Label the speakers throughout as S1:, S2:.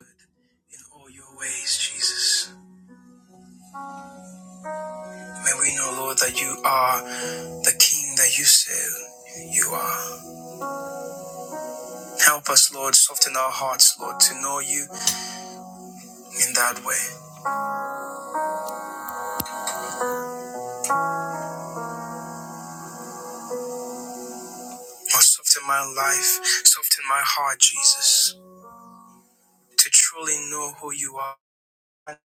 S1: in all your ways, Jesus. May we know, Lord, that you are the King that you say you are. Help us, Lord, soften our hearts, Lord, to know you in that way. Lord, soften my life, soften my heart, Jesus, to truly know who you are.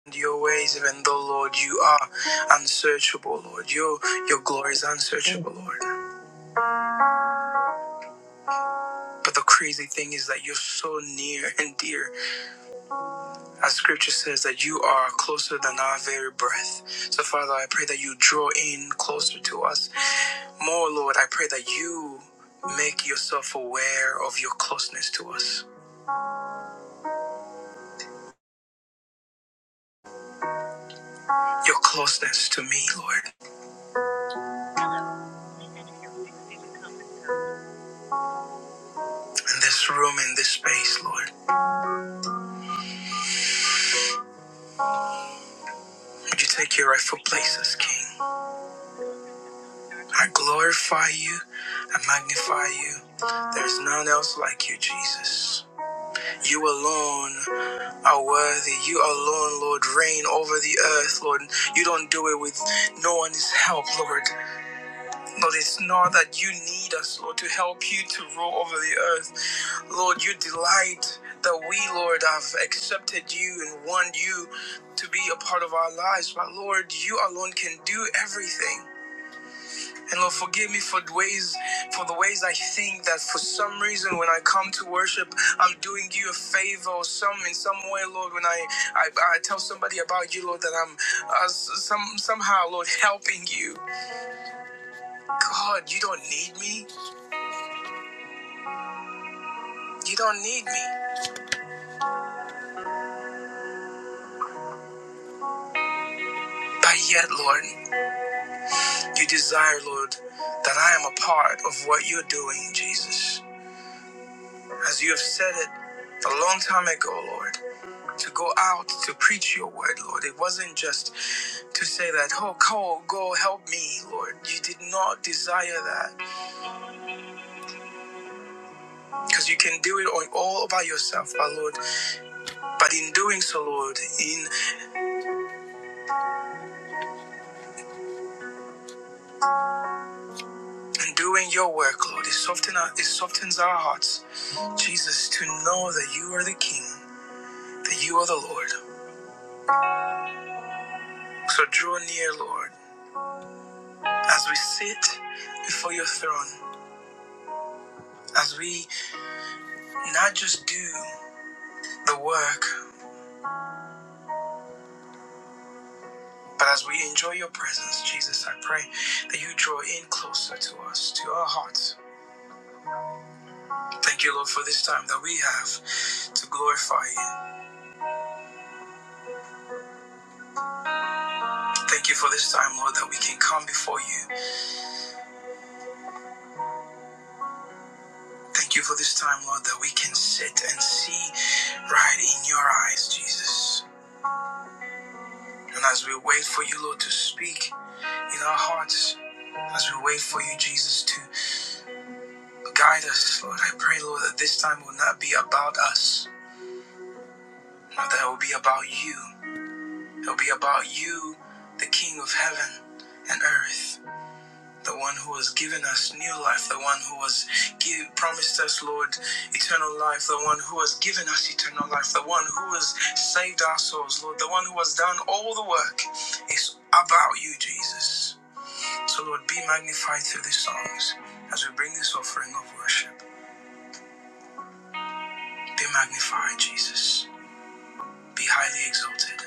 S1: and Your ways, even though Lord, you are unsearchable, Lord. Your your glory is
S2: Yes,
S1: unsearchable, Lord. But the crazy thing is that you're so near and dear As scripture says, that you are closer than our very breath. So, Father, I pray that you draw in closer to us. More, Lord, I pray that you make yourself aware of your closeness to us, your closeness to me, Lord. In this room, in this space, Lord, would you take your rightful place as King? I glorify you, I magnify you. There is none else like you, Jesus. You alone are worthy. You alone, Lord, reign over the earth, Lord. You don't do it with no one's help, Lord. Lord, it's not that you need us, Lord, to help you to rule over the earth. Lord, you delight that we, Lord, have accepted you and want you to be a part of our lives. But Lord, you alone can do everything. And Lord, forgive me for the ways, for the ways I think that for some reason when I come to worship, I'm doing you a favor or some in some way, Lord. When I I, I tell somebody about you, Lord, that I'm uh, s- some somehow, Lord, helping you. God, you don't need me. You don't need me. But yet, Lord, you desire, Lord, that I am a part of what you're doing, Jesus, as you have said it a long time ago, Lord. to go out to preach your word, Lord. It wasn't just to say that, oh, Cole, go help me, Lord. You did not desire that because you can do it on, all by yourself, my Lord. But in doing so, Lord, in, in doing your work, Lord, it, soften our, it softens our hearts, Jesus, to know that you are the King, that you are the Lord. So draw near, Lord, as we sit before your throne, as we not just do the work, But as we enjoy your presence, Jesus, I pray that you draw in closer to us, to our hearts. Thank you, Lord, for this time that we have to glorify you. Thank you for this time, Lord, that we can come before you. Thank you for this time, Lord, that we can sit and see right in your eyes, Jesus. And as we wait for you, Lord, to speak in our hearts, as we wait for you, Jesus, to guide us, Lord, I pray, Lord, that this time will not be about us, but that it will be about you. It'll be about you, the King of heaven and earth, the one who has given us new life, the one who has give, promised us, Lord, eternal life, the one who has given us eternal life, the one who has saved our souls, Lord, the one who has done all the work. It's about you, Jesus. So, Lord, be magnified through these songs as we bring this offering of worship. Be magnified, Jesus. Be highly exalted.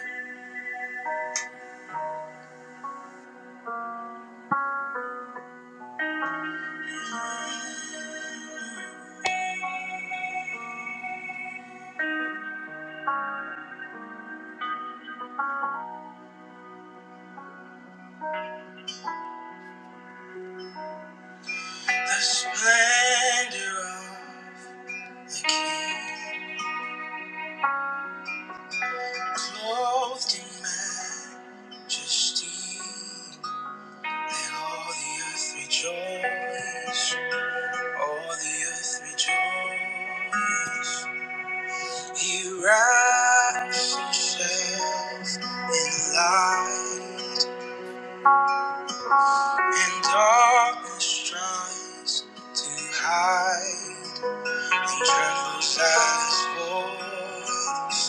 S1: The splendor of the King. Clothed in majesty, let all the earth rejoice. All the earth rejoice. He wraps himself in light, and darkness tries to hide. And trembles at his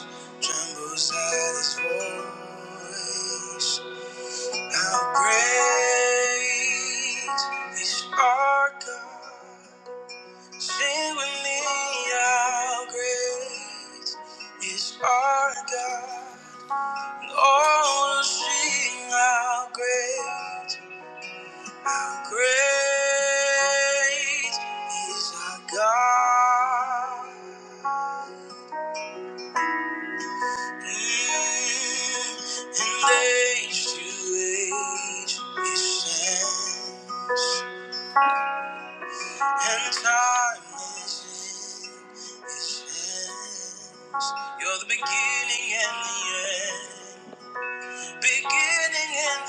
S1: voice, trembles at his voice. How great is our God. Sing with me, how great is our God. And all will sing how great, how great is our God. Mm, and age to age, He stands. And time is in his hands. You're the beginning and the end. Beginning and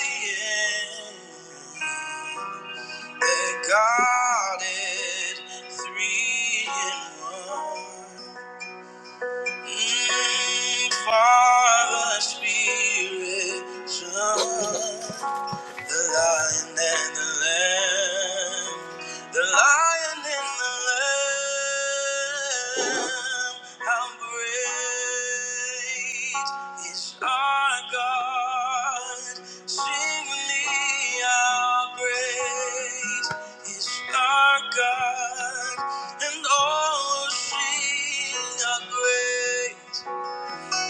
S1: the end. They're guarded three in one. Mm, Father, Spirit, Son. The lion and the lamb. The lion and the lamb. How great is our God. Sing with me how great is our God. And all will sing how great.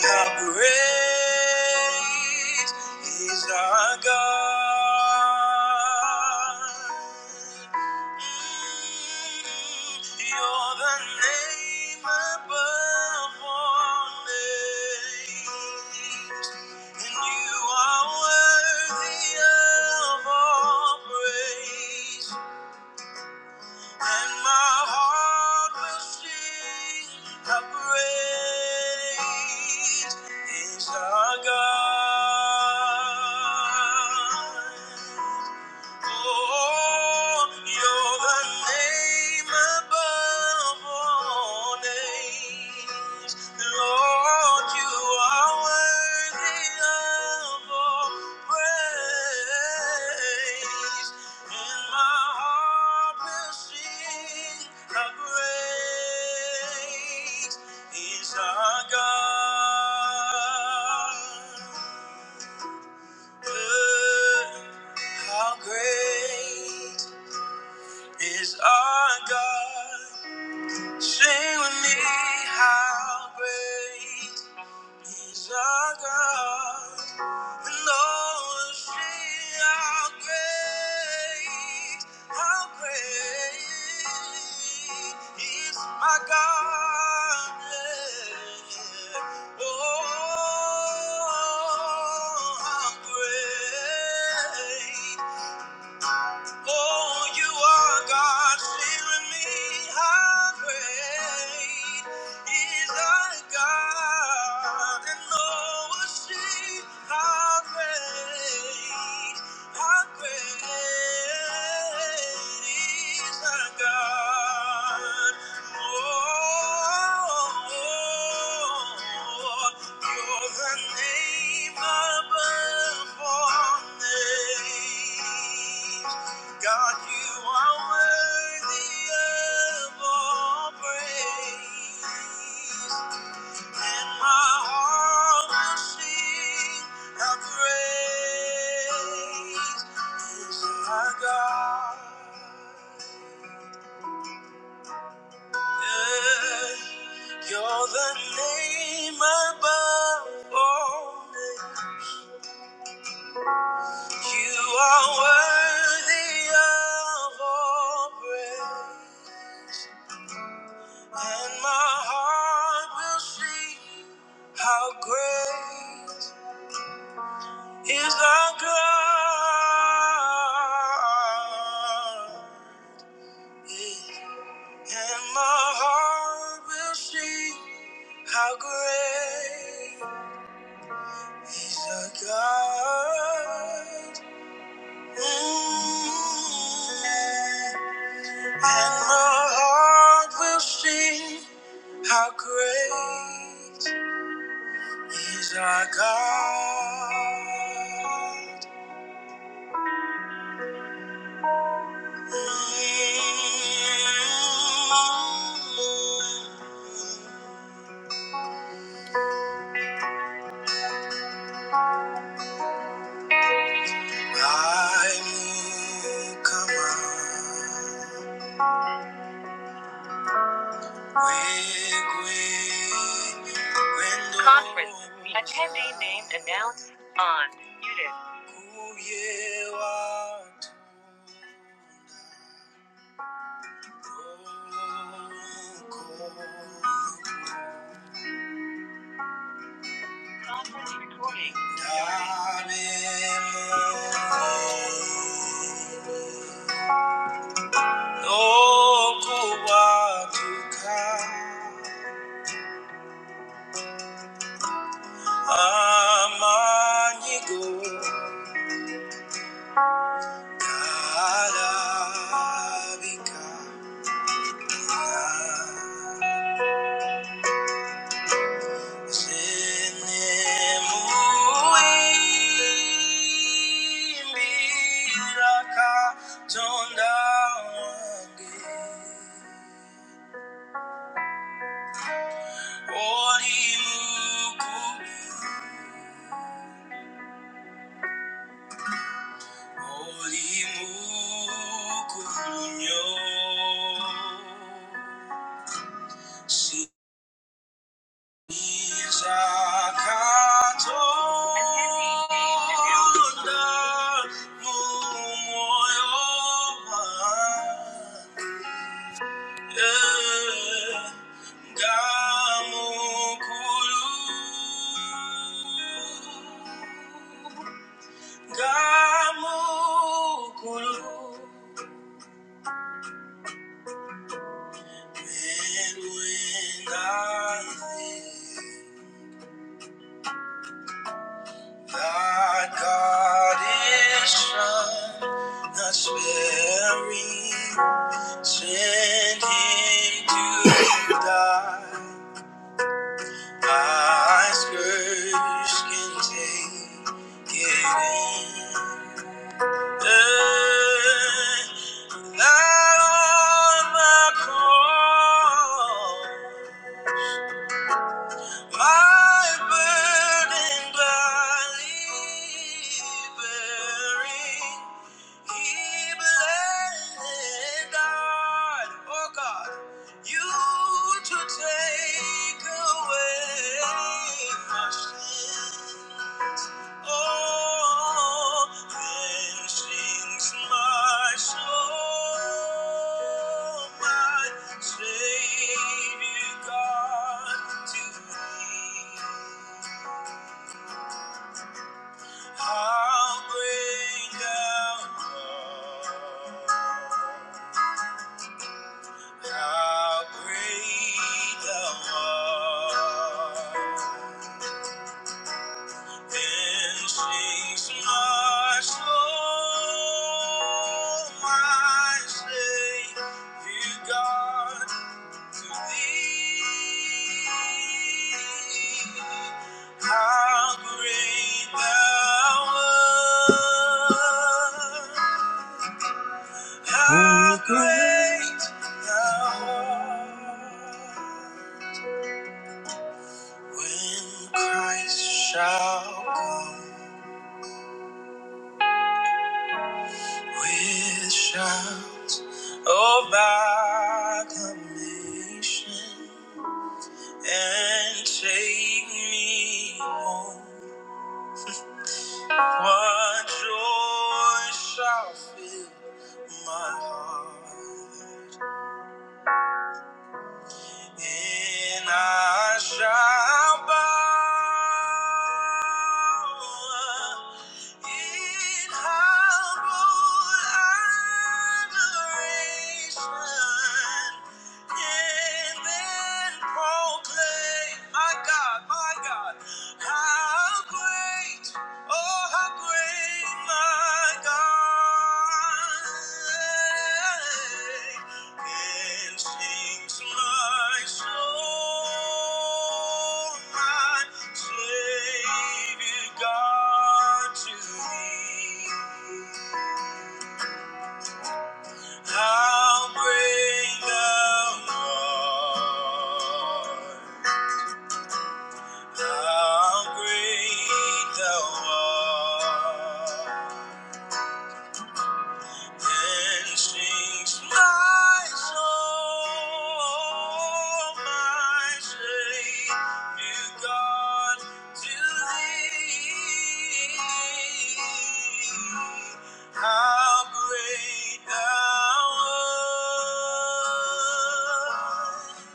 S1: How great is our God? Mm, You're the name above all names, and you are worthy of all praise and my heart will sing how great is our God. Oh, you're the name above all names. Lord, you are worthy of all praise. And my heart will sing how great is our God. Good, how great is our God? Sing with me, how great. He's our God, and only how great, how great is my God. Yeah. Oh, how great. Oh, you are God, clearing me. How great is thy God, and oh, see how great. How great is our God? Oh, you're the name above all names. God, you are worthy of all praise. And my heart will sing how great is our God. Yeah, You're the name above all names. You are worthy of all praise. And my heart will sing how great. is our God. And my heart will sing how great is our God. Mm. And my heart will sing how great is our God. Thank you. okuwaduka amanyigo galabika senemuyimbiraka tonda wange oli mukulu Gamukulu And when I think that God is kind, not sparing, sent him to die. Thy scourge can take it in. Uh, That on the cross My burden gladly bearing, He blessed God, oh God, You to take away my sin. Oh, then sings my soul, my Savior God to thee. How great thou art! How great thou art! Then sings my soul, my Savior God, to thee. How great thou art, how great thou art. When Christ shall come. With shouts of acclamation and take me home. What joy shall fill my heart? And I shall bow in humble adoration and then proclaim, My God, my God, how." How great, oh, how great my God and sings my soul, my Savior God to thee. How great thou art. How great thou art. And sings my soul, my Savior God, to thee. How great thou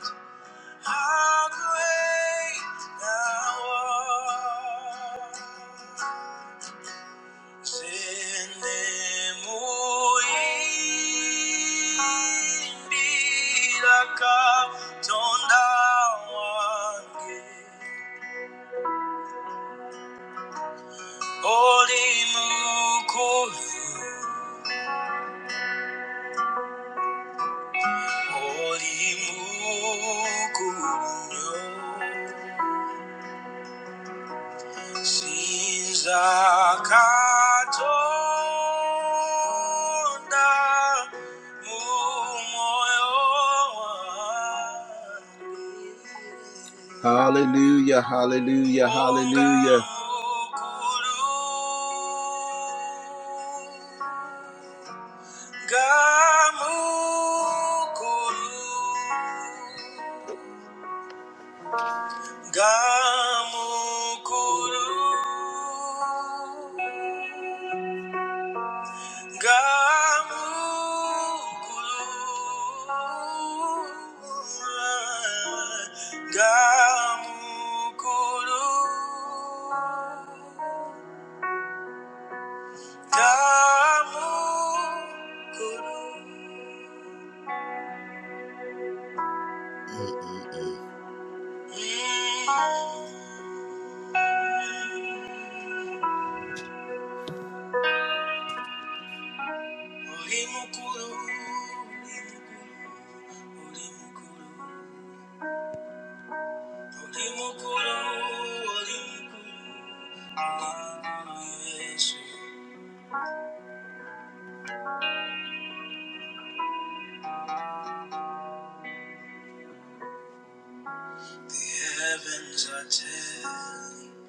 S1: art. How great thou art. Holy Sinzakatonda mu moyo wangu. Hallelujah, hallelujah, hallelujah. Ngamukuru. Gamukuru Gamukuru Gamukuru Gamukuru Mm. Oli mukuru, oli mukuru, oli Ah, Yesu. The heavens are telling,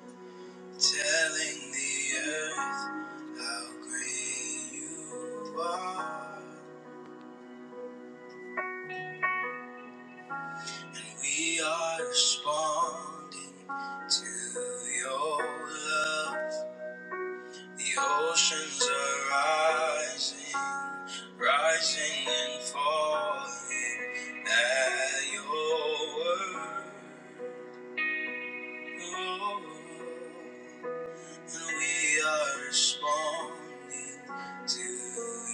S1: telling the earth how great you are, and we are responding to your love. The oceans are rising, rising and falling at your word. Oh, and we are responding to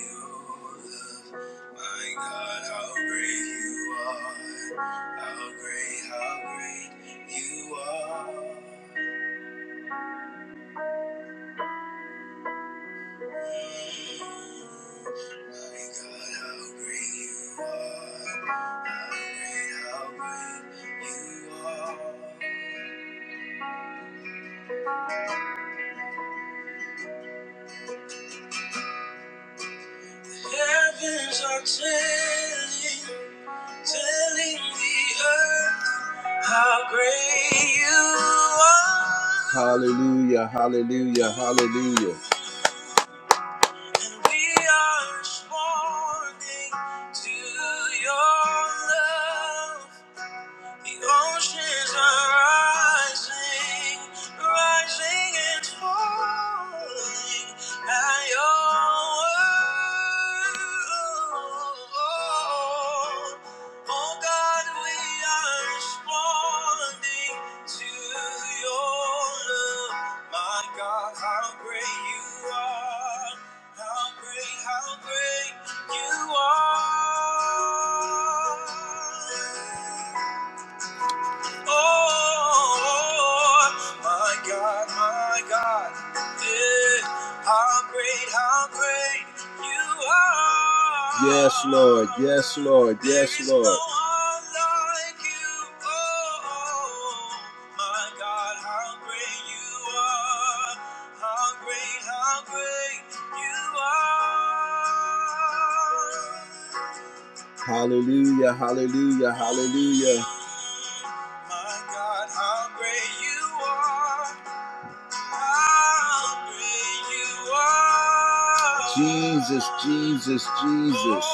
S1: your love. My God, how great you are! How great, how great you are! Heavens are telling, telling the earth how great you are. Hallelujah, hallelujah, hallelujah. And we are responding to your love. The oceans are rising, rising and falling at your word. Oh God, we are responding to your love. My God, how great you are! How great, how great you are! Oh, my God, my God, yeah, how great, how great you are. Yes, Lord, yes, Lord, yes, There is Lord. no one like you. Oh, my God, how great you are. How great, how great you are. Hallelujah, hallelujah, hallelujah. My God, how great you are. How great you are. Jesus, Jesus, Jesus.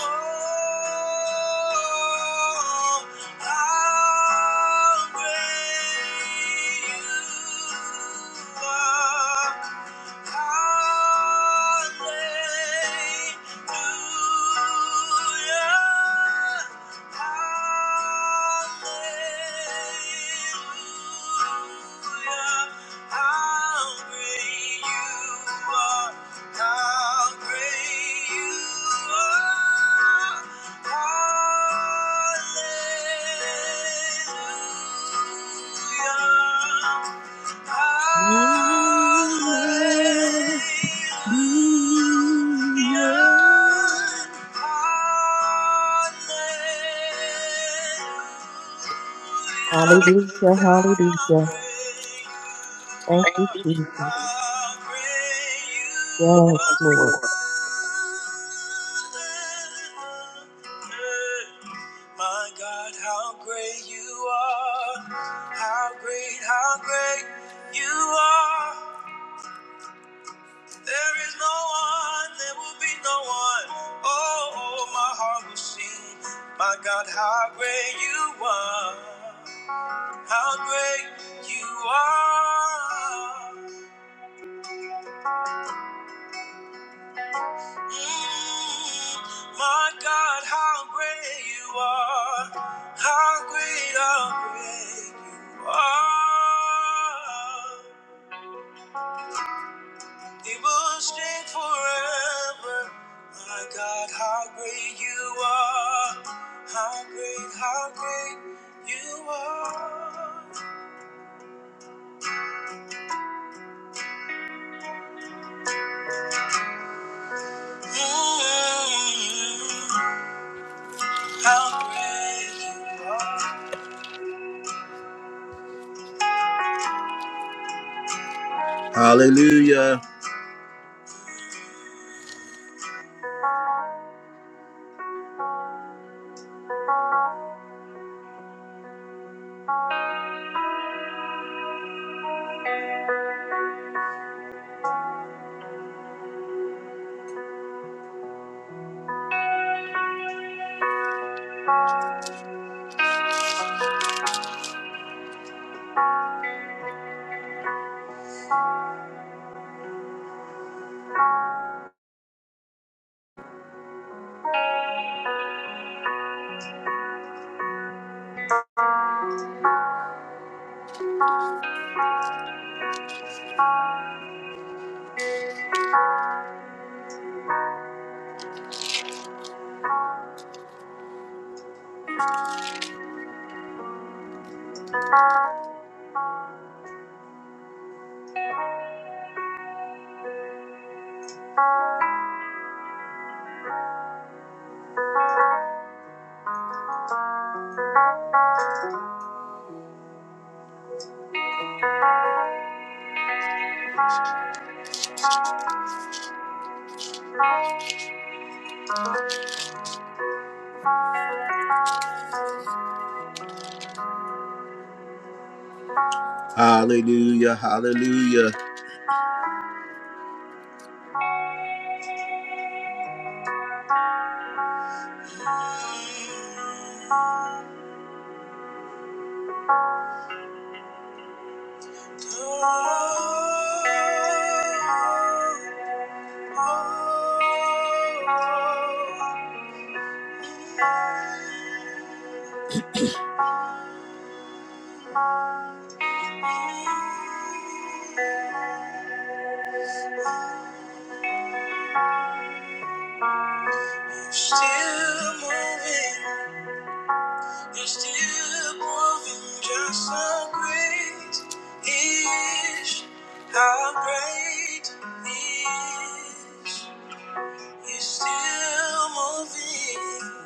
S1: Oh, how great you are. Hallelujah. Hallelujah.
S2: Hallelujah,
S1: Thank you,
S2: hallelujah. Thank you,
S1: Jesus. Yes,
S2: Jesus. Yes, Lord.
S1: Lord. My God, how great you are! How great, how great you are! There is no one, there will be no one. Oh, oh, my heart will sing. My God, how great you are! How great you are. Mm, my God, how great you are. How great, how great you are. It will stand forever. My God, how great you are. How great, how great you are. Mm, how great you are. Hallelujah. Hallelujah. Hallelujah. Still moving, you're still moving, just how great is how great is. You're still moving,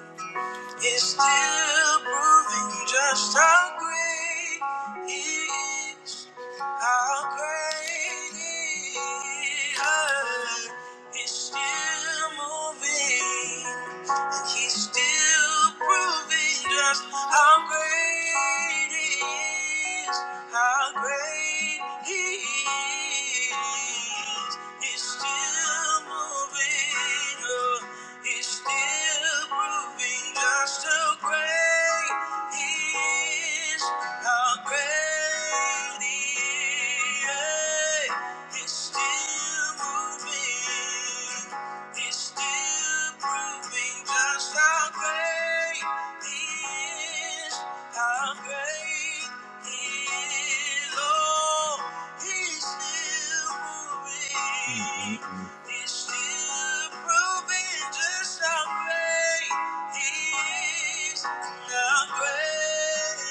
S1: is still proving just how great He is. How great He is. He's still moving. And he's still proving just how great he is, how great he is. He's still moving, oh, he's still proving just how great he is, how great he is. He's still moving. It's still proving just how great He is, how great He is. Oh, He's still moving. Mm, mm, mm. It's still proving just how great He is, how great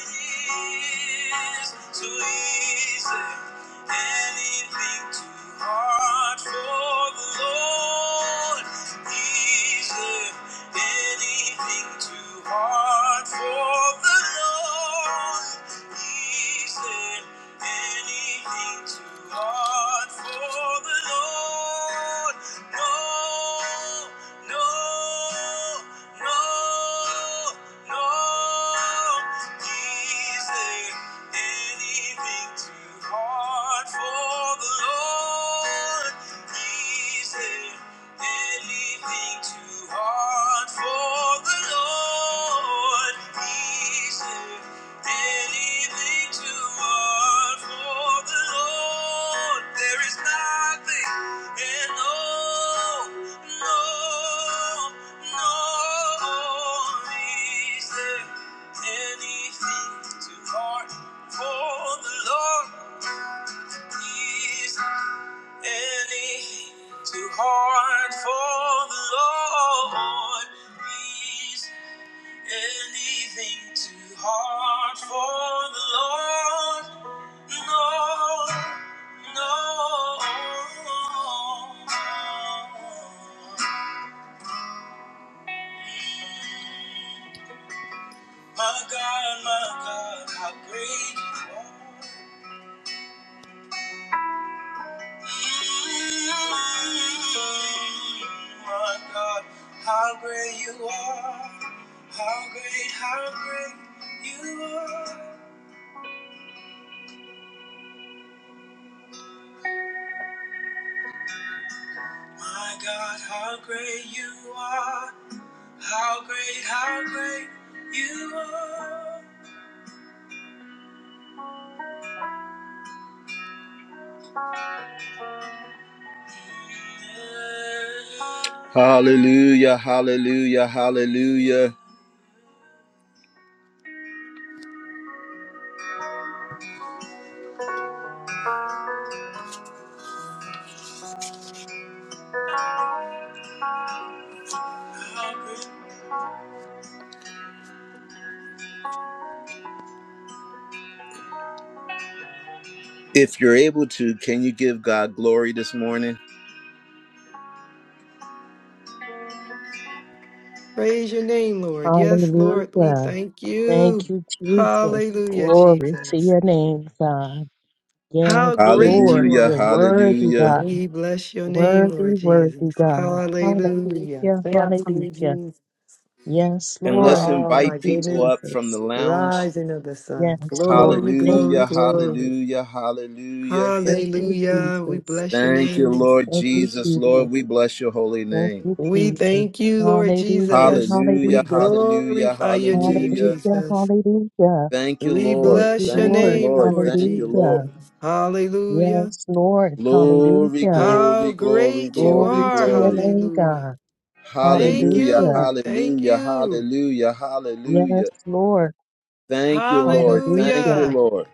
S1: He is. So easy. Anything too hard for the Lord. Is there anything too hard for the Lord? Is there anything too hard for the Lord? No, no, no, no. Is there Anything too hard for the Lord. He's there. Anything too hard for the Lord. He's there. Anything too hard for the Lord. There is nothing and no, no, no. He's there. Anything too hard for the Lord is anything too hard for the Lord is anything too hard for the Lord no no my God my God how great you are My God, how great you are! How great, how great you are! My God, how great you are! How great, how great you are! Hallelujah, hallelujah, hallelujah. If you're able to, can you give God glory this morning?
S3: Praise your name, Lord. Yes, Lord, we
S2: Hallelujah.
S3: thank
S2: Thank
S3: you.
S2: you, Jesus.
S3: Hallelujah,
S2: Glory to
S3: Jesus.
S2: your name, God. Yes,
S3: How great you
S2: Lord.
S1: Hallelujah,
S3: are.
S2: You're
S3: Lord.
S2: worthy,
S1: hallelujah.
S2: God.
S3: We bless your name, Lord
S2: Worthy, worthy,
S3: Jesus.
S2: God.
S3: Hallelujah.
S2: Hallelujah,
S3: Thank you,
S2: hallelujah.
S3: Jesus.
S2: Yes,
S1: And let's
S2: Lord.
S3: Oh,
S2: Thank
S3: my
S1: invite
S2: you,
S1: people
S3: goodness.
S1: up from the
S2: Jesus.
S1: lounge.
S3: Rising of the sun.
S2: Yes, Lord.
S3: Glory,
S2: Thank
S3: glory,
S1: Hallelujah,
S2: you,
S3: glory.
S2: Jesus.
S1: hallelujah, hallelujah.
S2: Thank you,
S3: Hallelujah. We
S2: Jesus.
S3: bless your
S1: Thank you,
S3: name.
S1: Lord
S2: Thank you,
S1: Jesus. Lord,
S2: Jesus.
S1: we bless your holy
S2: Thank you,
S1: name.
S3: We
S2: Jesus.
S3: thank you, Lord
S2: Hallelujah,
S3: Jesus.
S1: Hallelujah,
S3: We
S2: hallelujah.
S1: hallelujah,
S3: glorify your name,
S1: hallelujah.
S2: Hallelujah,
S3: Jesus.
S2: hallelujah.
S1: Thank you,
S3: We
S2: Thank
S1: Lord.
S2: you,
S3: bless your
S1: Thank you,
S2: Lord.
S3: name,
S1: Lord.
S3: Lord
S1: Thank you,
S2: Hallelujah.
S1: Lord.
S3: Jesus. Hallelujah.
S2: Yes, Lord.
S1: Glory,
S2: Hallelujah.
S3: How
S1: glory, glory,
S3: great you
S1: glory,
S2: Glory
S3: are.
S2: to your
S1: glory.
S2: name,
S3: Hallelujah.
S2: God.
S3: Thank
S1: Hallelujah,
S2: Hallelujah.
S3: you. Thank
S1: hallelujah,
S3: you.
S1: hallelujah, hallelujah.
S2: Yes, Lord.
S1: Thank you, Lord. Thank
S2: Hallelujah.
S1: you,
S3: Hallelujah.
S1: Lord.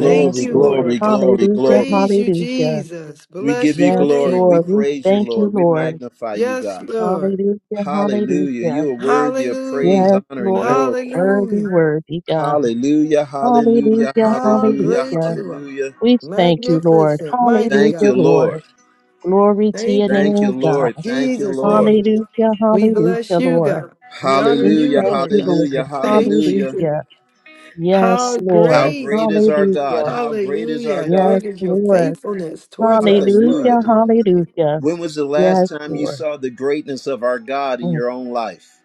S3: Thank you,
S2: Lord.
S1: glory,
S3: Lord God.
S1: glory,
S2: Hallelujah,
S1: glory.
S3: Praise you,
S2: hallelujah.
S3: Jesus.
S1: We give
S3: Bless
S1: you
S3: your
S2: Yes,
S1: glory.
S3: name.
S1: We
S2: Lord. We
S3: Lord
S1: praise you,
S2: thank
S3: God.
S2: you,
S1: Lord. We
S2: Lord.
S1: magnify you,
S3: Yes,
S1: God.
S3: Lord.
S2: Hallelujah,
S1: Hallelujah.
S2: hallelujah.
S1: You are worthy of praise,
S3: Hallelujah.
S2: Yes,
S1: honor, and
S2: Lord.
S1: glory.
S2: Worthy,
S3: Hallelujah.
S2: worthy, God.
S1: Hallelujah, hallelujah,
S2: Hallelujah,
S3: How
S1: hallelujah,
S3: great
S2: hallelujah.
S3: you are.
S1: hallelujah.
S2: We thank you, Lord.
S3: Magnificent, mighty
S1: Thank
S2: Hallelujah,
S1: you,
S3: God.
S2: Lord.
S1: Lord.
S2: Glory to your
S3: Thank you.
S1: Thank
S3: For
S1: you,
S2: name, God.
S1: Lord. Thank you,
S3: Jesus'
S1: Lord.
S3: name.
S2: Hallelujah,
S3: We bless
S2: hallelujah,
S3: you,
S2: Lord.
S3: God. We honor
S2: We
S3: you,
S1: Hallelujah,
S2: thank
S3: Lord
S2: you,
S3: God.
S1: hallelujah,
S2: Lord.
S3: Thank
S1: hallelujah.
S3: you.
S2: Hallelujah. Yes,
S3: How
S1: How
S2: Lord.
S3: great.
S1: great is our God?
S2: Hallelujah.
S1: How great is our
S3: Hallelujah.
S1: God?
S2: Yes,
S3: Great is your
S2: Lord.
S3: faithfulness towards us,
S1: Hallelujah.
S2: Hallelujah,
S3: Lord. We thank you.
S2: hallelujah.
S1: When was the
S2: Yes,
S1: last time you
S2: Lord.
S1: saw the greatness of our God in
S2: Mm,
S1: your own life?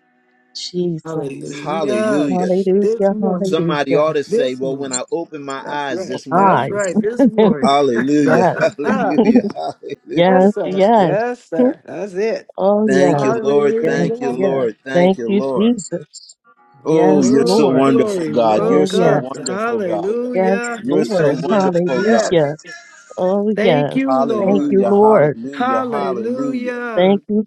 S2: Jesus.
S3: Hallelujah.
S1: Hallelujah.
S3: This
S2: Hallelujah,
S3: morning.
S1: Somebody
S2: hallelujah.
S1: ought to say,
S3: This
S1: Well, when
S3: morning.
S1: I opened my
S3: That's
S1: eyes
S3: right.
S1: this morning,
S3: That's
S2: Eyes.
S3: right. This morning. yes,
S1: hallelujah,
S2: yes,
S1: hallelujah,
S2: yes,
S1: hallelujah.
S3: sir.
S2: yes.
S3: Yes, sir. That's it.
S2: Oh,
S1: Thank you,
S2: yes.
S1: Lord.
S2: Yes,
S1: Thank you,
S3: Hallelujah.
S2: yes.
S1: Lord. Thank
S2: Thank
S1: you,
S2: you,
S1: Lord.
S2: Jesus.
S1: Oh,
S2: Yes,
S1: you're so
S3: Oh,
S2: Lord.
S1: wonderful,
S3: glory.
S1: God. You're
S2: Oh,
S3: Woke
S1: so
S2: yes.
S3: up.
S1: wonderful, God.
S2: Yes,
S3: Hallelujah.
S1: You're
S3: Yes,
S1: so
S2: Lord.
S3: yes,
S1: wonderful, God.
S3: yes.
S2: Hallelujah. Oh,
S3: Thank
S2: yes.
S3: you,
S2: Thank
S3: Lord.
S2: you,
S1: Hallelujah,
S2: Lord.
S1: hallelujah, hallelujah.
S3: Hallelujah.
S2: Thank you,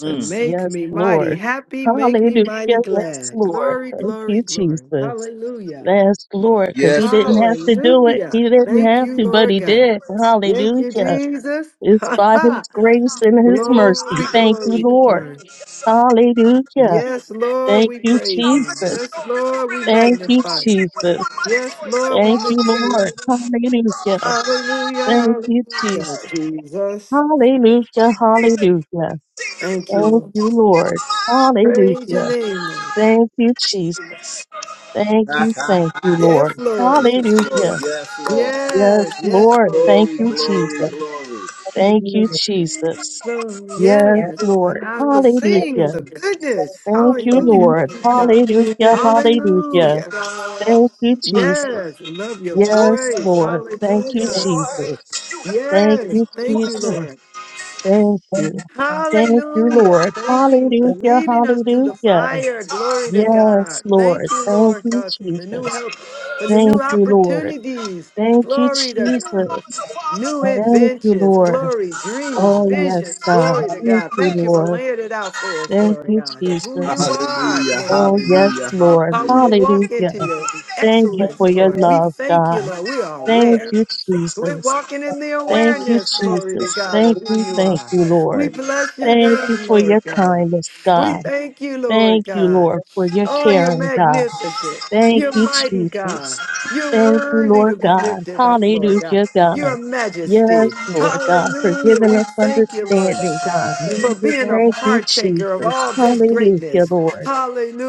S1: Mm.
S3: Makes
S2: Yes,
S3: me mighty
S2: Lord.
S3: happy, make me
S2: Hallelujah.
S3: mighty
S2: Yes,
S3: glad.
S2: Lord.
S3: Glory,
S2: Thank you,
S3: glory, glory.
S2: Jesus.
S3: Hallelujah.
S2: Yes, Lord, because he
S1: Yes,
S2: didn't
S1: Lord.
S2: have to do it.
S3: Hallelujah.
S2: He didn't
S3: Thank
S2: have
S3: you,
S2: to, but
S3: Lord
S2: he
S3: God.
S2: did.
S3: Thank you,
S2: Hallelujah.
S3: Jesus.
S2: It's
S3: Ha
S2: by his
S3: ha.
S2: grace and his mercy.
S3: glory,
S2: Thank you,
S3: glory,
S2: Lord.
S3: glory.
S2: Hallelujah.
S3: Yes, Lord,
S2: Thank
S3: we
S2: you,
S3: praise
S1: Now,
S3: you.
S1: this is
S2: Jesus.
S3: Yes,
S1: so, if you
S3: Lord, we
S1: really believe
S2: Thank
S1: it,
S2: you,
S1: come on,
S3: magnify
S1: sing
S3: you.
S1: with
S2: Jesus.
S1: one mighty
S3: Yes,
S1: voice.
S3: Lord, we
S1: All
S2: Thank you,
S3: lift you
S1: my
S2: Lord.
S3: up.
S2: Hallelujah.
S3: Hallelujah,
S1: life,
S2: Thank you,
S3: hallelujah,
S2: Jesus.
S3: Jesus.
S2: Hallelujah, hallelujah.
S1: sing you,
S3: Thank you,
S2: Thank
S3: Lord.
S2: you, Lord.
S1: all
S3: Praise your
S2: Hallelujah.
S3: name, Lord God.
S2: Thank you, Jesus. Thank you,
S1: my life.
S2: thank you,
S3: Yes,
S2: Lord.
S3: Lord.
S1: Yes, Lord.
S2: Hallelujah.
S1: Yes, Lord.
S2: Yes,
S3: Yes, yes,
S2: Lord.
S3: Lord.
S2: Thank
S1: Glory,
S4: Thank
S2: you,
S4: you.
S1: glory,
S2: Jesus.
S1: glory.
S2: Thank you, Jesus.
S3: Lord, yes.
S2: Yes,
S3: And
S2: Lord.
S3: I will sing of
S2: Hallelujah.
S3: the goodness.
S2: Thank you,
S3: Hallelujah.
S2: Lord.
S3: God.
S2: Hallelujah, hallelujah.
S3: Hallelujah.
S2: Thank you, Jesus.
S3: Yes. I Love your
S2: Yes,
S3: voice.
S2: Lord. Thank you,
S3: Hallelujah.
S2: Jesus. Thank
S3: Yes.
S2: you,
S3: Thank you,
S2: Jesus.
S3: Lord.
S2: Thank you. Thank you,
S3: Hallelujah.
S2: Lord.
S3: Thank you for
S2: Hallelujah.
S3: leading us through the
S2: Hallelujah.
S3: fire. Glory to
S2: Yes,
S3: God. Thank
S2: Lord.
S3: you,
S2: Thank
S3: Lord
S2: you,
S3: God, for the new
S2: Jesus.
S3: help, for the new
S2: Thank you, Lord.
S3: opportunities.
S2: Thank you,
S3: Glory to God.
S2: Jesus.
S3: New
S2: Thank you,
S3: inventions,
S2: Lord.
S3: glory, dreams,
S2: Oh, yes,
S3: visions,
S2: God.
S3: glory to
S2: Thank
S3: God.
S2: you,
S3: Thank you for
S2: Lord.
S3: laying it out for us,
S2: Thank
S3: glory to
S2: you,
S3: God, of who
S2: Jesus.
S3: you are,
S1: Hallelujah.
S3: glory
S2: Oh,
S3: to
S2: yes,
S3: God.
S1: Hallelujah.
S2: Lord.
S3: How we to
S1: Hallelujah.
S3: walk into
S2: Hallelujah.
S3: your
S2: Thank you
S3: excellence,
S2: for your
S3: Lord. We
S2: love,
S3: thank you,
S2: God.
S3: Lord. We are
S2: Thank
S3: aware.
S2: you,
S3: We're
S2: Jesus.
S3: walking in the
S2: Thank you,
S3: awareness, glory to
S2: Jesus.
S3: God, of
S2: Thank
S3: who
S2: you,
S3: you
S2: thank
S3: are.
S2: you,
S3: We
S2: Lord.
S3: bless your
S2: Thank you
S3: name,
S2: for
S3: Lord
S2: your
S3: God.
S2: kindness,
S3: We
S2: God.
S3: thank you, Lord
S2: Thank you,
S3: God.
S2: Lord, for your
S3: Oh, you're
S2: care and God.
S3: magnificent.
S2: Thank
S3: You're
S2: you,
S3: mighty, God.
S2: Jesus.
S3: You're
S2: Thank you,
S3: worthy to
S2: Lord
S3: be
S2: God.
S3: lifted up, Lord God.
S2: Hallelujah,
S3: Your
S2: God.
S3: majesty.
S2: Yes, Lord God, for
S3: Hallelujah.
S2: giving
S3: We
S2: us
S3: thank you, Lord,
S2: understanding, God.
S3: for being a
S2: Thank you,
S3: partaker of
S2: Jesus.
S3: all this
S2: Hallelujah,
S3: greatness.
S2: Lord.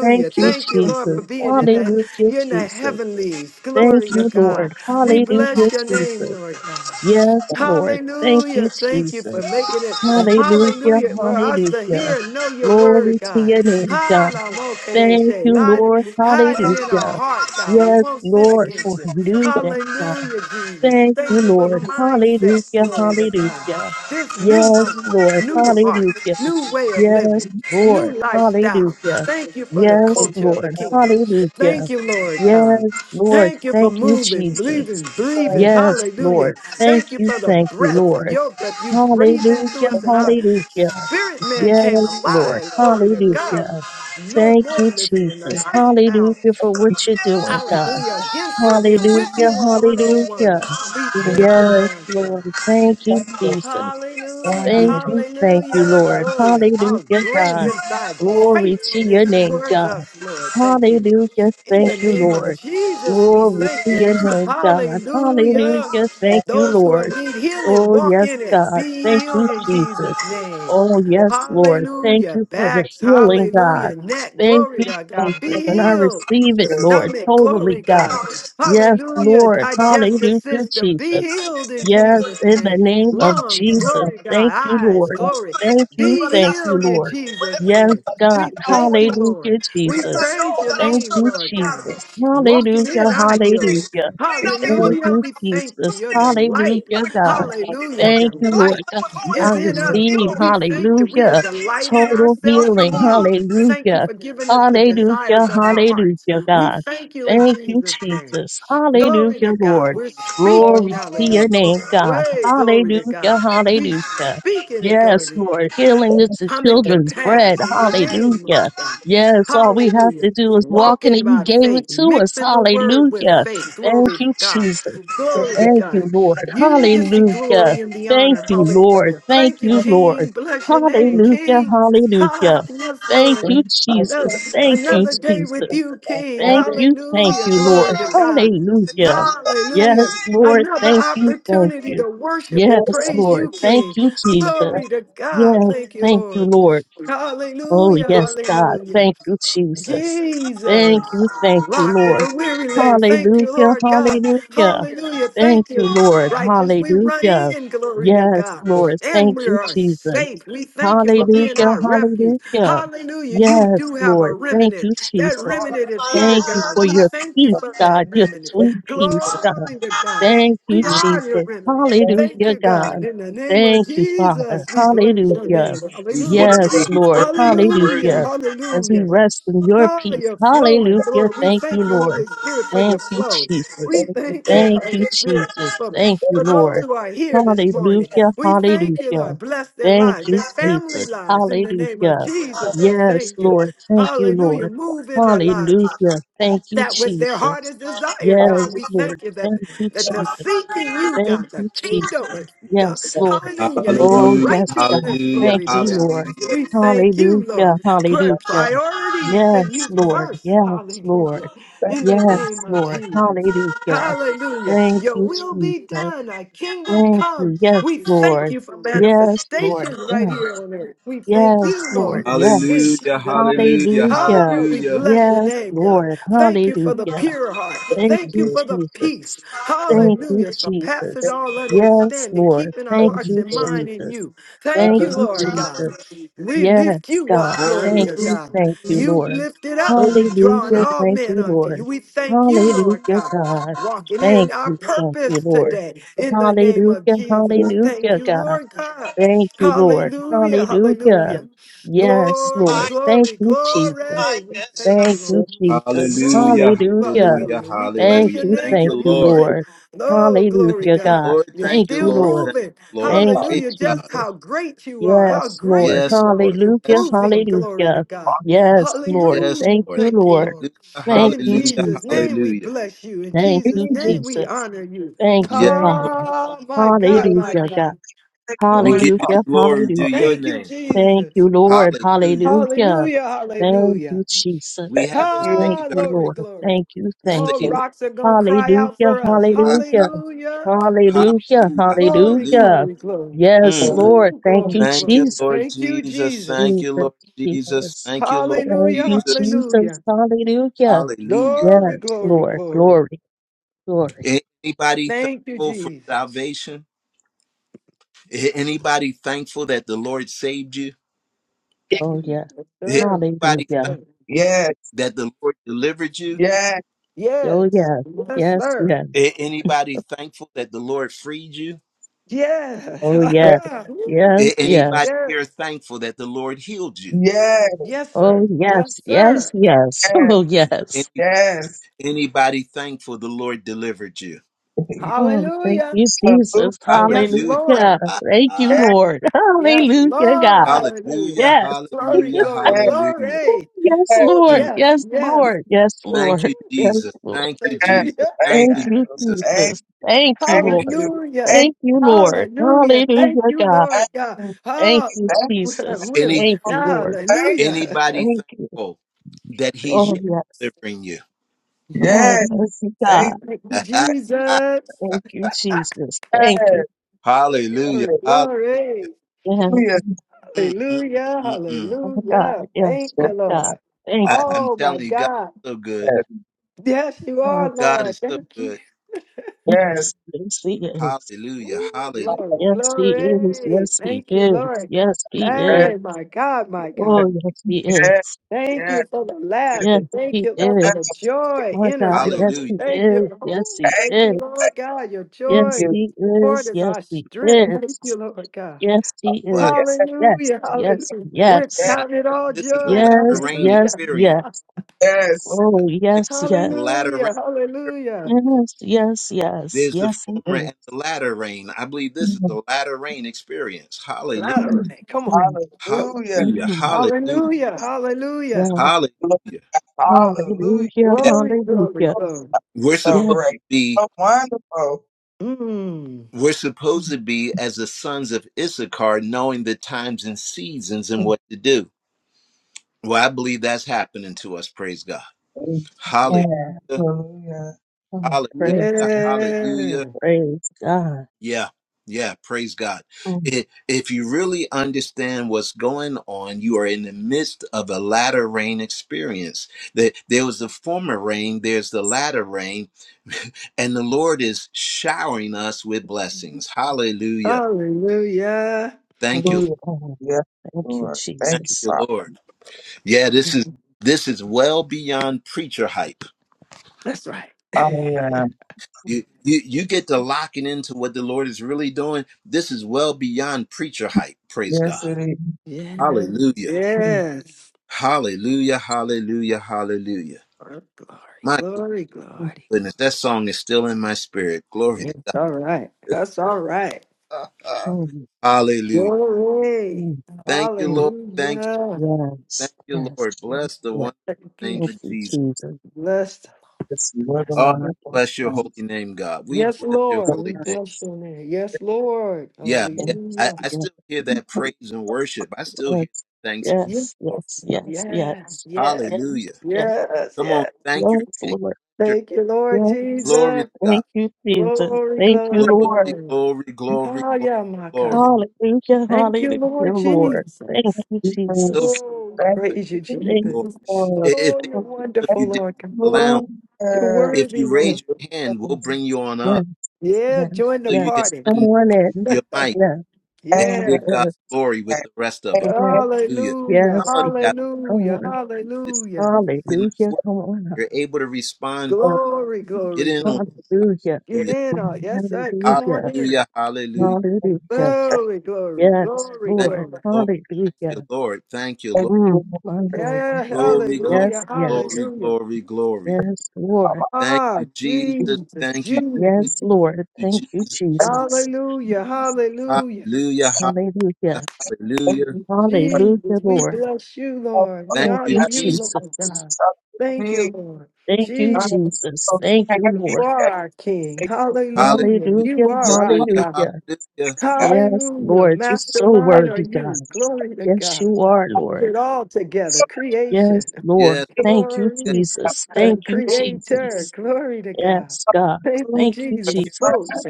S2: Thank you,
S3: Thank you, Lord, for
S2: Jesus.
S3: being in the
S2: Hallelujah,
S3: in the
S2: Jesus.
S3: heavenlies.
S2: Thank
S3: Glory to
S2: you,
S3: God.
S2: Lord.
S3: We
S2: Hallelujah,
S3: bless your name,
S2: Jesus.
S3: Lord God.
S2: Yes, Lord. Thank
S3: Hallelujah.
S2: you,
S3: Thank you
S2: Jesus.
S3: for making it.
S2: Hallelujah,
S3: Hallelujah. For us to
S2: hallelujah.
S3: hear and know your word,
S2: Glory to
S3: God.
S2: your name, God.
S3: Hallelujah.
S2: Thank you, Lord.
S3: Light- Hide it in our
S2: Hallelujah.
S3: heart, God. We
S2: Yes,
S3: won't sin
S2: Lord,
S3: against
S2: for
S3: you.
S2: a new day, God.
S3: Hallelujah, Jesus.
S2: Thank you,
S3: Thank you for the
S2: Lord.
S3: mindset.
S2: Hallelujah.
S3: Glory to God.
S2: Hallelujah.
S3: This new
S2: Yes,
S3: mind,
S2: Lord.
S3: new heart,
S2: Hallelujah.
S3: new way of
S2: Yes,
S3: living,
S2: Lord.
S3: new lifestyle.
S2: Hallelujah.
S3: Thank you for the
S2: Yes,
S3: culture of the
S2: Lord.
S3: kingdom.
S2: Hallelujah.
S3: Thank you, Lord God.
S2: Yes, Lord.
S3: Thank you for
S2: Thank you,
S3: moving,
S2: Jesus.
S3: breathing, breathing.
S2: Yes,
S3: Hallelujah
S2: Lord. Thank
S3: Thank you
S2: you.
S3: for the
S2: Thank you,
S3: breath,
S2: Lord.
S3: your breath. You breathed into
S2: Hallelujah.
S3: us, and our
S2: Hallelujah.
S3: spirit man came
S2: Yes, Lord.
S3: alive. Glory to God.
S2: Hallelujah.
S3: No
S2: Thank
S3: more
S2: you,
S3: living in a
S2: Jesus.
S3: lifestyle,
S2: Hallelujah for what you're doing, God.
S3: hallelujah, against, but we are with
S2: Hallelujah,
S3: you on 101.
S2: hallelujah.
S3: We thank you,
S2: Yes,
S3: Lord God.
S2: Lord. Thank you, Jesus.
S3: Hallelujah,
S2: Thank you, thank you,
S3: hallelujah,
S2: Lord.
S3: glory. and How
S2: Hallelujah,
S3: great
S2: God.
S3: is thy
S2: Glory to your
S3: faithfulness
S2: name,
S3: towards
S2: God.
S3: us, Lord. Thank you.
S2: Hallelujah,
S3: In
S2: thank
S3: the
S2: you,
S3: name of
S2: Lord.
S3: Jesus, we
S2: Glory
S3: thank
S2: to
S3: you.
S2: your name, God.
S3: Hallelujah.
S2: Hallelujah, thank you,
S3: Those who are
S2: Lord.
S3: need healing,
S2: Oh,
S3: walk
S2: yes,
S3: in it.
S2: God.
S3: Be
S2: Thank
S3: healed
S2: you,
S3: in
S2: Jesus.
S3: Jesus' name.
S2: Oh, yes, Lord. Thank
S3: Hallelujah.
S2: you for the
S3: Backs,
S2: healing, God.
S3: hallelujah. Neck,
S2: Thank
S3: glory
S2: you,
S3: to God.
S2: Jesus.
S3: Be
S2: And I
S3: healed.
S2: receive it, Lord,
S3: Stomach, glory
S2: totally, God.
S3: God.
S2: Yes,
S3: Hallelujah.
S2: Lord.
S3: Digestive
S2: Hallelujah,
S3: system, be
S2: Jesus.
S3: healed in
S2: Yes,
S3: Jesus'
S2: in the
S3: name.
S2: name of
S3: Lungs,
S2: Jesus.
S3: glory God.
S2: Thank you,
S3: Eyes,
S2: Lord.
S3: glory.
S2: Thank you,
S3: Be
S2: thank you,
S3: healed in
S2: Lord.
S3: Jesus'
S2: Yes,
S3: name.
S2: God.
S3: We thank you, Lord.
S2: Hallelujah,
S3: We
S2: Jesus.
S3: praise your
S2: Thank
S3: name,
S2: you,
S3: Lord God.
S2: Jesus. Hallelujah,
S3: Walking in our healing.
S2: hallelujah. Thank
S3: Hallelujah.
S2: you,
S3: We thank you.
S2: Jesus.
S3: Your delight.
S2: Hallelujah, God.
S3: Hallelujah.
S2: Thank you, Lord
S3: Delight
S2: God. I
S3: is in us,
S2: receive,
S3: Lord. We thank you. We are
S2: hallelujah,
S3: delighting
S2: total
S3: ourselves in
S2: healing.
S3: you. Thank you
S2: Hallelujah.
S3: for giving us the
S2: Hallelujah,
S3: desires of our hearts.
S2: hallelujah,
S3: We
S2: God.
S3: thank you in
S2: Thank you,
S3: Jesus' name.
S2: Jesus.
S3: Glory
S2: Hallelujah,
S3: to God.
S2: Lord.
S3: We're speaking,
S2: Glory to your
S3: hallelujah.
S2: name, God.
S3: Way, glory to
S2: Hallelujah,
S3: God. We
S2: hallelujah.
S3: speaking it, glory.
S2: Yes,
S3: to
S2: Lord. Healing
S4: Thank
S2: is the
S3: coming to
S4: you.
S2: children's bread.
S3: pass in your name,
S2: Hallelujah.
S3: Lord God.
S2: Yes, all we have
S3: Hallelujah.
S2: to do is walk in
S3: Walking
S2: it. You
S3: by
S2: gave it
S3: faith,
S2: to us.
S3: mixing the word with
S2: Hallelujah.
S3: faith. Glory
S2: Thank
S3: to
S2: you,
S3: God.
S2: Jesus.
S4: Thank
S3: Glory to
S4: you.
S2: Thank you,
S3: God.
S2: Lord.
S3: You give me
S2: Hallelujah.
S3: glory and the
S2: Thank
S3: honor.
S2: you,
S4: Thank
S2: Lord.
S3: Hallelujah.
S2: Thank
S3: Thank you,
S2: you,
S4: you.
S2: Lord.
S3: King. Bless your name,
S4: Thank you.
S2: Hallelujah.
S3: King.
S2: Hallelujah.
S3: Ah, yes,
S2: Thank
S3: Lord.
S4: Thank
S2: you,
S4: you.
S2: Jesus.
S3: Another,
S2: Thank you,
S4: Thank
S3: another day
S2: Jesus.
S3: with you, King.
S2: Thank you. Thank
S3: Hallelujah.
S2: you,
S3: Glory
S2: Lord.
S3: to God.
S2: Hallelujah.
S3: Hallelujah.
S2: Yes, Lord.
S3: Another
S2: Thank you. Thank
S3: opportunity
S2: you.
S3: to worship
S2: Yes,
S3: and praise
S2: Lord.
S3: you,
S2: Thank
S3: King.
S2: you, Jesus.
S3: Glory to God.
S2: Yes.
S3: Thank you,
S2: Thank you,
S3: Lord.
S2: Lord. Oh,
S3: Hallelujah.
S2: yes, God.
S3: Hallelujah.
S2: Thank you, Jesus. Thank you,
S3: Jesus.
S2: thank you,
S3: Rock in a
S2: Lord.
S3: weary land. Thank you,
S2: Hallelujah,
S3: Lord God.
S2: hallelujah.
S3: Hallelujah.
S2: Thank
S3: Thank
S2: you,
S3: you.
S2: Lord.
S3: Righteous, we run
S2: Hallelujah.
S3: in, glory to
S2: Yes,
S3: God.
S2: Lord.
S3: And
S2: Thank
S3: we
S2: you,
S3: are
S2: Jesus.
S3: safe. We thank you for being
S2: Hallelujah,
S3: our refuge.
S2: hallelujah.
S3: Hallelujah. You
S2: Yes,
S3: do have a
S2: Lord. Thank
S3: remnant.
S2: you,
S3: That
S2: Jesus.
S3: remnant is here,
S2: Thank you
S3: God.
S2: for
S3: We
S2: your
S3: thank you
S2: peace,
S3: for that
S2: God, your
S3: remnant.
S2: sweet peace, God.
S3: Glory to God.
S2: Thank you,
S3: We are your
S2: Jesus.
S3: remnant. Thank
S2: Hallelujah,
S3: you, God.
S2: God.
S3: In the name of
S2: Thank you, Father.
S3: Jesus, we bless your
S2: Hallelujah.
S3: name.
S1: He's
S3: Hallelujah.
S1: worthy.
S2: Yes,
S1: He's
S2: Lord.
S1: worthy. He's
S3: Hallelujah.
S1: worthy.
S2: Hallelujah. As we
S3: Hallelujah.
S2: rest in your
S3: Ah,
S2: peace.
S3: you're flowing,
S2: Hallelujah.
S3: Lord. We
S2: Thank you,
S3: thank you,
S2: Lord.
S3: Holy Spirit, for your
S2: Thank you,
S3: flow.
S2: Jesus.
S3: We thank you,
S2: Thank
S3: Holy
S2: you,
S3: Spirit,
S2: Jesus.
S3: for,
S2: Thank you,
S3: for those
S2: Lord.
S3: who are here this morning.
S2: Hallelujah.
S3: We thank you,
S2: Hallelujah.
S3: Lord. Bless their
S2: Thank
S3: lives,
S2: you,
S3: their family
S2: Jesus.
S3: lives. In the name of
S2: Hallelujah.
S3: Jesus, we
S2: Yes,
S3: thank you.
S2: Lord. Thank you,
S3: Hallelujah.
S2: Lord.
S3: Move in their lives.
S2: Hallelujah. Thank you,
S3: That was their
S2: Jesus.
S3: hardest desire, God. We
S2: Yes,
S4: you.
S2: Lord.
S3: thank you that,
S2: Thank you,
S3: that they're
S2: Jesus.
S3: seeking you,
S2: Thank
S3: God, the
S2: you,
S3: kingdom, of
S2: Jesus.
S3: God.
S2: Yes, Lord.
S3: Hallelujah. And your
S2: Oh,
S1: Hallelujah.
S2: yes, God.
S3: righteousness,
S1: Hallelujah.
S2: Thank
S3: glory to
S2: you,
S3: God.
S2: Lord.
S1: Hallelujah.
S3: We thank you,
S2: Hallelujah.
S3: Lord. Put
S2: Hallelujah.
S3: priority, put
S2: Yes,
S3: you
S2: Lord.
S3: first.
S2: Yes,
S3: Hallelujah.
S2: Lord.
S3: In the
S2: Yes,
S3: name of
S2: Lord.
S3: Jesus.
S2: Hallelujah.
S3: Hallelujah.
S2: Thank
S3: Your
S2: you,
S3: will be
S2: Jesus.
S3: done. Our kingdom
S2: Thank
S3: come.
S2: you. Yes,
S3: We thank
S2: Lord.
S3: you for
S2: Yes, Lord.
S3: manifestations right here
S2: Yes.
S3: on earth. We thank
S2: Yes,
S3: you,
S2: Lord.
S3: Lord. In
S2: Yes.
S1: Hallelujah.
S3: Jesus' name.
S2: Hallelujah.
S3: Oh, we
S1: Hallelujah.
S3: bless your
S2: Yes,
S3: name, God.
S2: Lord.
S3: Thank you for the
S2: Hallelujah.
S3: pure heart.
S2: Thank
S3: Thank you
S2: you,
S3: for the peace.
S2: Jesus.
S4: Thank
S2: Thank you,
S3: Hallelujah. Surpasses
S2: Jesus.
S3: all
S2: Yes,
S3: understanding,
S2: Lord.
S3: keeping our
S2: Thank
S3: hearts
S2: you,
S3: and mind in
S2: Jesus.
S3: you. Thank
S2: Thank
S3: you,
S2: you,
S3: Lord God.
S2: Jesus.
S3: We
S2: Yes,
S3: lift you
S2: God.
S3: up, glory
S2: Thank
S3: to
S1: Hallelujah.
S2: you,
S3: God.
S2: thank you,
S3: You
S2: Lord.
S3: lifted up, drawing
S2: Hallelujah.
S3: all
S2: Thank
S3: men
S2: you,
S3: unto you.
S2: Lord.
S3: We thank you, Lord
S2: Hallelujah,
S3: God,
S2: God.
S3: walking
S2: Thank
S3: in our
S2: you, thank you,
S3: purpose
S2: Lord.
S3: today in the name of
S2: Hallelujah,
S3: Jesus. Thank
S2: hallelujah,
S3: you,
S2: God.
S3: Lord God.
S2: Thank you, Lord.
S3: Hallelujah,
S2: Hallelujah.
S3: hallelujah.
S2: Yes,
S3: Glory,
S2: Lord. Thank
S3: glory,
S2: you, Jesus.
S3: glory. We thank you,
S2: Thank you,
S3: Lord.
S2: Jesus.
S1: Hallelujah.
S3: Move,
S2: Hallelujah.
S1: Hallelujah.
S3: hallelujah. We bless
S2: Thank
S3: your
S1: Hallelujah.
S2: you,
S3: name
S1: Thank
S2: thank
S1: you,
S3: for
S2: you,
S1: Lord.
S3: moving.
S2: Lord.
S3: Oh, glory,
S1: Thank
S2: Hallelujah,
S1: you,
S3: God.
S2: God.
S1: Lord.
S3: You're
S1: Thank
S2: Thank
S1: you,
S2: you,
S3: still
S1: Lord.
S2: Lord.
S1: Thank you,
S3: moving.
S1: Lord.
S2: Thank you,
S1: Praise
S3: Hallelujah. Just
S1: God.
S2: Jesus.
S3: how great you are. How
S2: Yes, Lord.
S3: great
S1: Yes,
S3: you are.
S1: Lord.
S3: You're
S2: Hallelujah,
S1: Yes, Lord.
S3: proving glory to
S2: hallelujah.
S3: God.
S2: Yes, Lord.
S1: Yes,
S3: Hallelujah.
S2: Thank
S1: Lord.
S2: you,
S3: Thank you,
S2: Lord.
S3: Lord.
S1: Hallelujah,
S2: Thank
S3: In
S2: you,
S1: hallelujah,
S3: Jesus'
S2: Jesus.
S3: name, we
S1: hallelujah.
S3: bless you. In
S2: Thank
S3: Jesus'
S2: you,
S3: name, we
S2: Jesus.
S3: honor you.
S2: Thank you,
S1: Yes, Lord.
S2: Father.
S3: Oh, my God, my
S2: Hallelujah, God.
S3: God.
S4: you.
S1: We
S4: Thank
S1: give you the
S2: Hallelujah,
S1: glory
S4: you.
S1: due
S2: hallelujah.
S1: your
S3: Thank you,
S1: name.
S2: Thank
S3: Jesus.
S2: you, Lord.
S1: Hallelujah.
S2: Hallelujah.
S3: Hallelujah.
S2: Thank
S3: Hallelujah.
S2: you, Jesus.
S1: We
S4: Thank you
S1: haven't
S2: Thank
S3: Ah,
S1: saved
S2: you,
S3: glory,
S2: Lord.
S1: ourselves.
S3: glory.
S2: Thank you,
S1: You
S3: No
S2: thank you.
S4: for
S1: saved us.
S3: rocks are going to cry out
S2: Hallelujah,
S3: for us.
S1: Ah,
S2: hallelujah.
S3: Hallelujah.
S4: your
S2: Hallelujah.
S1: Hallelujah,
S3: Glory,
S1: hallelujah.
S2: Hallelujah.
S3: glory, glory.
S2: Yes,
S1: Mm.
S4: word.
S2: Lord.
S3: Ooh,
S2: Thank you,
S3: glory,
S1: Thank you,
S3: glory.
S2: Jesus.
S1: Lord
S3: Thank you,
S1: Jesus.
S3: Jesus.
S1: Thank you,
S2: Jesus,
S1: Lord Jesus.
S2: Jesus.
S1: Thank you, Lord
S2: Thank you,
S3: Hallelujah,
S1: Jesus.
S2: Jesus.
S3: hallelujah.
S2: Hallelujah.
S1: Hallelujah.
S3: Glory,
S2: Yes,
S3: glory,
S2: Lord.
S3: glory.
S2: Glory, glory.
S1: A- Anybody
S3: Thank you,
S1: thankful for
S3: Jesus.
S1: salvation? A- Anybody thankful that the Lord saved you?
S4: Yes,
S2: Oh,
S3: Mm,
S2: yes.
S3: Yes,
S1: A-
S3: sir.
S1: Anybody thankful
S2: Hallelujah.
S4: yes,
S1: that the Lord delivered you?
S4: yes,
S2: Oh,
S3: Yes,
S2: yes.
S3: yes,
S2: Yes,
S3: sir.
S2: yes.
S1: A- Anybody thankful that the Lord freed you?
S2: Oh, yes.
S3: Yes. Ooh,
S2: Yes,
S1: A-
S2: yes.
S1: Anybody
S3: yes,
S1: here thankful that the Lord healed you?
S4: yes,
S3: yes,
S2: Oh,
S3: sir. Yes,
S2: yes. Yes,
S3: sir.
S2: yes.
S4: yes,
S2: Oh,
S1: Any,
S2: yes.
S4: yes.
S1: anybody thankful the Lord delivered you?
S2: Oh, thank
S3: Hallelujah.
S2: you, Jesus.
S4: Salute. you.
S3: Yes,
S2: Hallelujah.
S1: Hallelujah.
S3: Lord.
S2: Thank you,
S4: Yes,
S2: Lord.
S3: Yes,
S2: Hallelujah,
S3: Lord,
S2: God.
S4: yes,
S3: hallelujah.
S1: Hallelujah.
S2: Yes.
S3: Glory,
S1: Hallelujah.
S3: glory,
S1: Hallelujah.
S3: glory.
S2: Yes,
S3: Ooh,
S2: Lord.
S1: Mm.
S3: yes,
S2: Yes,
S3: yes.
S2: Lord. Yes,
S1: Thank
S2: Lord.
S1: you,
S3: Ooh,
S2: Yes,
S1: Jesus.
S2: Lord.
S1: Thank you,
S4: yes,
S3: hallelujah.
S1: Jesus. Thank
S2: Thank
S1: you,
S3: Yes.
S2: you,
S1: Jesus.
S4: yes.
S2: Jesus. Thank you,
S4: Thank
S2: Lord.
S4: you.
S3: Hallelujah.
S4: Thank, thank you. Thank,
S2: Thank you, Lord.
S3: Hallelujah.
S2: Hallelujah,
S3: Thank you,
S2: God.
S3: Lord
S4: thank you. Thank
S3: God.
S4: you.
S2: Thank you,
S3: Oh,
S4: Thank
S3: we're,
S2: Jesus.
S3: we're-
S1: Any
S2: Thank you, Lord.
S3: hallelujah.
S1: anybody
S2: Thank you.
S1: thankful that He's
S2: Oh,
S1: yet
S2: yeah.
S1: delivering you?
S2: Oh,
S3: Yes.
S4: Yes,
S2: thank you, God.
S4: thank
S3: Thank you, Jesus.
S2: Thank you, Jesus. Thank you.
S3: Ooh,
S1: Hallelujah.
S3: glory,
S4: Yes.
S1: Hallelujah.
S3: glory.
S2: Yes.
S1: Mm, mm, mm,
S3: Hallelujah.
S1: mm, mm.
S2: Oh, God.
S3: Hallelujah.
S2: Yes,
S3: Thank
S4: Yes,
S3: you,
S2: Lord God.
S3: Lord.
S2: Thank
S1: I,
S2: you.
S1: I'm
S3: Oh, my
S1: telling you, God's
S3: God.
S1: so good.
S3: Yes, you
S2: Yes.
S3: are,
S1: God
S3: Lord.
S1: is so
S3: Thank you.
S1: good.
S4: yes, yes.
S2: Yes. Yes, He is.
S1: Hallelujah.
S3: Ooh,
S1: Hallelujah.
S4: Oh,
S3: Glory,
S2: Yes, He is.
S3: glory.
S2: Yes, He
S3: Thank you,
S2: is.
S3: Lord.
S2: Yes, He is.
S4: Yes,
S3: Hey, my God, my
S2: Oh,
S3: God.
S2: yes, He
S4: yes,
S2: is.
S3: Thank
S4: yes,
S3: you for the
S4: yes.
S3: laughter.
S2: Yes,
S3: Thank
S2: he
S3: you, Lord, for
S2: is.
S3: the joy,
S2: My
S3: inner
S2: God, yes,
S3: joy.
S1: Hallelujah.
S2: he
S3: Thank you.
S2: is. Yes,
S3: Ooh,
S2: he
S4: Thank
S3: thank
S2: is.
S3: you, Lord God. Your
S2: Yes,
S3: joy,
S4: you.
S2: he
S3: Lord,
S2: is.
S3: is
S2: Yes,
S3: our
S2: he
S3: strength. Thank
S2: is.
S3: you, Lord God.
S2: Yes, he
S1: Well,
S2: is. Yes,
S3: Hallelujah,
S2: yes,
S3: hallelujah. We're
S1: I,
S4: Yes,
S2: yes.
S1: I,
S3: counting it all
S1: this is a
S3: joy.
S4: yes.
S1: latter
S2: Yes,
S1: rain
S2: yes,
S3: Hallelujah.
S1: experience.
S2: yes.
S4: Yes.
S2: Oh,
S1: I think
S2: yes,
S1: this is
S2: yes.
S1: the latter rain.
S3: Hallelujah,
S1: experience.
S3: hallelujah.
S2: Yes, yes, yes.
S1: There's the
S2: Yes, he
S1: former
S2: is.
S1: and the latter rain. I believe this is the latter rain experience. Hallelujah.
S3: Louder. Come on.
S2: Mm,
S3: Come on.
S4: Hallelujah.
S1: Hallelujah.
S2: mm,
S1: Hallelujah.
S3: Hallelujah, hallelujah.
S2: yeah.
S1: Hallelujah.
S4: Lord, Hallelujah.
S2: Hallelujah.
S1: Yeah,
S3: Glory, glory,
S2: Hallelujah.
S3: glory.
S1: we're
S4: So
S1: supposed
S2: Yeah.
S1: to
S4: great.
S1: be
S4: So wonderful.
S3: Mm.
S1: we're supposed
S2: Mm,
S1: to be as the sons of Issachar, knowing the times and seasons and
S2: mm,
S1: what to do. Well, I believe that's happening to us. Praise God.
S4: Yeah.
S3: Yeah.
S1: Hallelujah.
S2: mm.
S4: Hallelujah.
S2: Oh, praise
S1: Hallelujah.
S2: God.
S3: Yeah.
S1: Hallelujah.
S2: Praise God.
S1: Yeah. Yeah. Praise God.
S2: Mm,
S1: If, if you really understand what's going on, you are in the midst of a latter rain experience. That there was the former rain, there's the latter rain, and the Lord is showering us with blessings. Hallelujah.
S3: Hallelujah.
S1: Thank you.
S2: praise
S4: Hallelujah.
S2: God.
S4: Yes,
S2: Thank you,
S4: Lord.
S1: Thank
S4: Thank you,
S2: Jesus.
S1: you,
S4: Father.
S1: Lord. Yeah, this is this is well beyond preacher hype.
S3: That's right.
S4: Oh, yeah.
S1: You, you you get to locking into what the Lord is really doing. This is well beyond preacher hype. Praise God.
S4: Yes, it is.
S3: Yes.
S1: Hallelujah.
S2: Mm.
S3: Yes.
S1: Hallelujah. Hallelujah. Hallelujah.
S3: Oh, glory,
S1: My
S3: glory,
S2: Mm,
S3: glory.
S1: goodness, that song is still in my spirit. Glory to
S3: It's all right. That's all right.
S1: God.
S2: mm,
S1: Hallelujah.
S3: Glory.
S1: Thank you,
S2: mm.
S1: Lord. Thank you.
S3: Hallelujah.
S2: Yes,
S1: Thank you,
S2: yes,
S1: Lord.
S2: yes,
S1: Bless the
S2: yes.
S1: one
S3: Thank you,
S1: name
S2: Thank
S3: Jesus.
S1: of
S2: you,
S1: Jesus.
S2: Jesus.
S3: Blessed.
S4: Yes, You are the
S1: Oh,
S4: one that
S2: Thank you,
S4: works.
S1: bless your holy
S4: And
S2: Jesus.
S1: name, God. We
S3: Yes,
S1: bless your
S3: Lord. We
S1: holy name.
S3: bless your name. Yes, Lord.
S1: Yeah, yeah.
S2: Yes,
S1: I,
S3: Hallelujah.
S1: I
S2: yes, yes,
S1: still hear that praise and worship. I still hear thanks,
S3: Yes.
S2: yes, yes,
S1: Lord.
S2: yes, yes, yes, yes,
S3: Yes.
S1: Hallelujah.
S2: yes,
S3: Yes.
S1: Come
S3: Yes.
S1: on, thank your
S2: yes,
S1: King.
S2: Lord.
S1: Your-
S3: Thank you, Lord
S2: Yes,
S1: Glory
S3: Jesus.
S1: to God.
S2: thank you, Jesus.
S3: Glory,
S2: Thank you,
S1: Glory,
S3: glory,
S2: Lord.
S3: glory.
S1: glory, glory, glory,
S3: Hallelujah, my
S1: glory.
S3: God.
S2: Hallelujah,
S3: Thank you,
S2: hallelujah,
S3: Lord
S2: Lord.
S3: Jesus.
S2: Thank you,
S4: Thank you, Lord.
S1: okay,
S2: Jesus.
S3: Oh,
S4: Thank
S1: thank
S3: praise you,
S4: you,
S1: you,
S2: Thank
S1: Lord.
S3: Jesus.
S1: I-
S4: Lord.
S1: If
S3: Oh,
S1: there's
S3: you're
S2: you.
S1: some of
S4: Thank
S1: you
S3: wonderful,
S4: you,
S1: down
S3: Lord. God.
S1: in the lounge,
S3: You're
S4: Lord.
S1: if
S3: worthy,
S1: you
S2: Yes,
S3: Lord.
S1: raise your hand, we'll
S4: Amen.
S1: bring you on
S2: yes,
S1: up
S3: Yeah,
S2: yes,
S3: join the
S1: so you can
S2: yes.
S3: party.
S2: Come
S1: unmute
S2: on in.
S1: your mic
S2: Yes,
S1: and
S4: Amen.
S1: give
S3: Yeah.
S1: God
S2: yes,
S1: glory with the rest of us.
S4: Thank
S2: yes,
S4: you,
S1: Hallelujah.
S3: Hallelujah.
S1: Some
S2: yes.
S1: of
S2: Jesus.
S1: you guys
S2: Come
S3: Hallelujah.
S2: on.
S1: it
S3: Hallelujah.
S1: did not
S2: Hallelujah.
S1: work.
S2: Come on.
S1: You're able to respond.
S4: Lord.
S3: Glory,
S1: Get
S3: glory,
S1: in on
S3: glory.
S2: Hallelujah.
S3: Get
S1: hallelujah.
S3: in, all. Yes, sir. Come
S1: Hallelujah.
S3: on
S2: Hallelujah.
S3: in.
S1: Hallelujah. hallelujah.
S2: Hallelujah.
S3: Glory, glory,
S2: Yes,
S3: glory,
S1: Thank
S2: Lord.
S3: glory.
S1: you, Lord. Thank
S2: Hallelujah.
S1: you, Lord. Thank you, Lord.
S2: Mm, my Lord.
S3: Yeah,
S2: yeah.
S1: Glory, glory,
S2: Yes,
S3: hallelujah,
S2: yes.
S1: glory,
S3: hallelujah.
S1: glory, glory.
S2: Yes, Lord.
S1: Thank
S3: Ah,
S1: you, Jesus.
S3: Jesus,
S1: Thank you,
S3: Jesus.
S2: Yes,
S1: Jesus.
S2: Lord.
S1: Thank you,
S2: Thank you,
S1: Jesus.
S4: Thank you,
S2: Jesus.
S3: Hallelujah, hallelujah.
S1: Hallelujah.
S2: Hallelujah.
S4: Lord.
S1: Hallelujah.
S3: Jesus,
S2: Hallelujah,
S3: we
S2: Lord.
S3: bless you,
S4: of
S3: Lord. We
S1: Thank
S2: Thank
S1: you,
S3: honor
S2: you,
S4: and
S3: you,
S1: Jesus.
S3: Lord
S2: Jesus.
S3: God. Thank
S4: suddenly
S3: you, Lord.
S2: Thank you,
S4: I
S3: Jesus,
S2: Jesus.
S4: so
S2: Thank
S4: happy
S2: you,
S4: and
S3: you
S2: Lord.
S3: are our King.
S4: thinking
S1: Hallelujah.
S3: Hallelujah. You
S2: Hallelujah.
S3: are our
S1: Hallelujah.
S3: God.
S2: Hallelujah.
S1: Hallelujah.
S4: I
S2: Yes,
S3: Hallelujah.
S2: Lord. You're so
S3: Mastermind are
S2: worthy,
S3: you.
S2: God.
S3: Glory to
S2: Yes,
S3: God.
S2: you are, Lord.
S3: Put it all together.
S4: something
S2: Yes,
S3: Creation.
S2: Lord.
S1: Yes, Lord.
S2: Thank you,
S3: Glory,
S1: Yes, Lord.
S2: Jesus. Thank you,
S3: Creator,
S2: Jesus.
S3: glory to God.
S2: Yes, God.
S3: Thank you,
S4: to
S2: Thank you,
S4: the
S3: Jesus.
S1: Hearing,
S3: Spoke.
S4: person
S2: Jesus.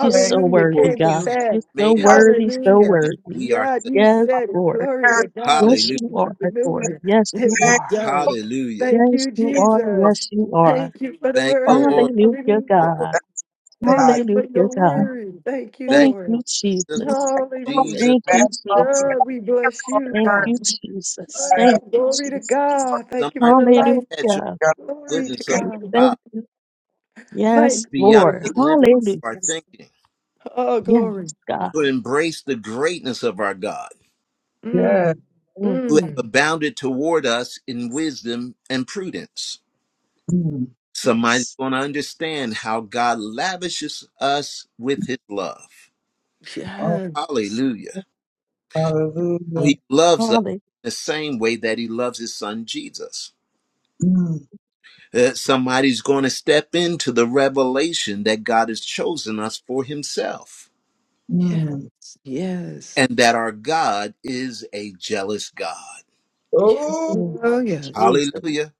S2: You're so
S1: For
S2: worthy,
S3: Came to
S2: God.
S1: you have
S3: pass.
S2: You're so
S1: made
S4: I
S1: us,
S4: was
S2: worthy, so
S1: and
S3: Hallelujah.
S1: not
S2: worthy.
S1: we
S3: God,
S1: ourselves.
S3: you
S2: Yes,
S3: said it.
S2: Lord.
S3: Glory
S4: very
S3: to God.
S2: Yes,
S1: Hallelujah.
S2: you are, Lord.
S3: Hallelujah.
S2: Yes, you
S3: It was
S4: thankful
S2: are.
S3: done.
S1: Hallelujah.
S3: Thank
S2: Yes,
S3: you,
S2: you are.
S3: Jesus.
S2: Yes, you are.
S3: Thank you for the
S1: Thank
S4: for
S1: you, Lord.
S3: word.
S2: Hallelujah,
S3: Hallelujah.
S1: Lord.
S2: God.
S4: that when
S3: Thank
S4: I
S3: you for
S2: Hallelujah,
S3: your
S2: God.
S3: word. Thank you,
S1: Thank
S2: Thank
S3: Lord.
S2: you,
S1: you,
S4: continued
S2: Jesus.
S4: to come
S3: Hallelujah.
S1: Jesus.
S2: Thank
S4: back
S2: you,
S1: Thank
S4: from the
S2: Jesus.
S3: God, we bless you,
S2: Thank
S4: God
S3: God.
S2: you, Jesus.
S3: Hey,
S2: Thank you,
S3: glory to
S2: Jesus.
S3: God.
S1: you.
S3: Thank you for
S1: somebody
S3: the
S1: will
S4: thank
S2: Hallelujah
S3: life.
S1: catch on
S4: God
S1: the
S3: Glory to
S1: goodness of
S4: thank
S1: our
S2: you.
S4: you.
S3: God.
S2: Thank
S1: God
S2: you, Yes,
S3: Thank you,
S1: beyond
S3: Lord.
S2: Lord.
S1: the limit
S3: Jesus.
S1: of our
S2: Hallelujah.
S1: thinking
S3: Oh,
S2: Yes,
S3: glory.
S2: God.
S1: to embrace the greatness of our God
S4: Yeah.
S3: Mm.
S2: Mm.
S1: who have
S3: Mm.
S1: abounded toward us in wisdom and prudence.
S4: Mm.
S1: Somebody's
S2: Yes.
S1: going to understand how God lavishes us with his love.
S4: Oh
S3: Yes.
S1: Hallelujah. How
S4: hallelujah.
S1: he loves us
S2: Hallelujah.
S1: the same way that he loves his son Jesus.
S4: Mm.
S1: Uh, somebody's going to step into the revelation that God has chosen us for himself
S3: Yes.
S4: Mm.
S3: Yes.
S1: and that our God is a jealous God.
S3: yes.
S4: Oh
S3: Oh, yes.
S2: Jesus.
S1: Hallelujah.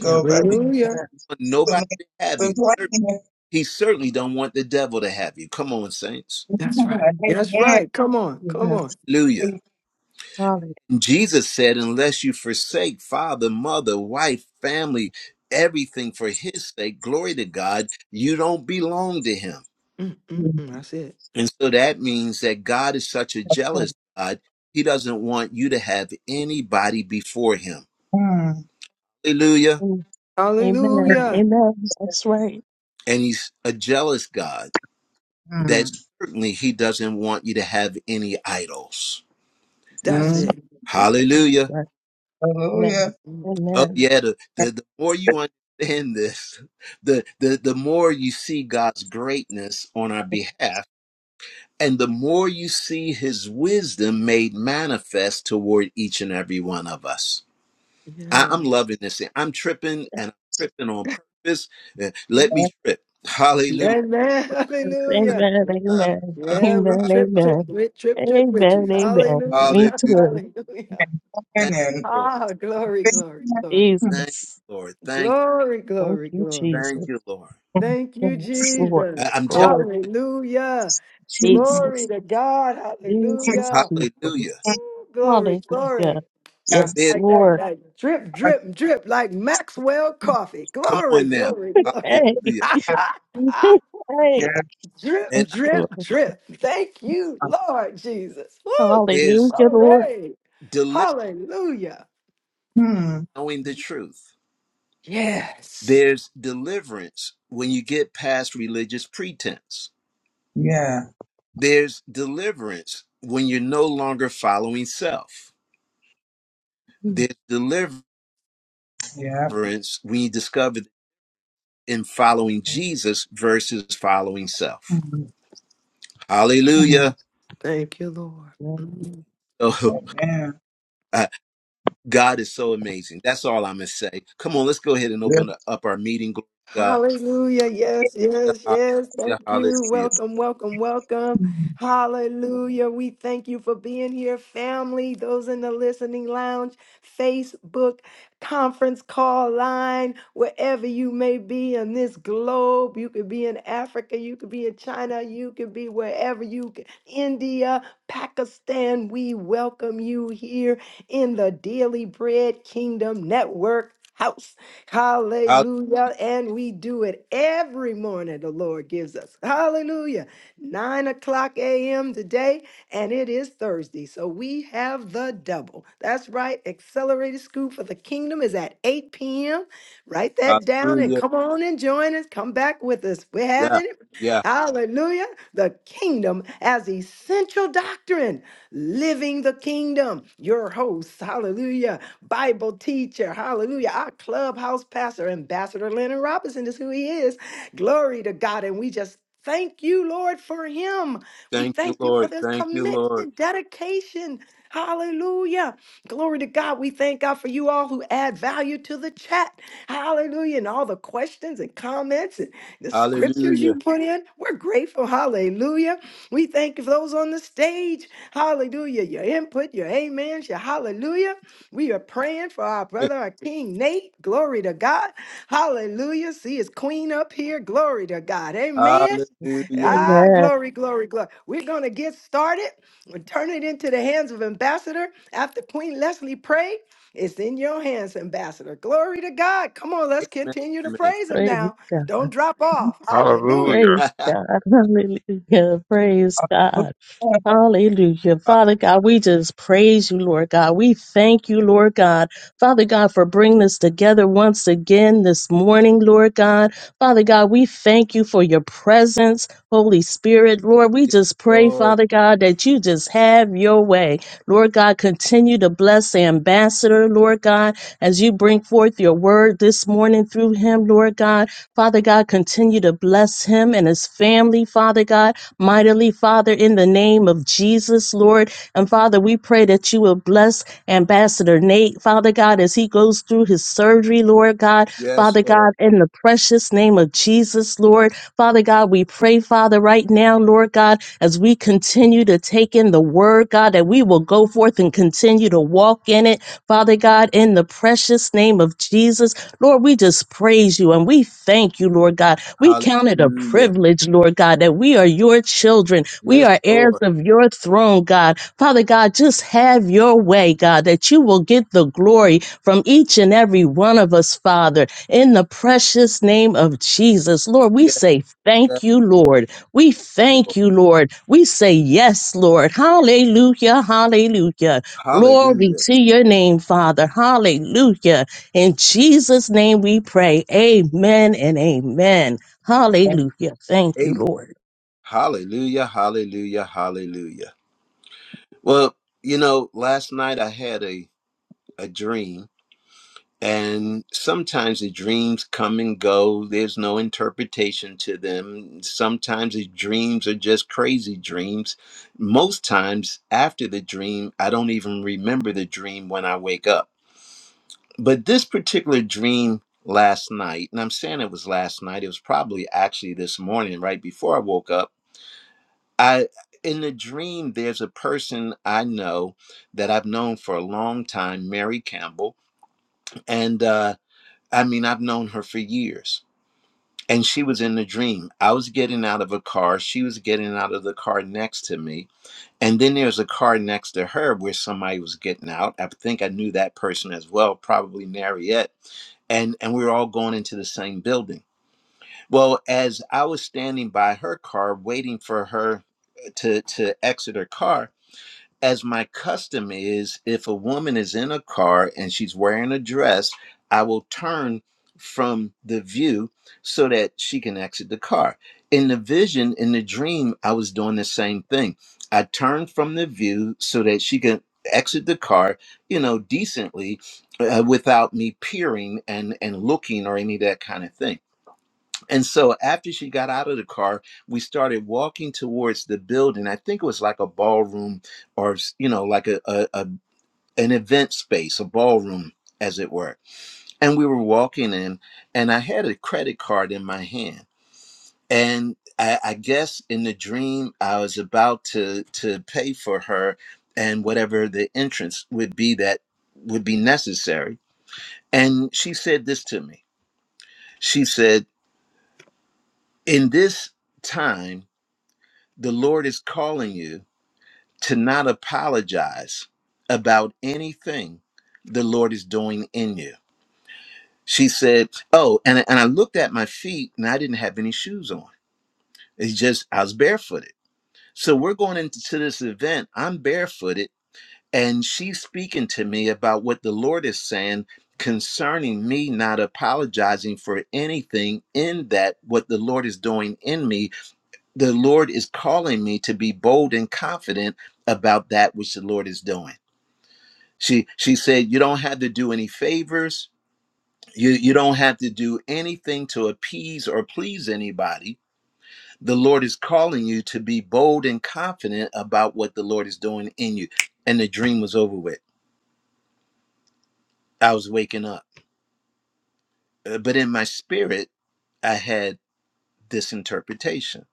S4: go back
S1: He
S2: Mm.
S3: Hallelujah.
S1: don't want
S4: to the
S1: nobody
S4: next
S1: to have
S4: the
S1: you.
S4: plan.
S1: He certainly don't want the devil to have you. Come on, saints.
S3: That's right. That's
S4: Amen.
S3: right. Come on. Come on.
S2: Yes.
S1: Hallelujah.
S2: Hallelujah.
S1: Jesus said, Unless you forsake father, mother, wife, family, everything for his sake, glory to God, you don't belong to him.
S3: Mm, mm, mm. That's it.
S1: And so that means that God is such a jealous God, he doesn't want you to have anybody before him.
S4: Mm.
S1: Hallelujah.
S2: Mm. Amen.
S3: Hallelujah.
S2: Amen. That's right.
S1: And he's a jealous God
S4: Mm.
S1: that certainly he doesn't want you to have any idols.
S3: That's
S2: That's
S4: Mm,
S3: it.
S2: right.
S3: Ooh.
S2: That's
S1: Hallelujah.
S2: right. Amen.
S4: Hallelujah.
S3: Mm,
S1: Oh
S2: Amen.
S1: yeah, the, the the more you understand this, the the the more you see God's greatness on our behalf, and the more you see His wisdom made manifest toward each and every one of us. I, I'm
S3: Yes.
S1: loving this. thing. I'm tripping and I'm tripping on purpose. Uh, Let
S2: Yes.
S1: me trip. Hallelujah.
S3: Amen. Hallelujah.
S2: Amen. Amen. Amen.
S3: Yeah, we trip, trip,
S2: Amen.
S3: we trip, trip with you.
S2: Amen. Amen. Me
S1: Hallelujah.
S3: Hallelujah.
S2: too.
S3: Hallelujah.
S1: Thank
S4: Amen.
S1: you, Lord.
S3: Ah, glory,
S4: Yes,
S3: glory,
S4: yes,
S3: glory.
S1: Thank you,
S2: Jesus.
S1: Lord. Thank you.
S3: Glory,
S2: Thank
S3: glory,
S2: you,
S3: glory.
S1: Thank
S2: Jesus.
S1: you, Lord.
S3: Thank you,
S2: Yes, Lord.
S1: I,
S3: Jesus.
S1: I'm telling.
S2: Lord
S3: Hallelujah.
S2: Jesus.
S3: Glory to God.
S2: Jesus,
S3: Hallelujah.
S1: Hallelujah.
S2: Jesus.
S3: Ooh, Glory,
S2: Hallelujah.
S3: glory.
S2: Yes,
S1: There's-
S3: Like that,
S2: Lord.
S3: like drip,
S4: Hmm.
S3: drip, drip, like Maxwell coffee.
S1: Come
S3: Glory,
S1: on now.
S3: glory, glory.
S2: Hey,
S1: Hallelujah.
S3: Ah,
S2: hey.
S4: Yeah.
S3: drip,
S2: Yes,
S1: And
S2: Lord.
S3: drip, drip. Thank you, Lord Jesus. Woo!
S1: there's
S2: Hallelujah, Lord.
S3: Glory.
S1: deliver
S3: Hallelujah.
S1: knowing the truth.
S3: Yes.
S1: There's deliverance when you get past religious pretense. There's deliverance when you're no longer following self. There's deliverance
S4: Yeah.
S1: when you discover in following Jesus versus following self.
S4: Hmm.
S3: Thank you,
S4: Hmm.
S3: Jesus.
S1: Hallelujah.
S3: Thank you, Lord.
S2: Yes,
S3: Mm.
S1: Oh,
S4: Yeah.
S1: uh, God is so amazing. That's all I'm going to say. Come on, let's go ahead and
S4: Yeah.
S1: open up our meeting. Glory to
S3: Hallelujah. Yes, yes,
S1: God.
S3: yes.
S1: Yeah,
S3: Thank
S1: hallelujah.
S3: you. Welcome, welcome, welcome.
S4: Hmm.
S3: Hallelujah. We thank you for being here, family, those in the listening lounge, Facebook, conference call line, wherever you may be on this globe. You could be in Africa, you could be in China, you could be wherever you could, India, Pakistan. We welcome you here in the Daily Bread Kingdom Network. House.
S1: Hallelujah. Hall-
S3: Hallelujah. And we do it every morning, the Lord gives us. Hallelujah. Nine o'clock a.m. today, and it is Thursday. So we have the double. That's right. Accelerated School for the Kingdom is at 8 p.m. Write that down and
S1: Hallelujah.
S3: come on and join us. Come back with us. We're
S1: Yeah.
S3: having it.
S1: Yeah.
S3: Hallelujah. The kingdom as essential doctrine. Living the kingdom. Your hosts. Hallelujah. Bible teacher. Hallelujah. Our clubhouse pastor, Ambassador Leonard Robinson, is who he is. Glory to God. And we just thank you, Lord, for him. We
S1: Thank you,
S3: thank you for
S1: Lord.
S3: this
S1: Thank you, Lord.
S3: commitment, dedication. Hallelujah. Glory to God. We thank God for you all who add value to the chat. Hallelujah. And all the questions and comments and the scriptures you
S1: Hallelujah.
S3: put in. We're grateful. Hallelujah. We thank you for those on the stage. Hallelujah. Your input, your amens, your hallelujah. We are praying for our brother, our King Nate. Glory to God. Hallelujah. See his queen up here. Glory to God. Amen.
S1: Hallelujah.
S3: Ah,
S2: Amen.
S3: glory, glory, glory. We're going to get started and turn it into the hands of Ambassador. After Queen Leslie prayed, it's in your hands, Ambassador. Glory to God. Come on, let's
S1: Amen.
S3: continue to
S1: Amen.
S3: praise him
S2: Praise
S3: now.
S2: God.
S3: Don't drop off. Hallelujah.
S5: Hallelujah.
S2: Praise God. Hallelujah. Praise God.
S4: Okay.
S2: Hallelujah.
S1: Ah,
S2: Father God, we just praise you, Lord God. We thank you, Lord God. Father God, for bringing us together once again this morning, Lord God. Father God, we thank you for your presence, Holy Spirit. Lord, we
S1: yes,
S2: just pray,
S1: Lord.
S2: Father God, that you just have your way. Lord God, continue to bless the ambassador, Lord God, as you bring forth your word this morning through him, Lord God. Father God, continue to bless him and his family, Father God mightily, Father, in the name of Jesus, Lord. And Father, we pray that you will bless Ambassador Nate, Father God, as he goes through his surgery, Lord God.
S1: Yes,
S2: Father
S1: Lord.
S2: God, in the precious name of Jesus, Lord. Father God, we pray, Father, right now, Lord God, as we continue to take in the word, God, that we will go forth and continue to walk in it, Father God, in the precious name of Jesus. Lord, we just praise you and we thank you, Lord God. We count it a
S1: Hallelujah.
S2: privilege, Lord God, that we are your children. We
S1: Yes,
S2: are heirs
S1: Lord.
S2: of your throne, God. Father God, just have your way, God, that you will get the glory from each and every one of us, Father, in the precious name of Jesus. Lord, we
S1: Yes,
S2: say
S1: yes,
S2: thank you, Lord. We thank
S1: Lord.
S2: you, Lord. We say yes, Lord. Hallelujah, hallelujah. Glory
S1: Hallelujah.
S2: to your name, Father. Hallelujah. In Jesus' name we pray. Amen and amen. Hallelujah. Thank you,
S1: Amen.
S2: Lord.
S1: Hallelujah. Hallelujah. Hallelujah. Well, you know, last night I had a, a dream And sometimes the dreams come and go. There's no interpretation to them. Sometimes the dreams are just crazy dreams. Most times after the dream, I don't even remember the dream when I wake up. But this particular dream last night, and I'm saying it was last night, it was probably actually this morning, right before I woke up. I in the dream, there's a person I know that I've known for a long time, Mary Campbell. And uh I mean, I've known her for years. And she was in the dream. I was getting out of a car. She was getting out of the car next to me. And then there's a car next to her where somebody was getting out. I think I knew that person as well, probably Mariette, And, and we were all going into the same building. Well, as I was standing by her car, waiting for her to, to exit her car, as my custom is, if a woman is in a car and she's wearing a dress, I will turn from the view so that she can exit the car. In the vision, in the dream, I was doing the same thing. I turned from the view so that she can exit the car, you know, decently uh, without me peering and and looking or any of that kind of thing and so after she got out of the car, we started walking towards the building. I think it was like a ballroom or, you know, like a, a, a an event space, a ballroom, as it were. And we were walking in, and I had a credit card in my hand. And I, I guess in the dream, I was about to to pay for her and whatever the entrance would be that would be necessary. And she said this to me. She said, "In this time." The Lord is calling you to not apologize about anything the Lord is doing in you. She said, Oh, and, and I looked at my feet and I didn't have any shoes on. It's just, I was barefooted. So we're going into this event. I'm barefooted. And she's speaking to me about what the Lord is saying concerning me not apologizing for anything in that what the Lord is doing in me the Lord is calling me to be bold and confident about that which the Lord is doing. She she said, You don't have to do any favors. You you don't have to do anything to appease or please anybody. The Lord is calling you to be bold and confident about what the Lord is doing in you. And the dream was over with. I was waking up. Uh, But in my spirit, I had this interpretation.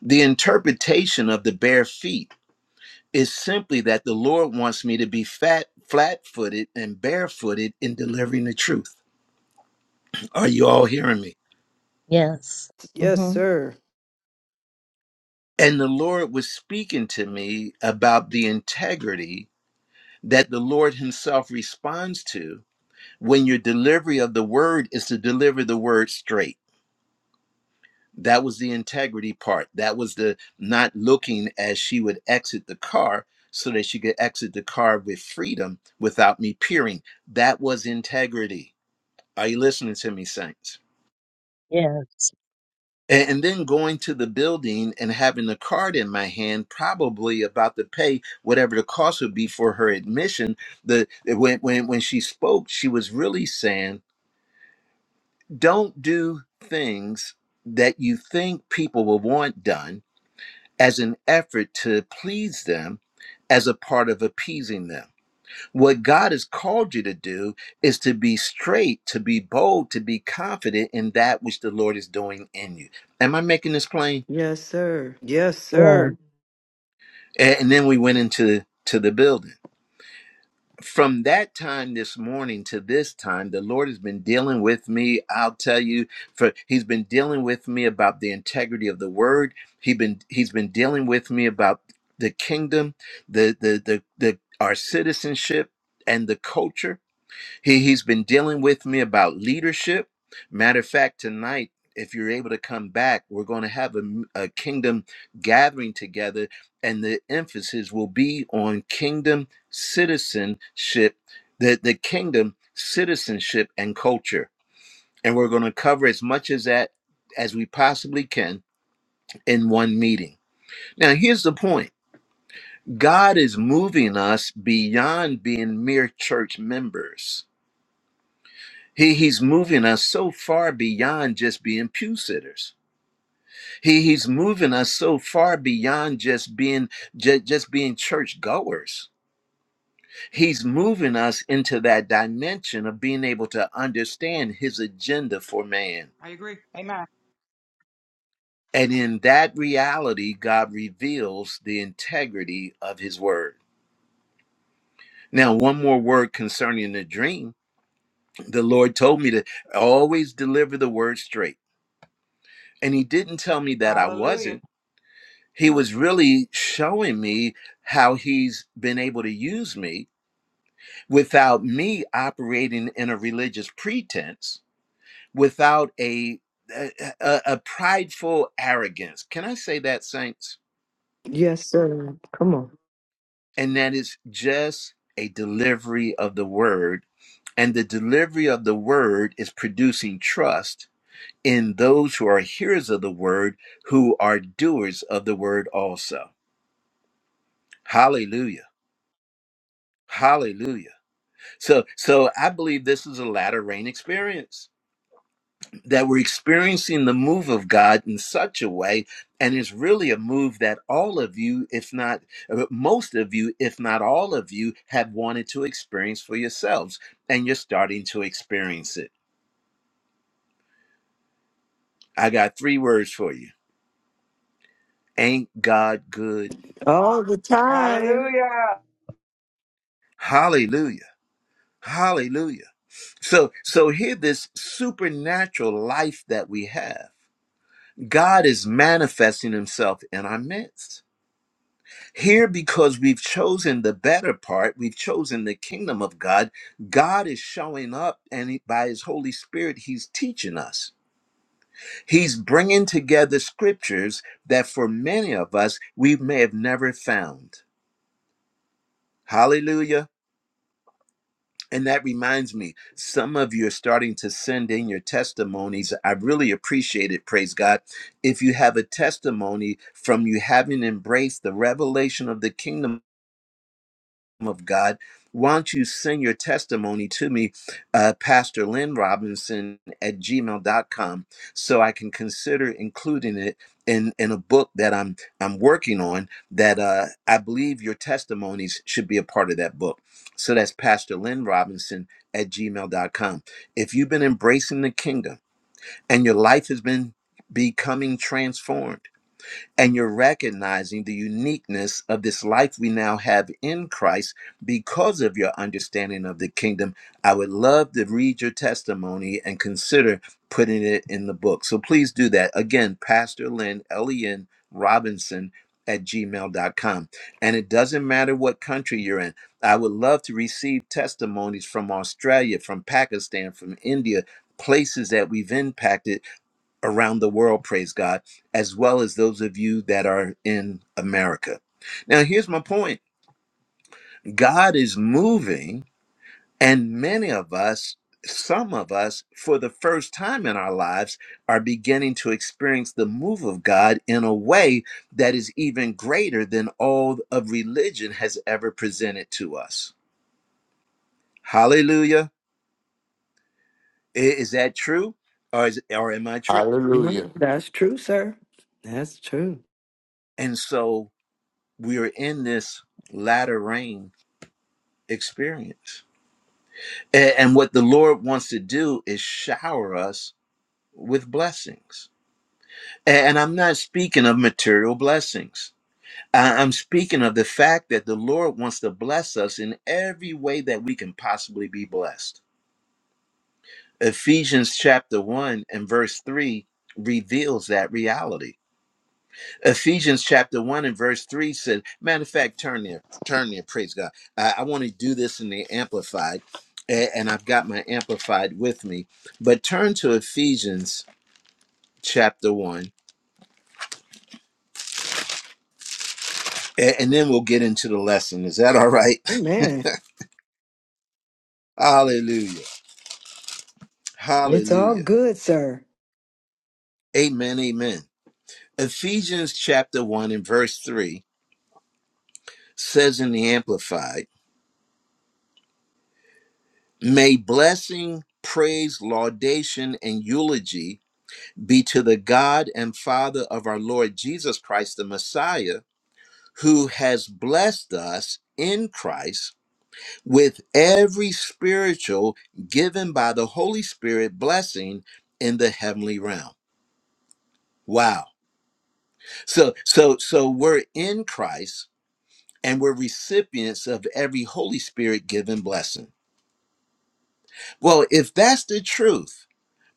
S1: The interpretation of the bare feet is simply that the Lord wants me to be fat, flat footed, and barefooted in delivering the truth. Are you all hearing me?
S2: Yes.
S3: Yes,
S2: hmm
S3: sir.
S1: And the Lord was speaking to me about the integrity that the Lord Himself responds to when your delivery of the word is to deliver the word straight. That was the integrity part. That was the not looking as she would exit the car so that she could exit the car with freedom without me peering. That was integrity. Are you listening to me, Saints?
S2: Yes.
S1: And, and then going to the building and having the card in my hand, probably about to pay whatever the cost would be for her admission. The when when when she spoke, she was really saying, "Don't do things that you think people will want done as an effort to please them, as a part of appeasing them." What God has called you to do is to be straight, to be bold, to be confident in that which the Lord is doing in you. Am I making this plain?
S3: Yes, sir. Yes,
S2: Yes.
S3: sir.
S1: A- And then we went into to the building. From that time this morning to this time, the Lord has been dealing with me. I'll tell you, for He's been dealing with me about the integrity of the Word. He been He's been dealing with me about the kingdom, the the the, the our citizenship and the culture. He he's been dealing with me about leadership. Matter of fact, tonight, if you're able to come back, we're going to have a a kingdom gathering together, and the emphasis will be on kingdom citizenship, the, the kingdom citizenship and culture. And we're going to cover as much as that as we possibly can in one meeting. Now, here's the point God is moving us beyond being mere church members He, he's moving us so far beyond just being pew sitters. He, he's moving us so far beyond just being just, just being church goers. He's moving us into that dimension of being able to understand his agenda for man.
S6: I agree. Amen.
S1: And in that reality, God reveals the integrity of his word. Now, one more word concerning the dream. The Lord told me to always deliver the word straight. And he didn't tell me that I wasn't.
S6: Hallelujah.
S1: he was really showing me how he's been able to use me without me operating in a religious pretense without a a, a- a prideful arrogance can i say that saints
S3: Yes, sir. Come on.
S1: and that is just a delivery of the word and the delivery of the word is producing trust in those who are hearers of the word who are doers of the word also hallelujah hallelujah So, so I believe this is a latter rain experience that we're experiencing the move of God in such a way, and it's really a move that all of you, if not uh, most of you, if not all of you, have wanted to experience for yourselves, and you're starting to experience it. I got three words for you: Ain't God good?
S3: All the time.
S6: Hallelujah.
S1: Hallelujah! Hallelujah! So, so here, this supernatural life that we have, God is manifesting Himself in our midst Here, because we've chosen the better part, we've chosen the kingdom of God, God is showing up and he- by his Holy Spirit, he's teaching us. He's bringing together scriptures that for many of us, we may have never found. Hallelujah. And that reminds me, some of you are starting to send in your testimonies. I really appreciate it. Praise God. If you have a testimony from you having embraced the revelation of the kingdom, of God. Why don't you send your testimony to me, uh, Pastor Lynn Robinson at gmail.com, so I can consider including it in, in a book that I'm I'm working on that uh, I believe your testimonies should be a part of that book. So that's Pastor Lynn Robinson at gmail.com. If you've been embracing the kingdom and your life has been becoming transformed, and you're recognizing the uniqueness of this life we now have in Christ because of your understanding of the kingdom. I would love to read your testimony and consider putting it in the book. So please do that. Again, Pastor Lynn, L-E-N L E N, Robinson at gmail.com. And it doesn't matter what country you're in. I would love to receive testimonies from Australia, from Pakistan, from India, places that we've impacted around the world, praise God, as well as those of you that are in America. Now, here's my point God is moving, and many of us, some of us, for the first time in our lives, are beginning to experience the move of God in a way that is even greater than all of religion has ever presented to us. Hallelujah. I- Is that true? Or, is, or am I true?
S3: Mhm.
S7: Hallelujah.
S3: That's true, sir. That's true.
S1: And so we are in this latter rain experience. A- And what the Lord wants to do is shower us with blessings. A- And I'm not speaking of material blessings. I- I'm speaking of the fact that the Lord wants to bless us in every way that we can possibly be blessed. Ephesians chapter 1 and verse 3 reveals that reality. Ephesians chapter 1 and verse 3 says, matter of fact, turn there, turn there, praise God. I, I want to do this in the Amplified, a- and I've got my Amplified with me, but turn to Ephesians chapter 1, a- and then we'll get into the lesson. Is that all right?
S3: Amen.
S1: Hallelujah.
S3: It's all
S1: Hallelujah.
S3: good, sir.
S1: Amen. Amen. Ephesians chapter 1 and verse 3 says in the Amplified, may blessing, praise, laudation, and eulogy be to the God and Father of our Lord Jesus Christ, the Messiah, who has blessed us in Christ with every spiritual given by the Holy Spirit blessing in the heavenly realm. Wow. So so so we're in Christ and we're recipients of every Holy Spirit given blessing. Well, if that's the truth,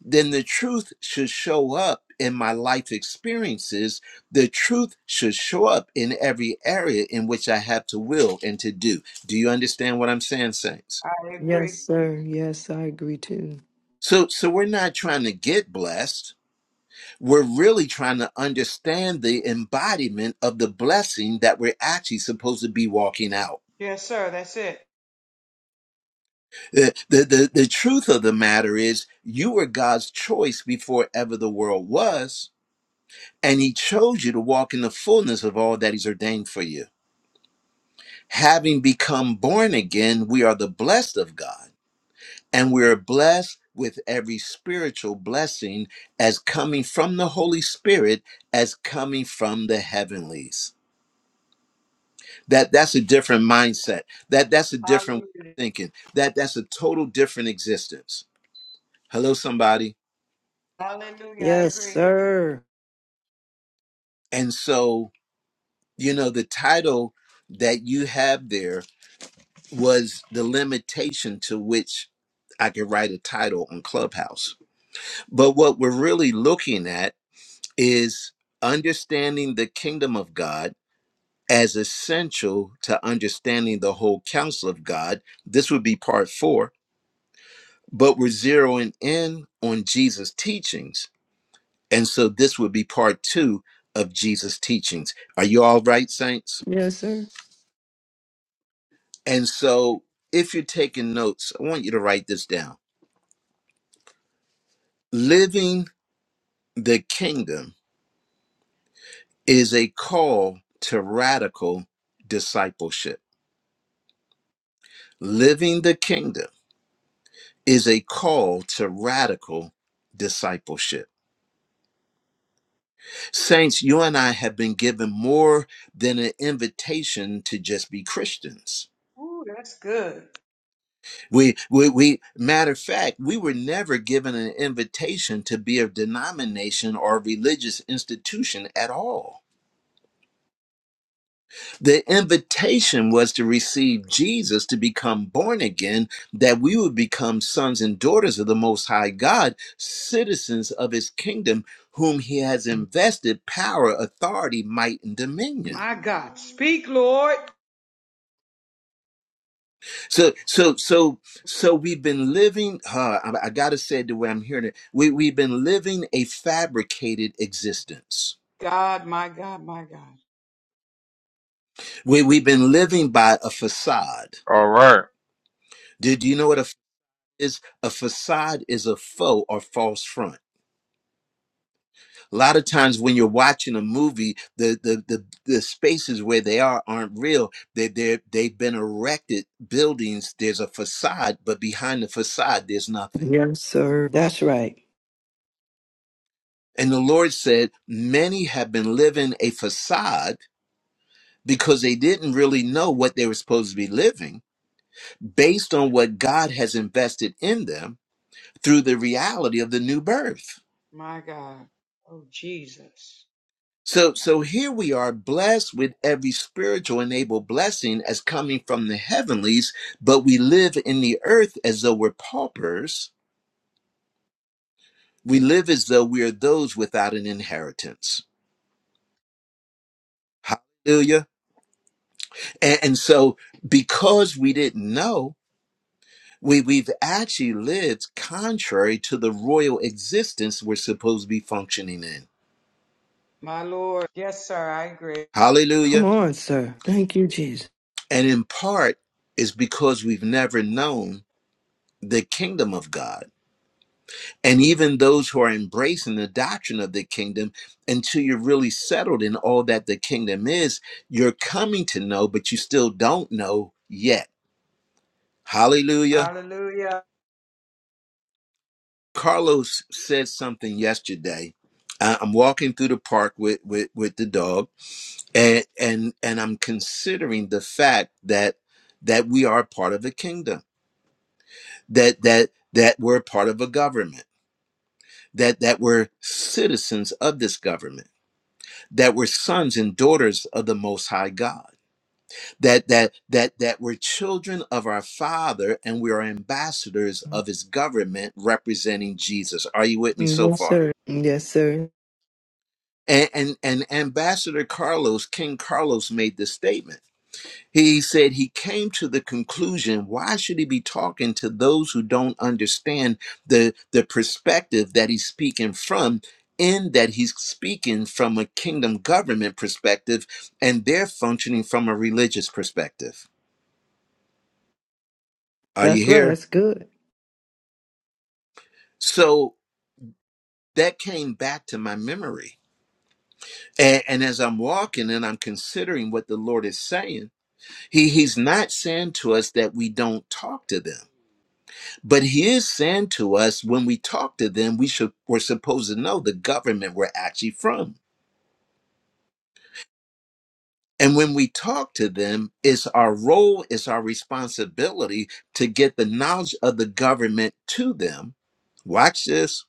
S1: then the truth should show up in my life experiences. The truth should show up in every area in which I have to will and to do. Do you understand what I'm saying, saints?
S6: I
S3: Yes,
S6: agree.
S3: sir. Yes, I agree too.
S1: So, so we're not trying to get blessed. We're really trying to understand the embodiment of the blessing that we're actually supposed to be walking out.
S6: Yes, sir. That's it.
S1: The, the, the, the truth of the matter is you were God's choice before ever the world was And he chose you to walk in the fullness of all that he's ordained for you. Having become born again, we are the blessed of God, and we are blessed with every spiritual blessing as coming from the Holy Spirit, as coming from the heavenlies. That that's a different mindset. That that's a different
S6: Hallelujah.
S1: thinking. That that's a total different existence. Hello, somebody.
S6: Hallelujah. I
S3: Yes,
S6: agree.
S3: sir.
S1: And so, you know, the title that you have there was the limitation to which I could write a title on Clubhouse. But what we're really looking at is understanding the kingdom of God as essential to understanding the whole counsel of God. This would be part four, but we're zeroing in on Jesus' teachings. And so this would be part two of Jesus' teachings. Are you all right, saints?
S3: Yes, sir.
S1: And so if you're taking notes, I want you to write this down. Living the kingdom is a call to radical discipleship. Living the kingdom is a call to radical discipleship. Saints, you and I have been given more than an invitation to just be Christians.
S6: Ooh, that's good.
S1: We, we, we, matter of fact, we were never given an invitation to be a denomination or a religious institution at all The invitation was to receive Jesus to become born again, that we would become sons and daughters of the Most High God, citizens of His kingdom, whom He has invested power, authority, might, and dominion.
S6: My God. Speak, Lord.
S1: So, so, so, so we've been living. Uh, I, I gotta say it the way I'm hearing it. We we've been living a fabricated existence.
S6: God, my God, my God,
S1: We we've been living by a facade.
S5: All right.
S1: Do, do you know what a f- is? A facade is a faux or false front. A lot of times when you're watching a movie, the the the, the spaces where they are aren't real. They they they've been erected buildings. There's a facade, but behind the facade, there's nothing.
S3: Yes, sir. That's right.
S1: And the Lord said, many have been living a facade because they didn't really know what they were supposed to be living based on what God has invested in them through the reality of the new birth.
S6: my God. Oh, Jesus.
S1: So, so here we are blessed with every spiritual enabled blessing as coming from the heavenlies, but we live in the earth as though we're paupers. We live as though we are those without an inheritance. Hallelujah. And, and so because we didn't know, we, we've actually lived contrary to the royal existence we're supposed to be functioning in.
S6: My Lord. Yes, sir. I agree.
S3: Come
S1: Hallelujah.
S3: on, sir. Thank you, Jesus.
S1: And in part is because we've never known the kingdom of God and even those who are embracing the doctrine of the kingdom until you're really settled in all that the kingdom is you're coming to know but you still don't know yet hallelujah
S6: Hallelujah.
S1: carlos said something yesterday I- i'm walking through the park with with, with the dog and and and i'm considering the fact that that we are part of the kingdom that that that we're part of a government that that we're citizens of this government that we're sons and daughters of the most high god that that that that we're children of our father and we are ambassadors of his government representing jesus are you with me so
S3: Yes,
S1: far
S3: sir. Yes, sir.
S1: and and, and ambassador carlos king carlos made this statement He said he came to the conclusion why should he be talking to those who don't understand the, the perspective that he's speaking from, in that he's speaking from a kingdom government perspective and they're functioning from a religious perspective. Are you
S3: That's right.
S1: here?
S3: That's good.
S1: So that came back to my memory. And, and as I'm walking and I'm considering what the Lord is saying, he, He's not saying to us that we don't talk to them But he is saying to us when we talk to them, we should we're supposed to know the government we're actually from. And when we talk to them, it's our role, it's our responsibility to get the knowledge of the government to them. Watch this,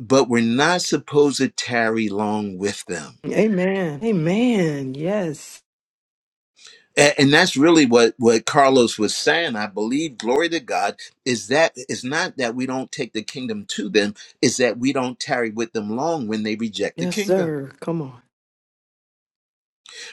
S1: but we're not supposed to tarry long with them.
S3: Amen. Amen. Yes.
S1: A- And that's really what, what Carlos was saying. I believe, glory to God, is that it's not that we don't take the kingdom to them, it's that we don't tarry with them long when they reject the
S3: Yes,
S1: kingdom.
S3: sir. Come on.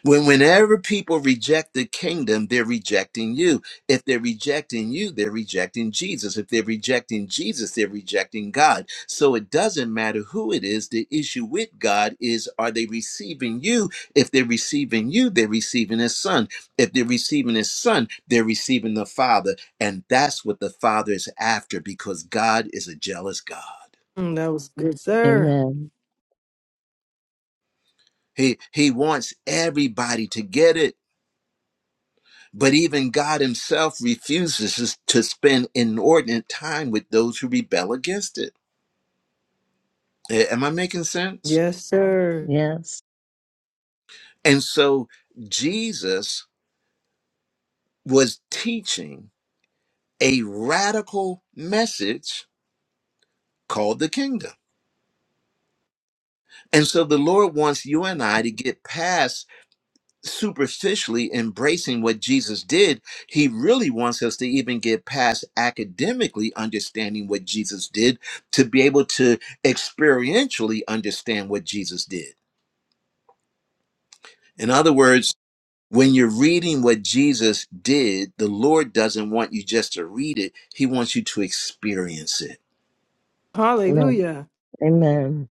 S1: When whenever people reject the kingdom, they're rejecting you. If they're rejecting you, they're rejecting Jesus. If they're rejecting Jesus, they're rejecting God. So it doesn't matter who it is. The issue with God is are they receiving you? If they're receiving you, they're receiving his son. If they're receiving his son, they're receiving the Father. And that's what the Father is after because God is a jealous God.
S3: Mm, That was good, sir.
S2: Amen.
S1: He he wants everybody to get it. But even God himself refuses to spend inordinate time with those who rebel against it. A- Am I making sense?
S3: Yes, sir.
S2: Yes.
S1: And so Jesus was teaching a radical message called the kingdom. And so the Lord wants you and I to get past superficially embracing what Jesus did, he really wants us to even get past academically understanding what Jesus did to be able to experientially understand what Jesus did. In other words, when you're reading what Jesus did, the Lord doesn't want you just to read it, He wants you to experience it.
S2: Amen.
S3: Hallelujah.
S2: Amen.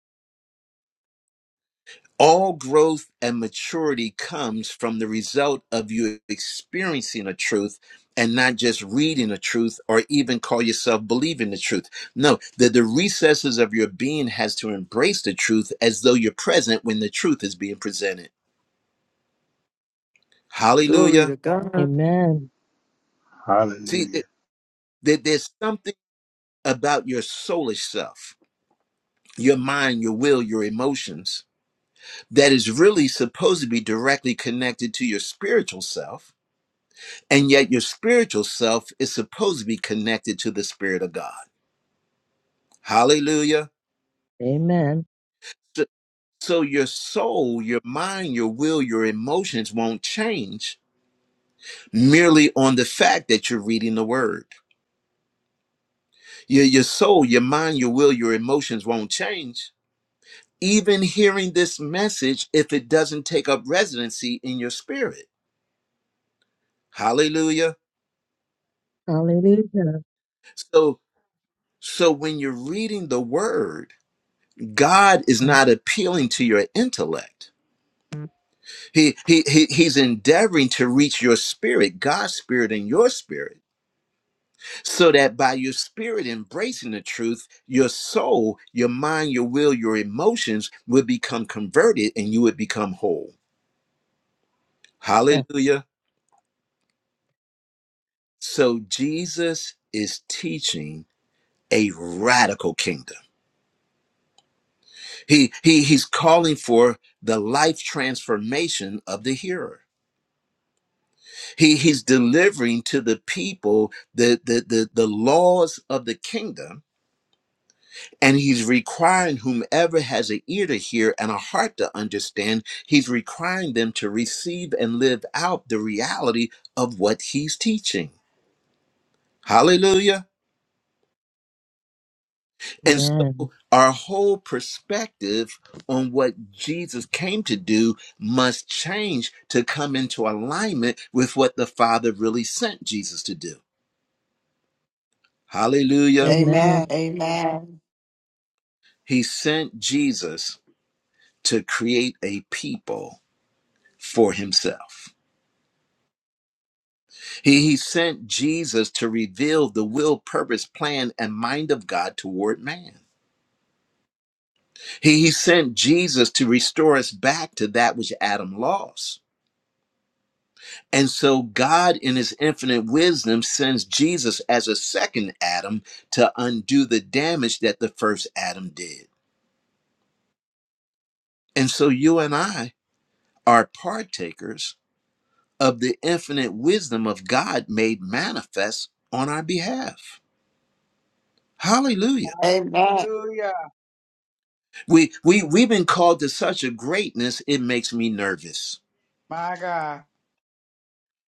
S1: All growth and maturity comes from the result of you experiencing a truth and not just reading a truth or even call yourself believing the truth. No, that the recesses of your being has to embrace the truth as though you're present when the truth is being presented.
S3: Glory
S1: Hallelujah.
S3: to God.
S2: Amen.
S1: See,
S8: Hallelujah.
S1: th- th- there's something about your soulish self, your mind, your will, your emotions that is really supposed to be directly connected to your spiritual self And yet your spiritual self is supposed to be connected to the Spirit of God. Hallelujah.
S2: Amen.
S1: So so your soul, your mind, your will, your emotions won't change merely on the fact that you're reading the word. Your, your soul, your mind, your will, your emotions won't change. Even hearing this message, if it doesn't take up residency in your spirit. Hallelujah.
S2: Hallelujah.
S1: So so when you're reading the word, God is not appealing to your intellect. He, he, he, he's endeavoring to reach your spirit, God's spirit and your spirit, so that by your spirit embracing the truth, your soul, your mind, your will, your emotions would become converted and you would become whole.
S2: Yes.
S1: Hallelujah. So Jesus is teaching a radical kingdom. He, he, he's calling for the life transformation of the hearer. He, he's delivering to the people the, the, the, the laws of the kingdom And he's requiring whomever has an ear to hear and a heart to understand, he's requiring them to receive and live out the reality of what he's teaching. Hallelujah. And
S2: Amen.
S1: so our whole perspective on what Jesus came to do must change to come into alignment with what the Father really sent Jesus to do. Hallelujah.
S9: Amen.
S2: Amen.
S9: Amen.
S1: He sent Jesus to create a people for himself. He, he sent Jesus to reveal the will, purpose, plan, and mind of God toward man. He, he sent Jesus to restore us back to that which Adam lost. And so, God, in his infinite wisdom, sends Jesus as a second Adam to undo the damage that the first Adam did. And so, you and I are partakers of the infinite wisdom of God made manifest on our behalf. Hallelujah.
S9: Amen.
S6: Hallelujah.
S1: We we we've been called to such a greatness, it makes me nervous.
S6: My God.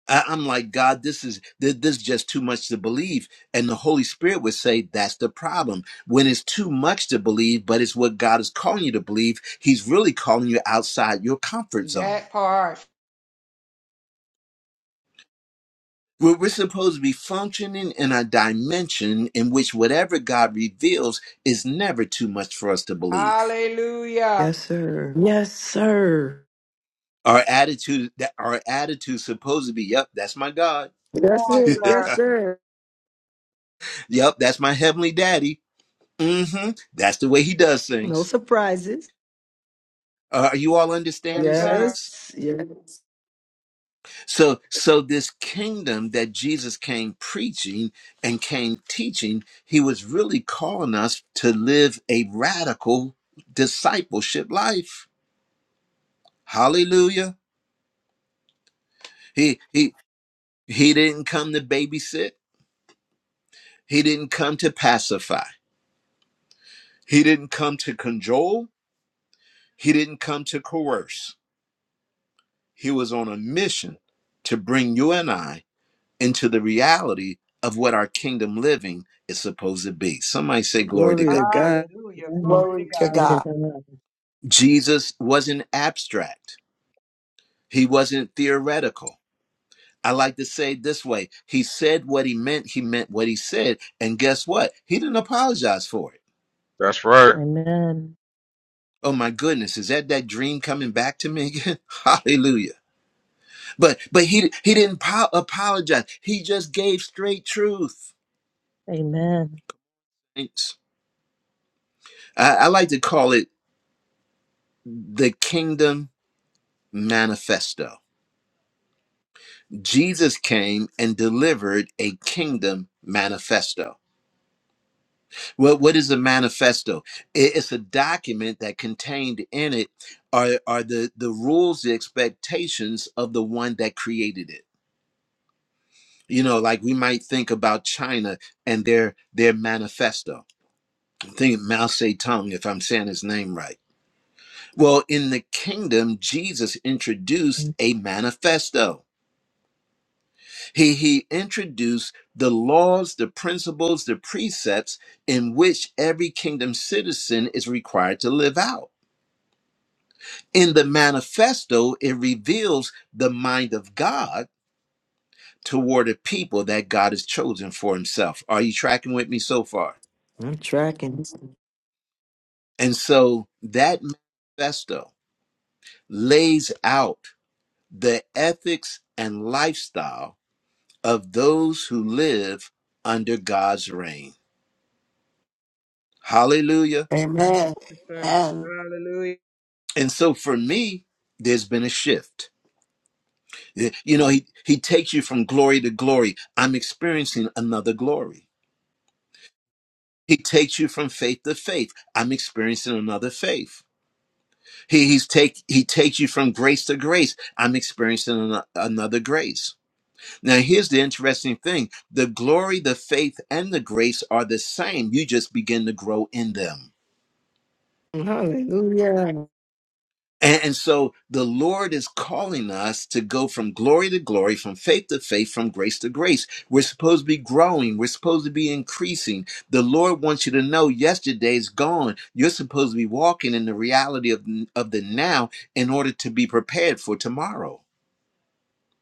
S1: I, I'm like, God, this is th- this is just too much to believe. And the Holy Spirit would say, that's the problem. When it's too much to believe, but it's what God is calling you to believe, He's really calling you outside your comfort zone.
S6: That part.
S1: We're, we're supposed to be functioning in a dimension in which whatever God reveals is never too much for us to believe.
S6: Hallelujah.
S3: Yes, sir. Yes, sir.
S1: Our attitude, that our attitude, supposed to be, "Yep, that's my God."
S6: Come
S3: That's
S6: on,
S3: it. Yes,
S6: sir.
S3: sir.
S1: Yep, that's my heavenly daddy. hmm That's the way he does
S3: No
S1: things.
S3: surprises.
S1: Uh, are you all
S6: Yes,
S1: understanding,
S6: sir.
S1: saints?
S3: Yes. Yes.
S1: So, so this kingdom that Jesus came preaching and came teaching, he was really calling us to live a radical discipleship life. Hallelujah. He he he didn't come to babysit. He didn't come to pacify. He didn't come to cajole. He didn't come to coerce. He was on a mission to bring you and I into the reality of what our kingdom living is supposed to be. Somebody say, Glory to
S3: Glory
S1: God.
S3: to God.
S6: Hallelujah.
S2: Amen.
S6: Glory to
S9: Glory
S6: God.
S9: to God.
S2: Glory to God.
S1: Jesus wasn't abstract, he wasn't theoretical. I like to say it this way He said what he meant, he meant what he said. And guess what? He didn't apologize for it.
S5: That's right.
S2: Amen.
S1: Oh my goodness, is that that dream coming back to me again? Hallelujah. But but he he didn't po- apologize. He just gave straight truth.
S2: Amen.
S1: Thanks. I, I like to call it the kingdom manifesto Jesus came and delivered a kingdom manifesto. Well, what is a manifesto? I- It's a document that contained in it are, are the, the rules, the expectations of the one that created it. You know, like we might think about China and their their manifesto. Think Mao Zedong, if I'm saying his name right. Well, in the kingdom, Jesus introduced a manifesto He, he introduced the laws, the principles, the precepts in which every kingdom citizen is required to live out. In the manifesto, it reveals the mind of God toward a people that God has chosen for himself. Are you tracking with me so far?
S3: I'm tracking.
S1: And so that manifesto lays out the ethics and lifestyle of those who live under God's reign. Hallelujah.
S9: Amen.
S6: sir.
S9: And
S6: Hallelujah.
S1: And so for me, there's been a shift. Eh, You know, he, he takes you from glory to glory. I'm experiencing another glory. He takes you from faith to faith. I'm experiencing another faith. He, he's take, he takes you from grace to grace. I'm experiencing ano- another grace. Now, here's the interesting thing the glory, the faith, and the grace are the same. You just begin to grow in them.
S3: Hallelujah.
S1: And, and so the Lord is calling us to go from glory to glory, from faith to faith, from grace to grace. We're supposed to be growing. We're supposed to be increasing. The Lord wants you to know yesterday's gone. You're supposed to be walking in the reality of, of the now in order to be prepared for tomorrow.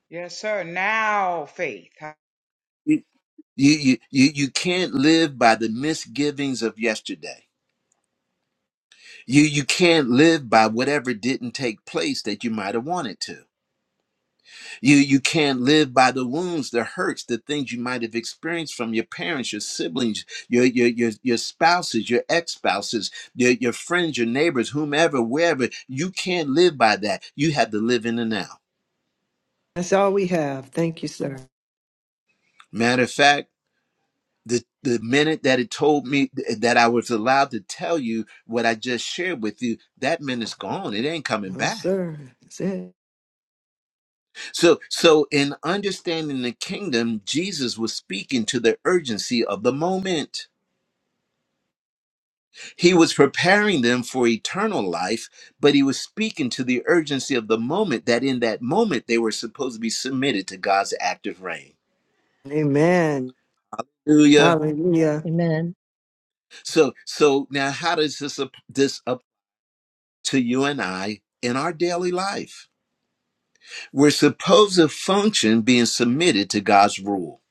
S6: Yes, sir. Now faith.
S1: You, you, you, you can't live by the misgivings of yesterday. You, you can't live by whatever didn't take place that you might have wanted to You you can't live by the wounds, the hurts, the things you might have experienced from your parents, your siblings, your your your, your spouses, your ex-spouses, your, your friends, your neighbors, whomever, wherever. You can't live by that. You have to live in the now.
S3: That's all we have. Thank you, sir.
S1: Matter of fact, the the minute that it told me th- that I was allowed to tell you what I just shared with you, that minute's gone. It ain't coming
S3: No,
S1: back.
S3: sir. That's it.
S1: So so in understanding the kingdom, Jesus was speaking to the urgency of the moment. He was preparing them for eternal life, but he was speaking to the urgency of the moment that in that moment they were supposed to be submitted to God's active reign.
S3: Amen.
S1: Hallelujah.
S3: Hallelujah.
S2: Amen.
S1: So so now how does this up, this up to you and I in our daily life? We're supposed to function being submitted to God's rule.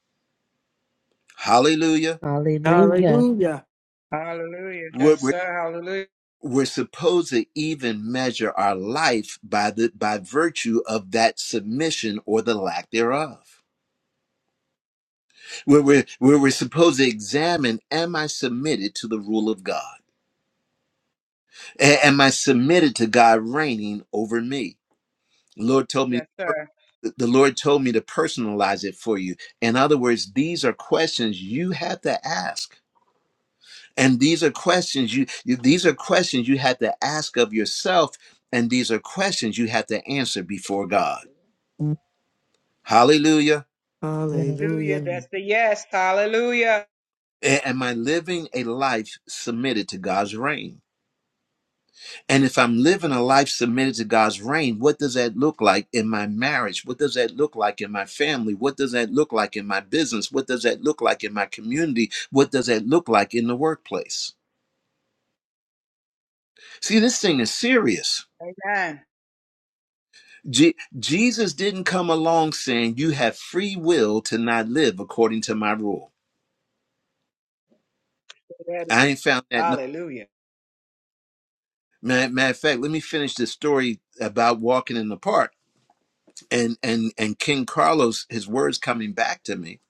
S1: Hallelujah.
S2: Hallelujah.
S3: Hallelujah.
S6: Hallelujah.
S1: We're,
S6: Yes,
S1: we're,
S6: sir. Hallelujah.
S1: we're supposed to even measure our life by the by virtue of that submission or the lack thereof. where we're, where we're supposed to examine am i submitted to the rule of god A- am i submitted to god reigning over me lord told me
S6: Yes, sir.
S1: the lord told me to personalize it for you in other words these are questions you have to ask and these are questions you, you these are questions you have to ask of yourself and these are questions you have to answer before god hallelujah
S2: Amen.
S6: Hallelujah.
S3: Hallelujah.
S6: That's the yes. Hallelujah.
S1: A- am i living a life submitted to god's reign And if I'm living a life submitted to God's reign, what does that look like in my marriage? What does that look like in my family? What does that look like in my business? What does that look like in my community? What does that look like in the workplace? See, this thing is serious.
S6: Amen.
S1: Je- Jesus didn't come along saying, You have free will to not live according to my rule.
S6: Say that
S1: I
S6: again.
S1: ain't found that. No.
S6: Hallelujah.
S1: Matter matter of fact, let me finish this story about walking in the park and and and King Carlos. His words coming back to me.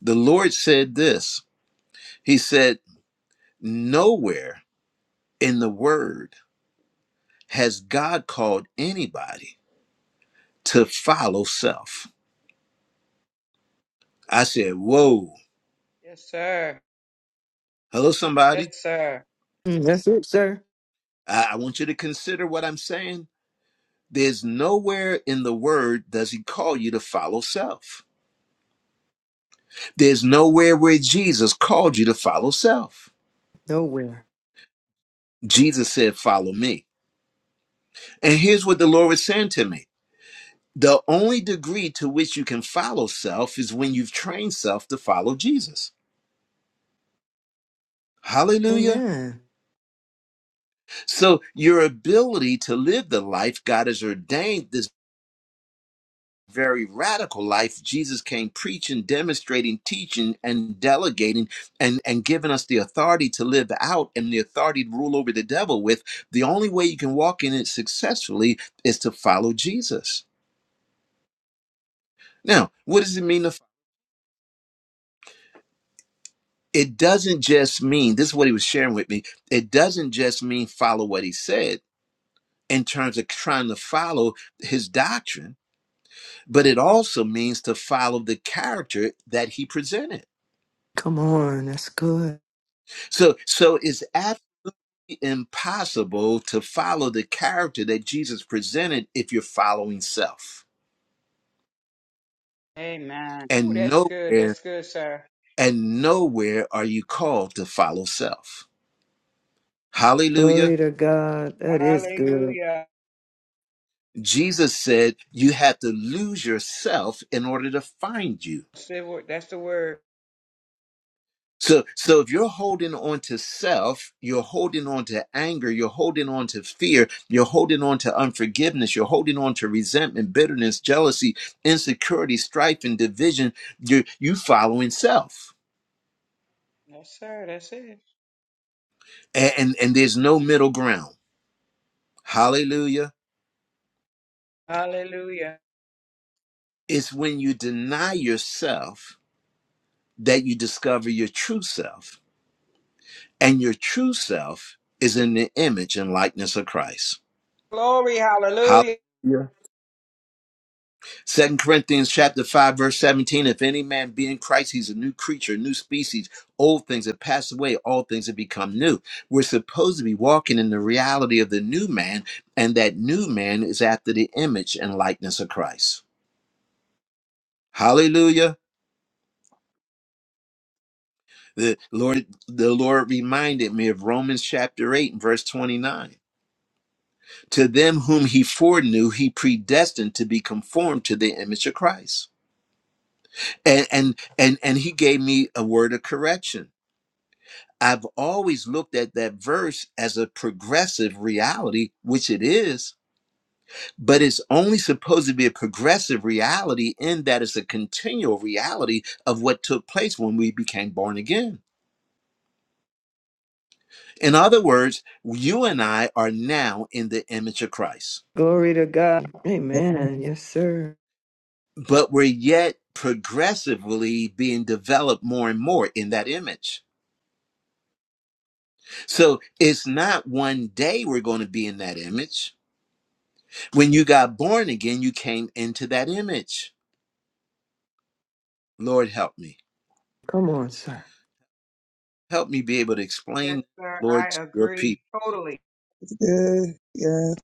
S1: The Lord said this. He said, Nowhere in the word has God called anybody to follow self. I said, Whoa,
S6: Yes, sir.
S1: hello,
S6: Yes,
S1: somebody.
S6: sir.
S3: Mm, That's it, sir.
S1: I, I want you to consider what I'm saying. There's nowhere in the word does he call you to follow self. There's nowhere where Jesus called you to follow self.
S3: Nowhere.
S1: Jesus said, Follow me. And here's what the Lord was saying to me the only degree to which you can follow self is when you've trained self to follow Jesus. Hallelujah.
S3: Amen.
S1: So your ability to live the life God has ordained, this very radical life Jesus came preaching, demonstrating, teaching, and delegating, and, and giving us the authority to live out and the authority to rule over the devil with. The only way you can walk in it successfully is to follow Jesus. Now, what does it mean to follow? It doesn't just mean, this is what he was sharing with me, it doesn't just mean follow what he said in terms of trying to follow his doctrine but it also means to follow the character that he presented.
S3: Come on. That's good.
S1: So so it's absolutely impossible to follow the character that Jesus presented if you're following self.
S6: Amen. Ooh,
S1: And
S6: that's good.
S1: nowhere
S6: That's good, sir.
S1: and nowhere are you called to follow self. Hallelujah.
S3: Glory to God. That is good.
S6: Hallelujah.
S1: Jesus said you have to lose yourself in order to find you.
S6: That's the word. That's the word.
S1: So, so if you're holding on to self, you're holding on to anger, you're holding on to fear, you're holding on to unforgiveness, you're holding on to resentment, bitterness, jealousy, insecurity, strife, and division. You you following self,
S6: Yes, sir. That's it.
S1: and, and and there's no middle ground. Hallelujah!
S6: Hallelujah.
S1: It's when you deny yourself that you discover your true self, and your true self is in the image and likeness of Christ.
S6: Glory. Hallelujah.
S1: Second Corinthians chapter 5, verse 17. If any man be in Christ, he's a new creature, new species. Old things have passed away, all things have become new. We're supposed to be walking in the reality of the new man, and that new man is after the image and likeness of Christ. Hallelujah. The Lord, the Lord reminded me of Romans chapter 8 and verse 29. To them whom he foreknew, he predestined to be conformed to the image of Christ. And and and, and he gave me a word of correction I've always looked at that verse as a progressive reality, which it is, but it's only supposed to be a progressive reality in that it's a continual reality of what took place when we became born again. In other words, you and I are now in the image of Christ,
S3: Glory to God.
S4: That's
S3: Amen. Yes, sir.
S1: but we're yet progressively being developed more and more in that image. So it's not one day we're going to be in that image. When you got born again, you came into that image. Lord, help me.
S3: Come on, sir.
S1: Help me be able to
S6: Yes,
S1: explain,
S6: sir.
S1: Lord, to
S6: I
S1: your people.
S6: agree totally.
S4: good. Yeah.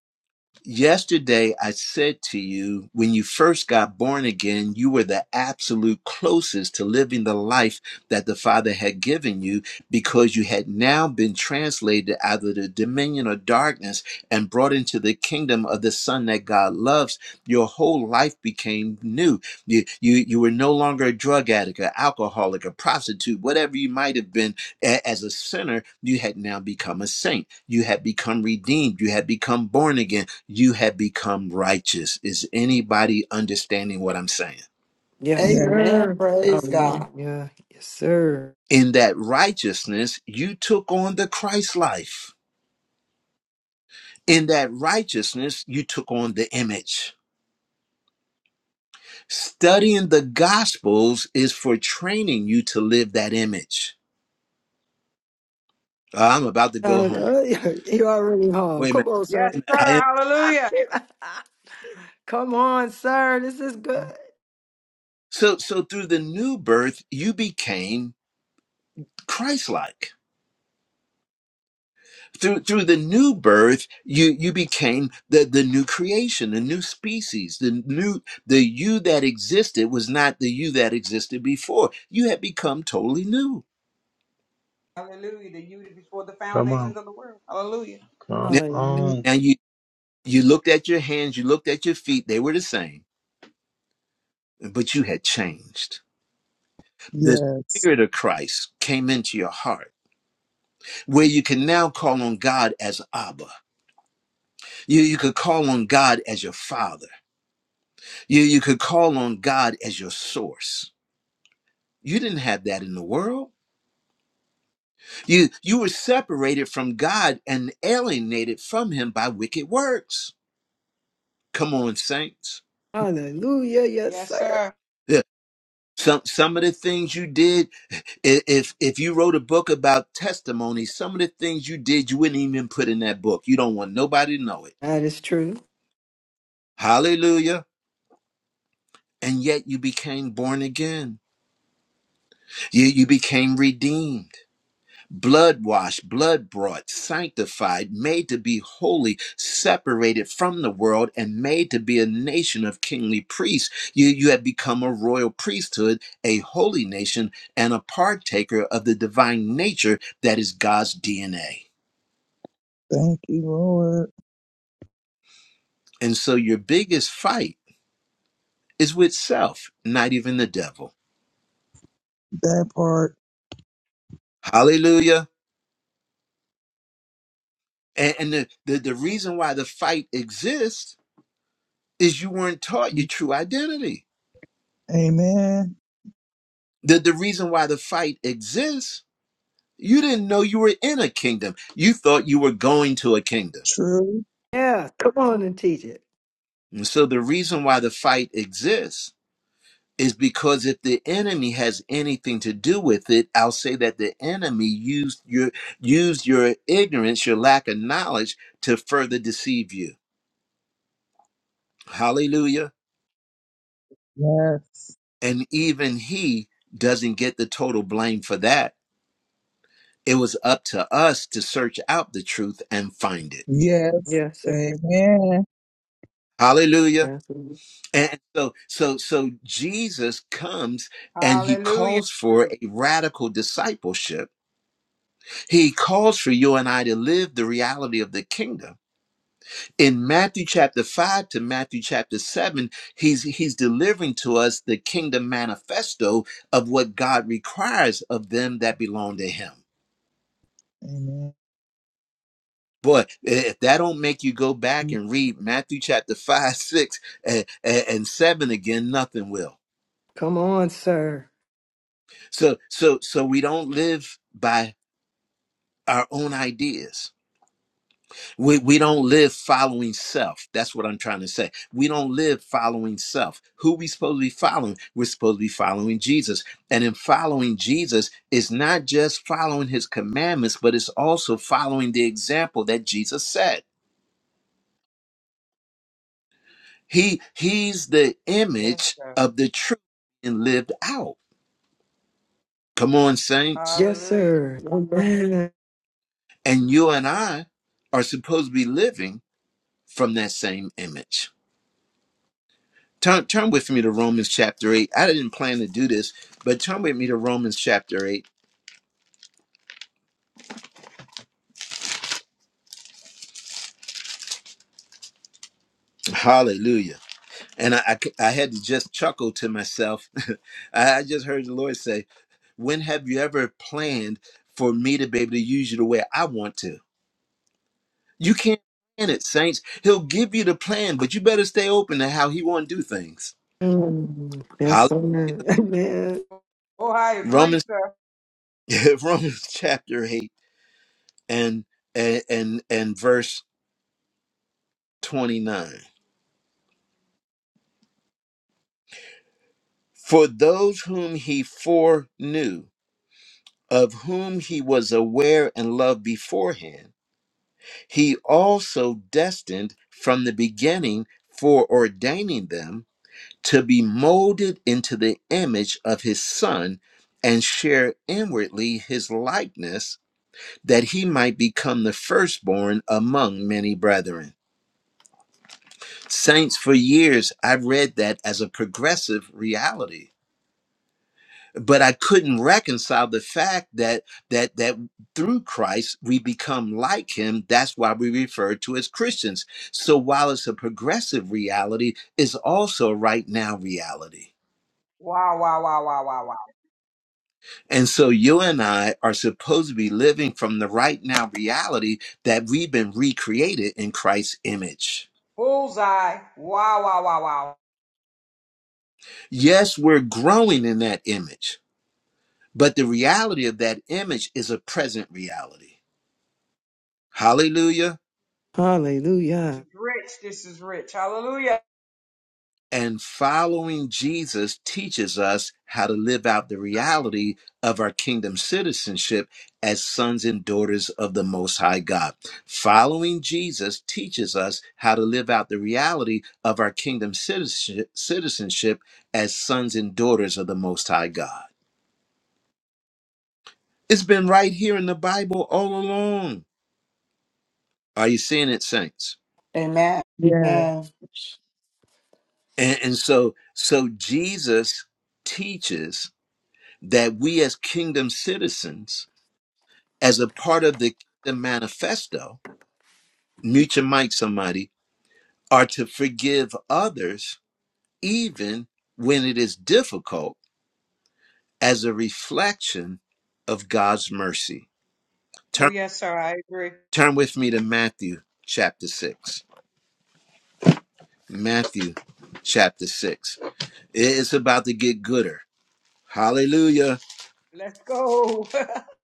S1: Yesterday, I said to you, when you first got born again, you were the absolute closest to living the life that the Father had given you because you had now been translated out of the dominion of darkness and brought into the kingdom of the Son that God loves. Your whole life became new. You, you, you were no longer a drug addict, an alcoholic, a prostitute, whatever you might have been a- as a sinner, you had now become a saint. You had become redeemed. You had become born again you have become righteous. Is anybody understanding what I'm saying?
S3: Yes,
S4: Yeah.
S9: amen.
S3: sir.
S9: Praise God.
S3: Hallelujah. Yes, sir.
S1: In that righteousness, you took on the Christ life. In that righteousness, you took on the image. Studying the Gospels is for training you to live that image. Uh, I'm about to go home.
S3: Hallelujah. You already home.
S1: Wait a
S3: Come
S1: minute.
S3: on, sir.
S6: Yes, sir.
S1: I am.
S6: Hallelujah.
S3: Come on, sir. This is good.
S1: So, so through the new birth, you became Christ like. through through the new birth you you became the the new creation the new species the new the you that existed was not the you that existed before you had become totally new
S6: Hallelujah. That you did before the
S8: Come
S6: foundations
S8: on.
S6: of the world. Hallelujah.
S8: Come
S1: now,
S3: Hallelujah.
S8: on.
S1: now you you looked at your hands you looked at your feet they were the same but you had changed the
S4: Yes.
S1: spirit of christ came into your heart where you can now call on god as abba you you could call on god as your father you you could call on god as your source You didn't have that in the world. You you were separated from God and alienated from him by wicked works. Come on, saints.
S3: Hallelujah. Yes,
S6: Yes,
S3: sir.
S6: sir.
S1: Yeah, Some some of the things you did, i- if if you wrote a book about testimony, some of the things you did you wouldn't even put in that book. You don't want nobody to know it.
S3: That is true.
S1: Hallelujah. And yet you became born again. You you became redeemed. blood washed, blood brought, sanctified, made to be holy, separated from the world, and made to be a nation of kingly priests. You, you have become a royal priesthood, a holy nation, and a partaker of the divine nature that is God's DNA.
S4: Thank you, Lord.
S1: And so your biggest fight is with self, not even the devil.
S4: That part.
S1: Hallelujah. And, and the, the, the reason why the fight exists is you weren't taught your true identity.
S4: Amen.
S1: The, the reason why the fight exists, you didn't know you were in a kingdom. You thought you were going to a kingdom.
S4: True.
S3: Yeah. Come on and teach it.
S1: And so the reason why the fight exists is because if the enemy has anything to do with it, I'll say that the enemy used your used your ignorance, your lack of knowledge to further deceive you. Hallelujah.
S4: Yes.
S1: And even he doesn't get the total blame for that. It was up to us to search out the truth and find it.
S4: Yes.
S3: Yes, sir.
S4: Amen.
S1: Hallelujah.
S3: Yes. sir.
S1: And so, so, so Jesus comes and he
S6: Hallelujah.
S1: calls for
S6: True.
S1: a radical discipleship. He calls for you and I to live the reality of the kingdom. In Matthew chapter five to Matthew chapter seven, he's he's delivering to us the kingdom manifesto of what God requires of them that belong to him.
S4: Amen.
S1: Boy, if that don't make you go back and read Matthew chapter five, six, and, and seven again, nothing will.
S3: Come on, sir.
S1: So, so, so we don't live by our own ideas. We, we don't live following self. That's what I'm trying to say. We don't live following self. Who we supposed to be following? We're supposed to be following Jesus. And in following Jesus it's not just following his commandments, but it's also following the example that Jesus set. He he's the
S6: Yes,
S1: image
S6: sir.
S1: of the truth and lived out. Come on, saints.
S3: Yes,
S6: Hallelujah.
S3: sir. Amen.
S1: And you and I are supposed to be living from that same image. Turn, turn with me to Romans chapter 8. I didn't plan to do this, but turn with me to Romans chapter 8. Hallelujah. And I, I, c- I had to just chuckle to myself. I I just heard the Lord say, When have you ever planned for me to be able to use you the way I want to? You can't plan it, saints. He'll give you the plan, but you better stay open to how He want to do things.
S3: Mm. Yes,
S1: Hallelujah.
S3: sir. Amen.
S6: Oh, I agree,
S1: Romans,
S6: sir.
S1: Romans chapter 8 and, and, and, and verse 29. For those whom he foreknew, of whom he was aware and loved beforehand, he also destined from the beginning for ordaining them to be molded into the image of his son and share inwardly his likeness that he might become the firstborn among many brethren. Saints, for years I've read that as a progressive reality but I couldn't reconcile the fact that that that through Christ we become like him. That's why we refer to as Christians. So while it's a progressive reality, it's also a right now reality.
S6: Wow, wow, wow, wow, wow, wow.
S1: And so you and I are supposed to be living from the right now reality that we've been recreated in Christ's image.
S6: Bullseye. Wow, wow, wow, wow.
S1: Yes, we're growing in that image, but the reality of that image is a present reality. Hallelujah.
S6: This
S3: Hallelujah.
S6: is rich. This is rich. Hallelujah.
S1: And following Jesus teaches us how to live out the reality of our kingdom citizenship as sons and daughters of the Most High God. Following Jesus teaches us how to live out the reality of our kingdom citizenship, citizenship as sons and daughters of the Most High God. It's been right here in the Bible all along. Are you seeing it, saints?
S9: Amen.
S4: Yeah.
S9: Amen.
S1: And, and so, so Jesus teaches that we as kingdom citizens as a part of the kingdom manifesto, mute your mic, somebody, are to forgive others even when it is difficult as a reflection of God's mercy.
S6: Oh,
S1: Turn,
S6: yes, sir. I agree.
S1: turn with me to Matthew chapter 6. Matthew chapter 6. It's about to get gooder. Hallelujah.
S6: Let's go.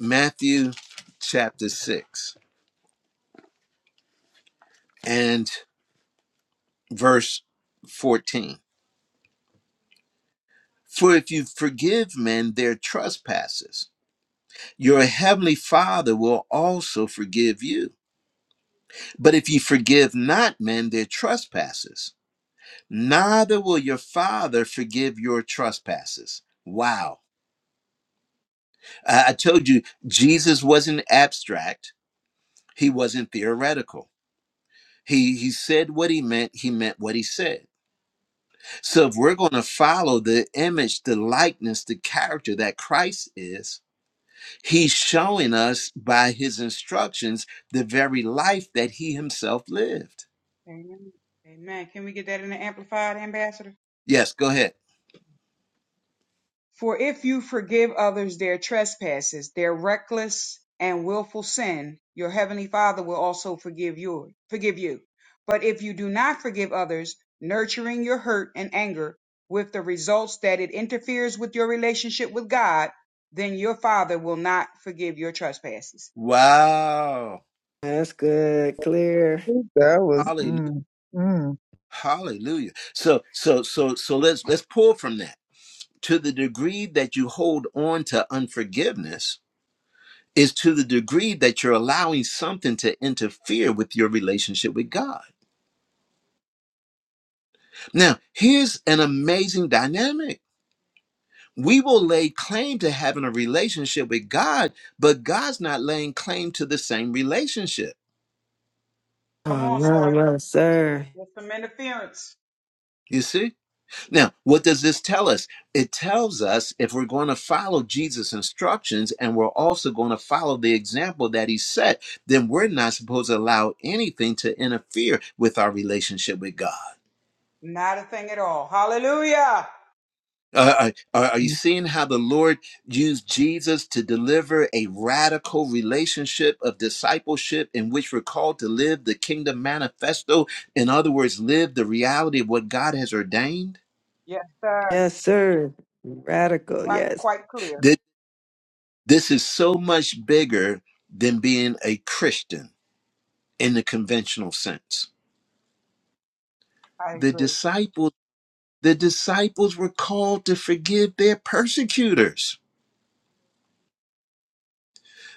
S1: Matthew chapter 6 and verse 14. For if you forgive men their trespasses, your heavenly Father will also forgive you. But if you forgive not men their trespasses, neither will your Father forgive your trespasses. Wow. I, I told you, Jesus wasn't abstract, he wasn't theoretical. He, he said what he meant, he meant what he said. So if we're going to follow the image, the likeness, the character that Christ is, he's showing us by his instructions the very life that he himself lived.
S6: Amen. Amen. Can we get that in the amplified, Ambassador?
S1: Yes, go ahead.
S6: For if you forgive others their trespasses, their reckless and willful sin, your heavenly Father will also forgive you. Forgive you. But if you do not forgive others, nurturing your hurt and anger with the results that it interferes with your relationship with God, then your Father will not forgive your trespasses.
S1: Wow.
S3: That's good. Clear.
S4: That was.
S1: Hallelujah.
S4: Mm, mm.
S1: Hallelujah. So so so so let's let's pull from that. To the degree that you hold on to unforgiveness is to the degree that you're allowing something to interfere with your relationship with God. Now, here's an amazing dynamic. We will lay claim to having a relationship with God, but God's not laying claim to the same relationship.
S6: Come
S3: Oh,
S6: on,
S3: no,
S6: sir.
S3: no, sir.
S6: Just some interference.
S1: You see? Now, what does this tell us? It tells us if we're going to follow Jesus' instructions and we're also going to follow the example that he set, then we're not supposed to allow anything to interfere with our relationship with God.
S6: Not a thing at all. Hallelujah.
S1: Uh, are, are are you seeing how the Lord used Jesus to deliver a radical relationship of discipleship in which we're called to live the kingdom manifesto? In other words, live the reality of what God has ordained?
S6: Yes, sir.
S3: Yes, sir. Radical.
S6: Right,
S3: Yes.
S6: quite clear.
S1: This is so much bigger than being a Christian in the conventional sense.
S6: I
S1: The
S6: agree.
S1: disciples, the disciples were called to forgive their persecutors.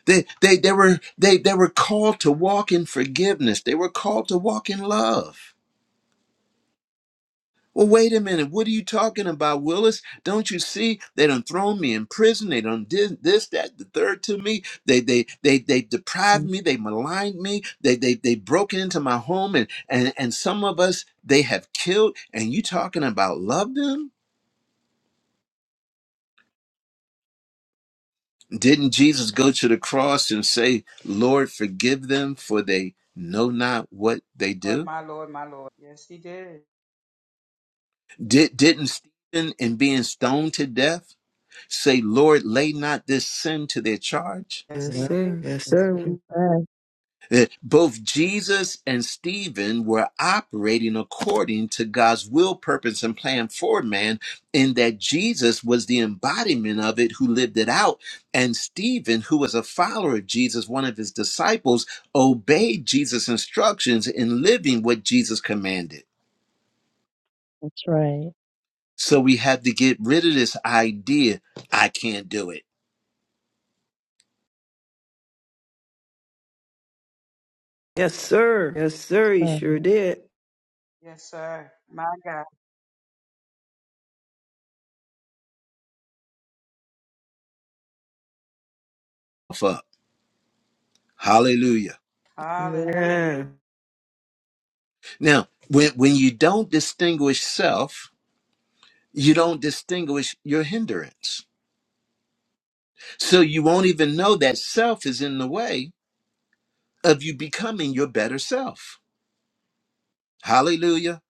S1: They, they, they were, they, they were called to walk in forgiveness. They were called to walk in love. Well, wait a minute. What are you talking about, Willis? Don't you see they done thrown me in prison? They done did this, that, the third to me. They they they they deprived me. They maligned me. They they they broken into my home and and and some of us they have killed. And you talking about love them? Didn't Jesus go to the cross and say, "Lord, forgive them, for they know not what they
S6: Lord,
S1: do"?
S6: my Lord, my Lord. Yes, he did.
S1: Did didn't Stephen, in being stoned to death, say, "Lord, lay not this sin to their charge"?
S6: Yes,
S3: Yes,
S6: he
S2: Well,
S6: did.
S3: sir. Yes,
S2: that's what
S3: sir.
S2: he said.
S1: Eh, Both Jesus and Stephen were operating according to God's will, purpose, and plan for man, in that Jesus was the embodiment of it who lived it out. And Stephen, who was a follower of Jesus, one of his disciples, obeyed Jesus' instructions in living what Jesus commanded.
S2: That's right.
S1: So we have to get rid of this idea I can't do it.
S3: Yes, sir. Yes,
S2: That's
S3: sir. You sure
S2: right.
S3: did.
S6: Yes, sir. My God.
S1: Fuck. Hallelujah.
S6: Hallelujah.
S3: Yeah.
S1: Now, when, when you don't distinguish self, You don't distinguish your hindrance. So you won't even know that self is in the way of you becoming your better self. Hallelujah.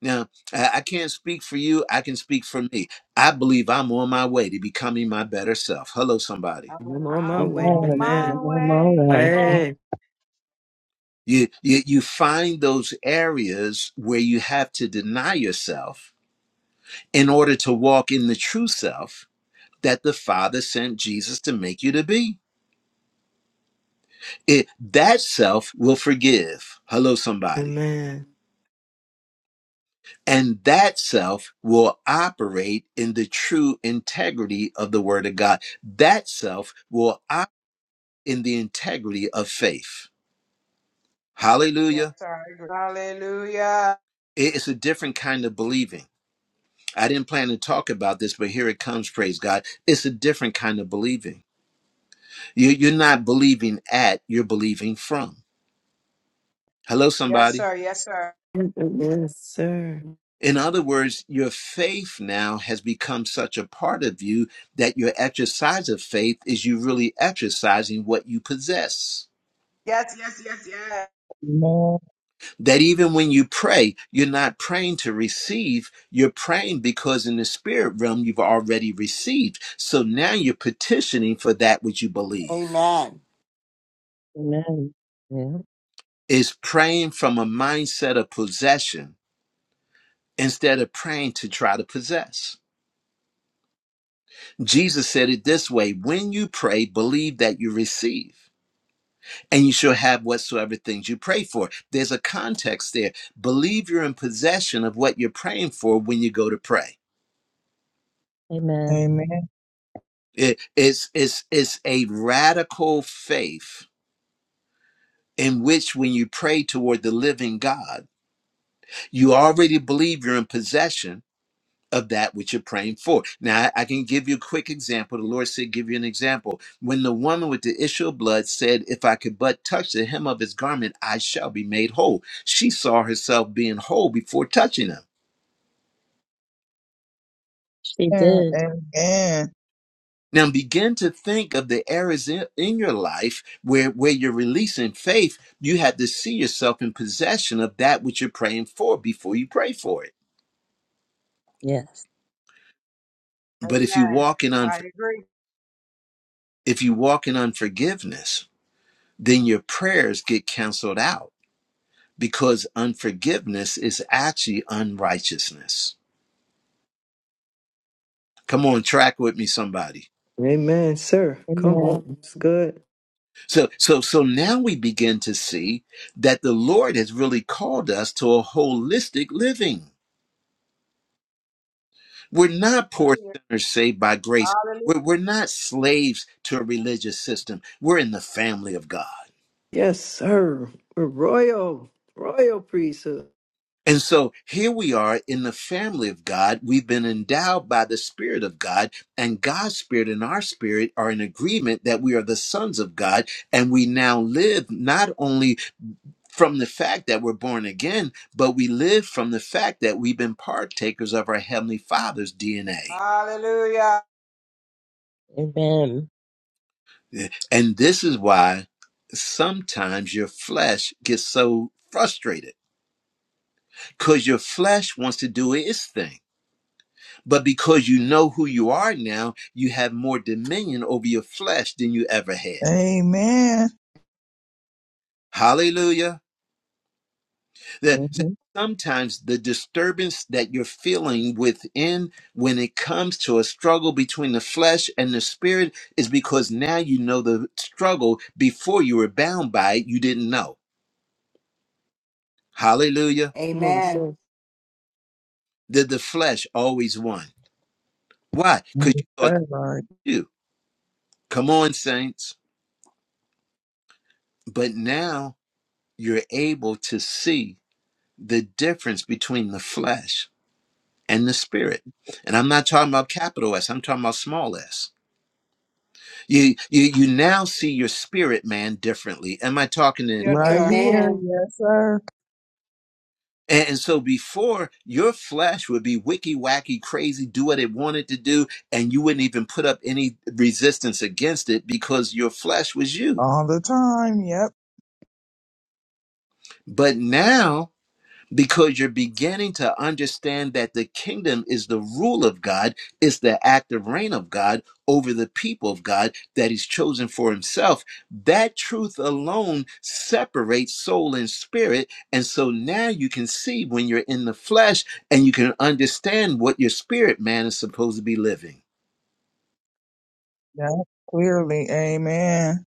S1: Now, I I can't speak for you. I can speak for me. I believe I'm on my way to becoming my better self. Hello, somebody.
S3: I'm
S6: Hallelujah.
S3: on my
S6: I'm
S3: way.
S6: on
S2: Amen. I'm
S6: my
S3: Amen.
S2: on
S6: way.
S2: my
S6: Yes,
S2: way.
S3: Amen.
S6: Lord.
S1: You, you, you find those areas where you have to deny yourself in order to walk in the true self that the Father sent Jesus to make you to be. It, that self will forgive. Hello, somebody
S3: Amen.
S1: And that self will operate in the true integrity of the word of God. That self will operate in the integrity of faith.
S6: Yes,
S1: Hallelujah.
S6: sir. I agree. Hallelujah.
S1: It's a different kind of believing. I didn't plan to talk about this, but here it comes, praise God. It's a different kind of believing. You- You're not believing at, you're believing from. Hello,
S6: Yes,
S1: somebody.
S6: sir. Yes, sir.
S3: Yes, sir.
S1: In other words, your faith now has become such a part of you that your exercise of faith is you really exercising what you possess.
S6: Yes, yes, yes, yes.
S4: Amen.
S1: That even when you pray, you're not praying to receive, you're praying because in the spirit realm you've already received. So now you're petitioning for that which you believe.
S9: Amen.
S2: Amen. Yeah.
S1: Is praying from a mindset of possession instead of praying to try to possess. Jesus said it this way when you pray, believe that you receive and you shall have whatsoever things you pray for. There's a context there. Believe you're in possession of what you're praying for when you go to pray.
S2: Amen.
S4: Amen.
S1: It- it's, it's, it's a radical faith in which, when you pray toward the living God, you already believe you're in possession of that which you're praying for. Now, I I can give you a quick example. The Lord said, Give you an example. When the woman with the issue of blood said, If I could but touch the hem of his garment, I shall be made whole. She saw herself being whole before touching him.
S2: She did.
S4: Amen.
S1: Now begin to think of the areas in, in your life where, where you're releasing faith. You have to see yourself in possession of that which you're praying for before you pray for it.
S2: Yes.
S1: But if you
S6: Amen.
S1: walk in
S6: I
S1: unfor-
S6: agree.
S1: if you walk in unforgiveness, then your prayers get canceled out because unforgiveness is actually unrighteousness. Come on, track with me, somebody.
S3: Amen, sir. Come
S2: Amen.
S3: on. It's good.
S1: So, so, so now we begin to see that the Lord has really called us to a holistic living. We're not poor
S6: Hallelujah.
S1: sinners saved by grace.
S6: Hallelujah.
S1: We're, we're not slaves to a religious system. We're in the family of God.
S3: Yes, sir. We're royal. Royal priesthood.
S1: And so here we are in the family of God. We've been endowed by the Spirit of God, and God's Spirit and our spirit are in agreement that we are the sons of God. And we now live not only from the fact that we're born again, but we live from the fact that we've been partakers of our Heavenly Father's DNA.
S6: Hallelujah.
S2: Amen.
S1: And this is why sometimes your flesh gets so frustrated because your flesh wants to do its thing But because you know who you are now, you have more dominion over your flesh than you ever had.
S4: Amen.
S1: Hallelujah. That
S2: hmm
S1: that sometimes the disturbance that you're feeling within when it comes to a struggle between the flesh and the spirit is because now you know the struggle before you were bound by it, you didn't know. Hallelujah.
S3: Come on,
S9: Amen.
S3: sir.
S1: That the flesh always won. Why? Because
S4: Thank you,
S1: you thought
S4: sir, Lord.
S1: you. Come on, saints. But now you're able to see the difference between the flesh and the spirit. And I'm not talking about capital S, I'm talking about small s. You you you now see your spirit man differently. Am I talking to
S6: Yes,
S4: Right
S1: anybody?
S6: sir.
S4: here.
S9: Amen.
S4: Yes, sir.
S1: And, and so before your flesh would be wicky wacky crazy, do what it wanted to do, and you wouldn't even put up any resistance against it because your flesh was you.
S4: All the time. Yep.
S1: But now because you're beginning to understand that the kingdom is the rule of God, it's the active reign of God over the people of God that He's chosen for Himself. That truth alone separates soul and spirit. And so now you can see when you're in the flesh and you can understand what your spirit man is supposed to be living.
S4: Yep. Clearly. Amen.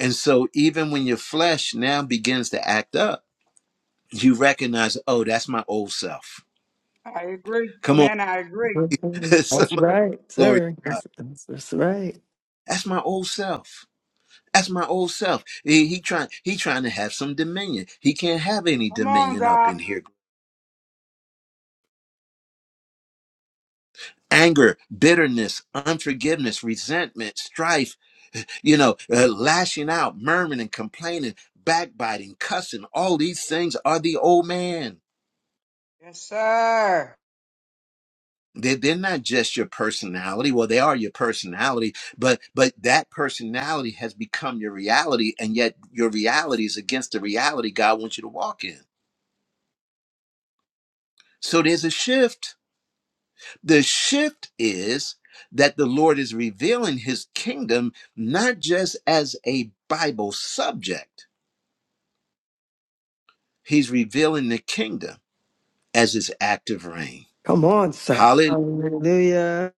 S1: And so even when your flesh now begins to act up, you recognize, oh, that's my old self.
S6: I agree.
S1: Come on,
S6: Amen. I agree.
S3: Right,
S1: somebody, glory.
S3: sir. That's, that's that's right.
S1: That's my old self. That's my old self. He, he trying he trying to have some dominion. He can't have any
S6: Come on,
S1: dominion up
S6: God.
S1: in here. Anger, bitterness, unforgiveness, resentment, strife, you know, uh, lashing out, murmuring and complaining, backbiting, cussing, all these things are the old man.
S6: Yes, sir.
S1: They they're not just your personality. Well, they are your personality, but but that personality has become your reality, and yet your reality is against the reality God wants you to walk in. So there's a shift The shift is that the Lord is revealing his kingdom not just as a Bible subject, he's revealing the kingdom as his active reign.
S3: Come on, sir.
S1: Hallelujah.
S3: Hallelujah.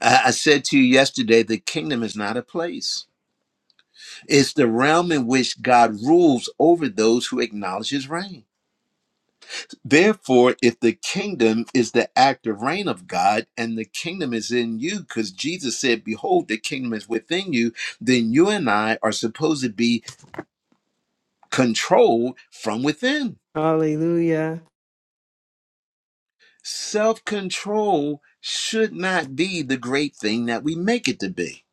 S1: I I said to you yesterday the kingdom is not a place, it's the realm in which God rules over those who acknowledge his reign. Therefore, if the kingdom is the active reign of God and the kingdom is in you, because Jesus said, Behold, the kingdom is within you, then you and I are supposed to be controlled from within.
S3: Hallelujah.
S1: Self control should not be the great thing that we make it to be.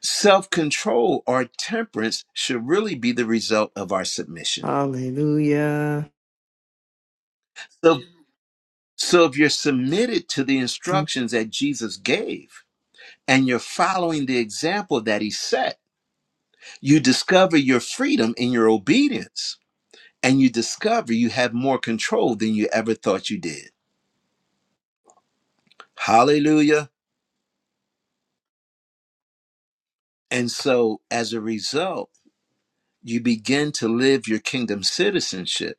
S1: Self control or temperance should really be the result of our submission.
S3: Hallelujah.
S1: So, so if you're submitted to the instructions that Jesus gave and you're following the example that he set, You discover your freedom in your obedience, and you discover you have more control than you ever thought you did. Hallelujah. And so, as a result, you begin to live your kingdom citizenship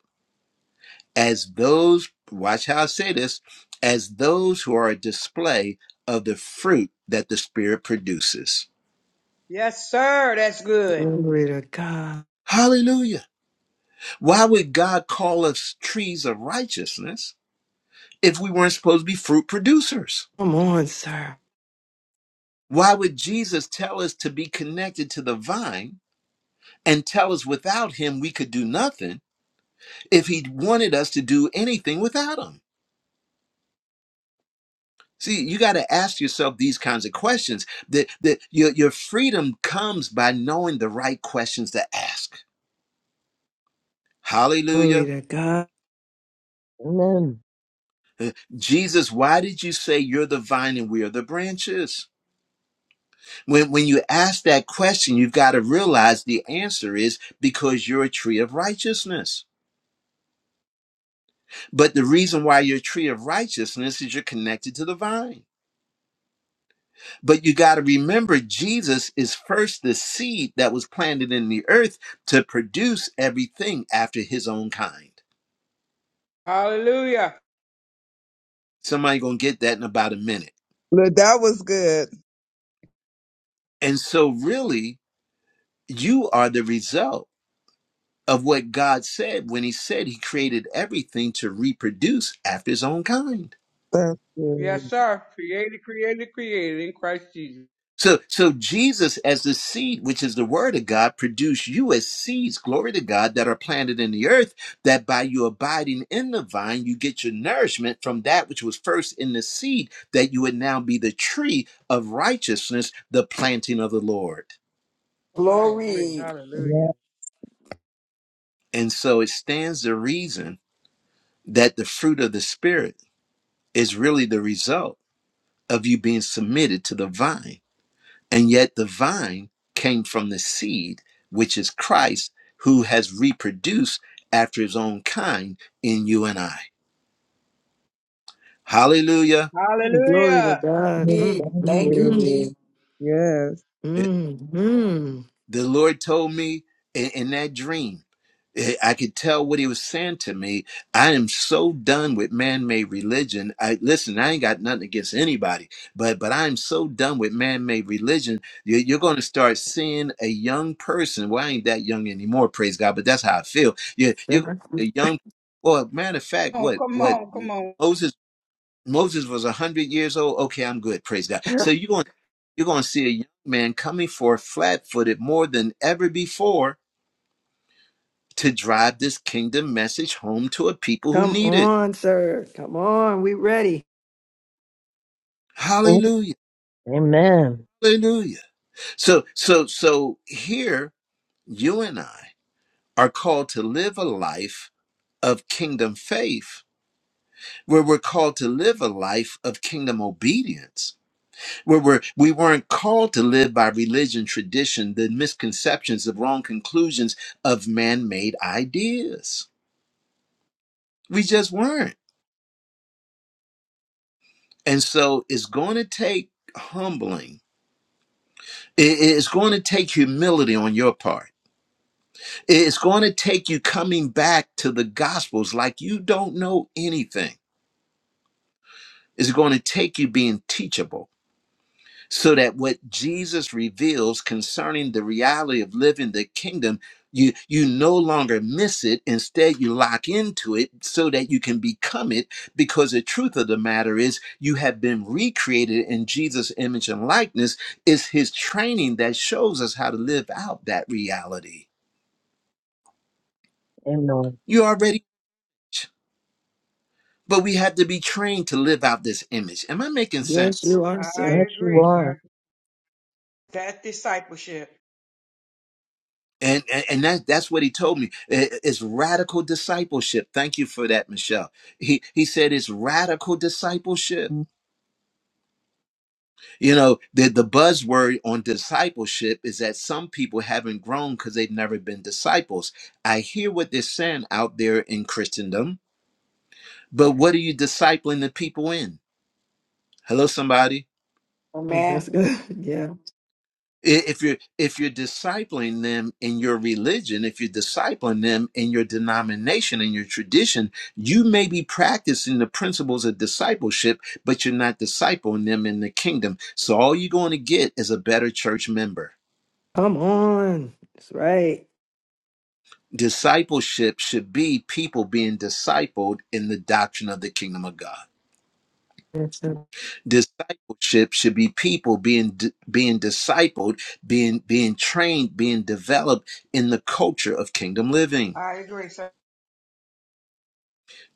S1: as those, watch how I say this, as those who are a display of the fruit that the Spirit produces.
S6: Yes, sir. That's good.
S3: Glory to God.
S1: Hallelujah. Why would God call us trees of righteousness if we weren't supposed to be fruit producers?
S3: Come on, sir.
S1: Why would Jesus tell us to be connected to the vine and tell us without him we could do nothing if he wanted us to do anything without him? See, you got to ask yourself these kinds of questions. That that your, your freedom comes by knowing the right questions to ask.
S3: Glory
S1: Hallelujah.
S3: to God.
S2: Amen.
S1: Uh, Jesus, why did you say you're the vine and we are the branches? When when you ask that question, you've got to realize the answer is because you're a tree of righteousness But the reason why you're a tree of righteousness is you're connected to the vine. But you got to remember, Jesus is first the seed that was planted in the earth to produce everything after his own kind.
S6: Hallelujah.
S1: Somebody gonna get that in about a minute.
S4: Look, that was good.
S1: And so, really, you are the result of what God said when He said He created everything to reproduce after His own kind.
S4: That's
S6: Yes,
S4: good.
S6: sir. Created, created, created in Christ Jesus.
S1: So, so Jesus as the seed, which is the word of God, produce you as seeds, glory to God, that are planted in the earth, that by you abiding in the vine, you get your nourishment from that which was first in the seed, that you would now be the tree of righteousness, the planting of the Lord.
S6: Oh, I agree.
S9: Glory.
S4: Yeah.
S6: Hallelujah.
S1: And so it stands to reason that the fruit of the Spirit is really the result of you being submitted to the vine And yet the vine came from the seed, which is Christ, who has reproduced after his own kind in you and I. Hallelujah.
S3: Glory to
S6: Hallelujah.
S3: God.
S4: yeah,
S3: Mm,
S4: Thank
S9: Thank you,
S3: mm, mm,
S9: Jesus.
S4: you. Yes.
S3: mm, mm.
S1: The Lord told me in, in that dream, eh, I could tell what he was saying to me. I am so done with man-made religion. I listen. I ain't got nothing against anybody, but but I'm so done with man-made religion. You- You're going to start seeing a young person. Well, I ain't that young anymore. Praise God. But that's how I feel. You, you're
S3: Sir.
S1: a young. Well, matter of fact,
S6: Oh,
S1: what
S6: come
S1: what
S6: on, come on.
S1: Moses. Moses was a hundred years old. Okay, I'm good. Praise God. So you're going you're going to see a young man coming forth flat-footed more than ever before to drive this kingdom message home to a people who
S3: Come
S1: need it.
S3: on, sir. Come on. We ready.
S2: Mhm.
S1: Hallelujah.
S2: Amen.
S1: Hallelujah. So so so here you and I are called to live a life of kingdom faith where we're called to live a life of kingdom obedience we were we weren't called to live by religion tradition the misconceptions the wrong conclusions of man-made ideas we just weren't and so it's going to take humbling It- it's going to take humility on your part it's going to take you coming back to the gospels like you don't know anything it's going to take you being teachable so that what Jesus reveals concerning the reality of living the kingdom, you you no longer miss it. Instead, you lock into it so that you can become it. Because the truth of the matter is, you have been recreated in Jesus' image and likeness. It's His training that shows us how to live out that reality.
S2: Amen.
S1: You already, but we have to be trained to live out this image. Am I making
S3: Yes,
S1: sense?
S3: you are,
S6: I
S3: sir.
S2: Yes, you
S6: agree,
S3: Mm,
S2: are.
S6: sir. That discipleship.
S1: And, and and that that's what he told me. I- It's radical discipleship. Thank you for that, Michelle. He he said it's radical discipleship. You know, the the buzzword on discipleship is that some people haven't grown because they've never been disciples. I hear what they're saying out there in Christendom, but what are you discipling the people in? Hello, somebody.
S3: mm, That's
S9: Amen.
S3: good. Yeah.
S1: I- if you're if you're discipling them in your religion if you're discipling them in your denomination in your tradition you may be practicing the principles of discipleship but you're not discipling them in the kingdom so all you're going to get is a better church member
S3: Come on. That's right.
S1: discipleship should be people being discipled in the doctrine of the kingdom of god
S3: Yes, sir.
S1: discipleship should be people being being discipled being being trained being developed in the culture of kingdom living
S6: I agree, sir.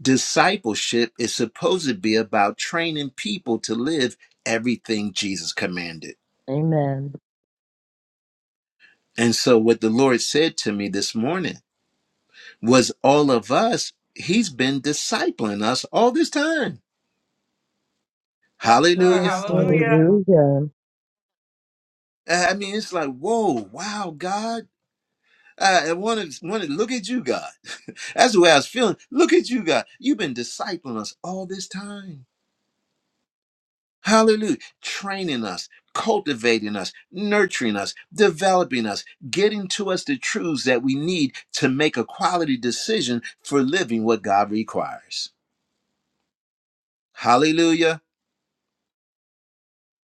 S1: Discipleship is supposed to be about training people to live everything Jesus commanded.
S2: Amen.
S1: And so, what the Lord said to me this morning was all of us, He's been discipling us all this time.
S6: Yes, sir.
S3: Yes,
S1: Hallelujah.
S3: sir.
S6: Hallelujah.
S2: Hallelujah.
S1: I mean, it's like, whoa, wow, God. I want to want to look at you, God. That's the way I was feeling. Look at you, God. You've been discipling us all this time. Hallelujah. Training us, cultivating us, nurturing us, developing us, getting to us the truths that we need to make a quality decision for living what God requires. Hallelujah.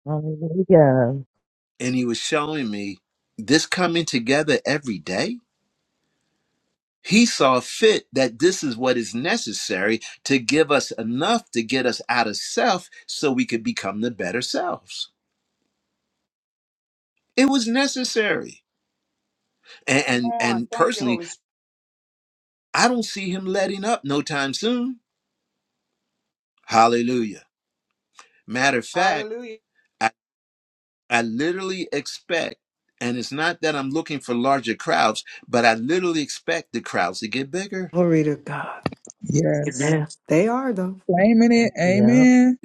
S2: Hallelujah.
S1: And he was showing me this coming together every day. He saw fit that this is what is necessary to give us enough to get us out of self so we could become the better selves. It was necessary. And
S6: Come
S1: and,
S6: on.
S1: and
S6: Thank you,
S1: personally
S6: Holy Spirit.
S1: I don't see him letting up no time soon. Hallelujah. Matter of fact,
S6: Hallelujah.
S1: I, I literally expect, and it's not that I'm looking for larger crowds, but I literally expect the crowds to get bigger.
S3: Glory to God.
S4: Yes.
S3: Amen. They are, though.
S4: Claiming it.
S2: Yeah.
S4: Amen.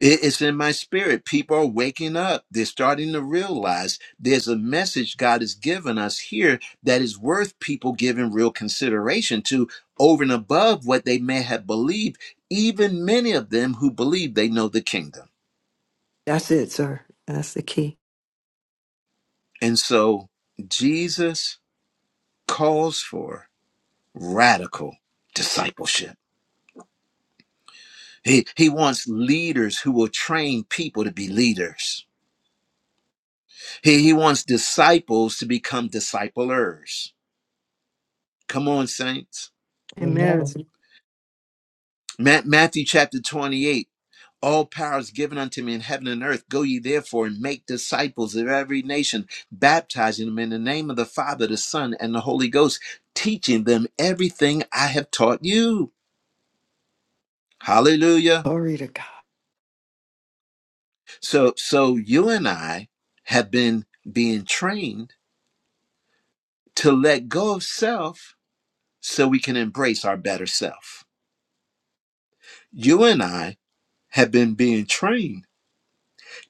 S1: It- It's in my spirit. People are waking up. They're starting to realize there's a message God has given us here that is worth people giving real consideration to over and above what they may have believed, even many of them who believe they know the kingdom.
S3: That's it, sir. That's the key.
S1: And so, Jesus calls for radical discipleship. He, he wants leaders who will train people to be leaders. He, he wants disciples to become disciplers. Come on, saints.
S3: Amen.
S2: Amen.
S1: Ma- Matthew chapter 28 All power is given unto me in heaven and earth. Go ye therefore and make disciples of every nation, baptizing them in the name of the Father, the Son, and the Holy Ghost, teaching them everything I have taught you. Hallelujah.
S3: Glory to God.
S1: So so you and I have been being trained to let go of self so we can embrace our better self. You and I have been being trained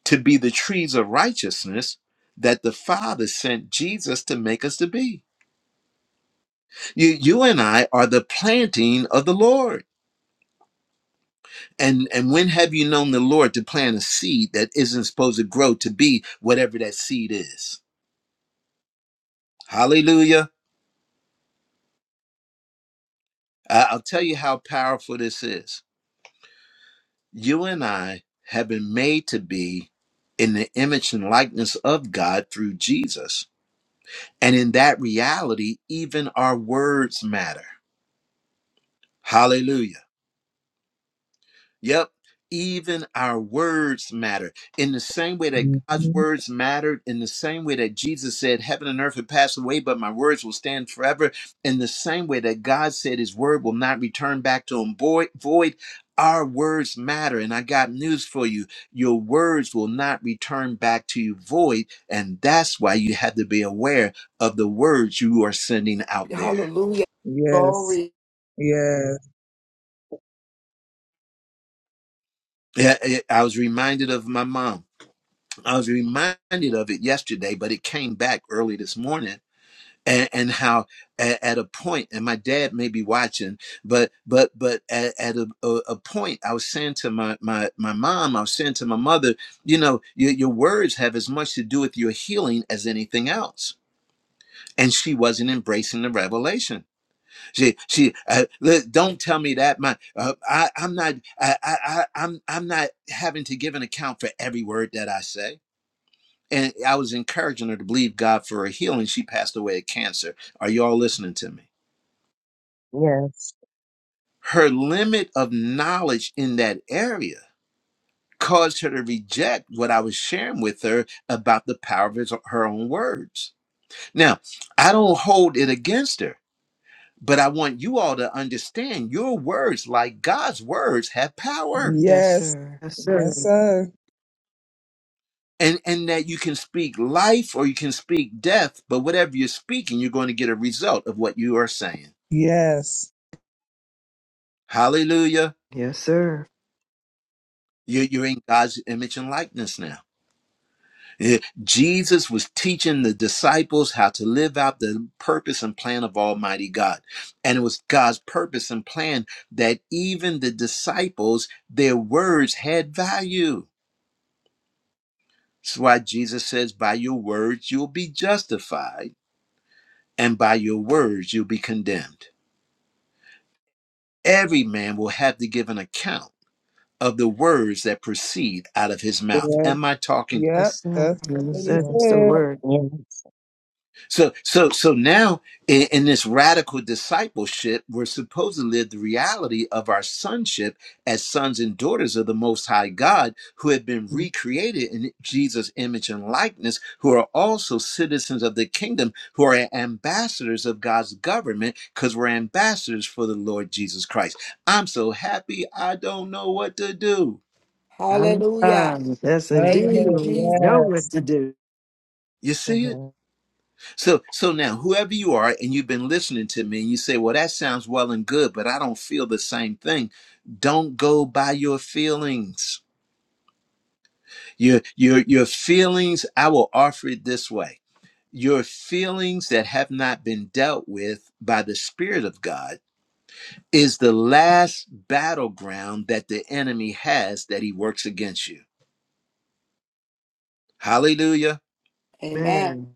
S1: to be the trees of righteousness that the Father sent Jesus to make us to be. You you and I are the planting of the Lord. And and when have you known the Lord to plant a seed that isn't supposed to grow to be whatever that seed is? Hallelujah. I- I'll tell you how powerful this is you and I have been made to be in the image and likeness of God through Jesus. And in that reality, even our words matter. Hallelujah. Yep. Even our words matter. In the same way that God's
S4: Mhm.
S1: words mattered, in the same way that Jesus said, Heaven and earth will pass away, but my words will stand forever, in the same way that God said his word will not return back to him void, void, our words matter. And I got news for you your words will not return back to you void. And that's why you have to be aware of the words you are sending out there.
S9: Hallelujah.
S4: Yes.
S9: Glory.
S4: Yes.
S1: Yeah, I I was reminded of my mom. I was reminded of it yesterday, but it came back early this morning. And, and how at, at a point, and my dad may be watching, but but but at, at a, a, a point, I was saying to my, my my mom, I was saying to my mother, you know, your, your words have as much to do with your healing as anything else. And she wasn't embracing the revelation. She she uh, look, don't tell me that my uh, I I'm not I, I I- I'm I'm not having to give an account for every word that I say and I was encouraging her to believe God for a healing. She passed away of cancer. Are y'all listening to me?
S2: Yes.
S1: Her limit of knowledge in that area caused her to reject what I was sharing with her about the power of his, her own words. Now, I don't hold it against her, but I want you all to understand your words, like God's words, have power.
S3: Yes,
S4: Yes.
S3: sir. Yes, sir.
S4: Yes, sir.
S1: And, and that you can speak life or you can speak death, but whatever you're speaking, you're going to get a result of what you are saying.
S4: Yes.
S1: Hallelujah.
S3: Yes, sir.
S1: You're, you're in God's image and likeness now. Eh, Jesus was teaching the disciples how to live out the purpose and plan of Almighty God. And it was God's purpose and plan that even the disciples, their words had value. That's why Jesus says, By your words, you'll be justified, and by your words, you'll be condemned. Every man will have to give an account of the words that proceed out of his mouth.
S4: Yes.
S1: Am I talking?
S4: Yep.
S3: Yes, sir.
S4: That's
S3: Yes,
S4: what he
S2: Yeah.
S3: That's the
S4: said.
S3: word.
S2: Yes.
S1: So so so now in, in this radical discipleship, we're supposed to live the reality of our sonship as sons and daughters of the most high God who have been recreated in Jesus' image and likeness, who are also citizens of the kingdom, who are ambassadors of God's government, because we're ambassadors for the Lord Jesus Christ. I'm so happy I don't know what to do.
S3: Um,
S9: Hallelujah.
S3: um, yes,
S9: Thank
S4: Loving
S3: indeed.
S9: you,
S4: it.
S3: We
S9: Jesus.
S3: know
S4: Yes.
S3: what to do.
S1: You see it?
S2: Amen.
S1: So so now whoever you are and you've been listening to me and you say, "Well, that sounds well and good, but I don't feel the same thing." Don't go by your feelings. Your your your feelings, I will offer it this way. Your feelings that have not been dealt with by the spirit of God is the last battleground that the enemy has that he works against you. Hallelujah.
S9: Amen.
S3: Man,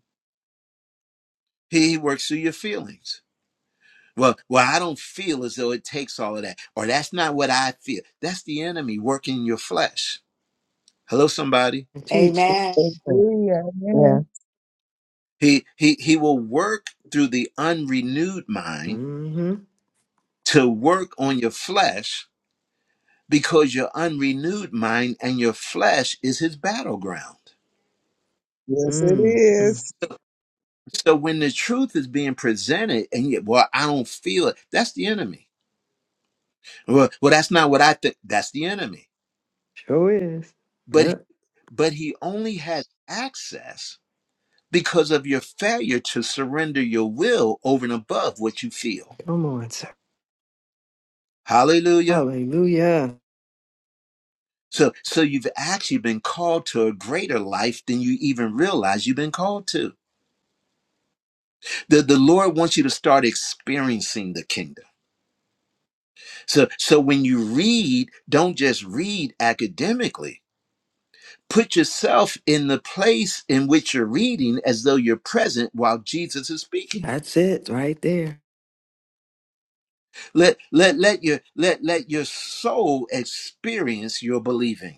S1: He works through your feelings. Well, well, I don't feel as though it takes all of that, or that's not what I feel. That's the enemy working in your flesh. Hello, somebody.
S3: and teach.
S9: Amen.
S2: Yeah.
S4: Agree.
S2: Yeah.
S4: Amen.
S1: He he he will work through the unrenewed mind
S3: Mm-hmm.
S1: to work on your flesh because your unrenewed mind and your flesh is his battleground.
S4: Yes, it
S3: Mm, mm.
S4: is.
S1: So when the truth is being presented and yet, well, I don't feel it, that's the enemy. Well, well, that's not what I think. That's the enemy.
S3: Sure is.
S1: But
S3: Yep.
S1: but he only has access because of your failure to surrender your will over and above what you feel.
S3: Come on, sir.
S1: Hallelujah.
S3: Hallelujah.
S1: So, so you've actually been called to a greater life than you even realize you've been called to. The, the Lord wants you to start experiencing the kingdom. So, so when you read, don't just read academically. Put yourself in the place in which you're reading as though you're present while Jesus is speaking.
S3: That's it right there.
S1: Let, let, let your, let, let your soul experience your believing.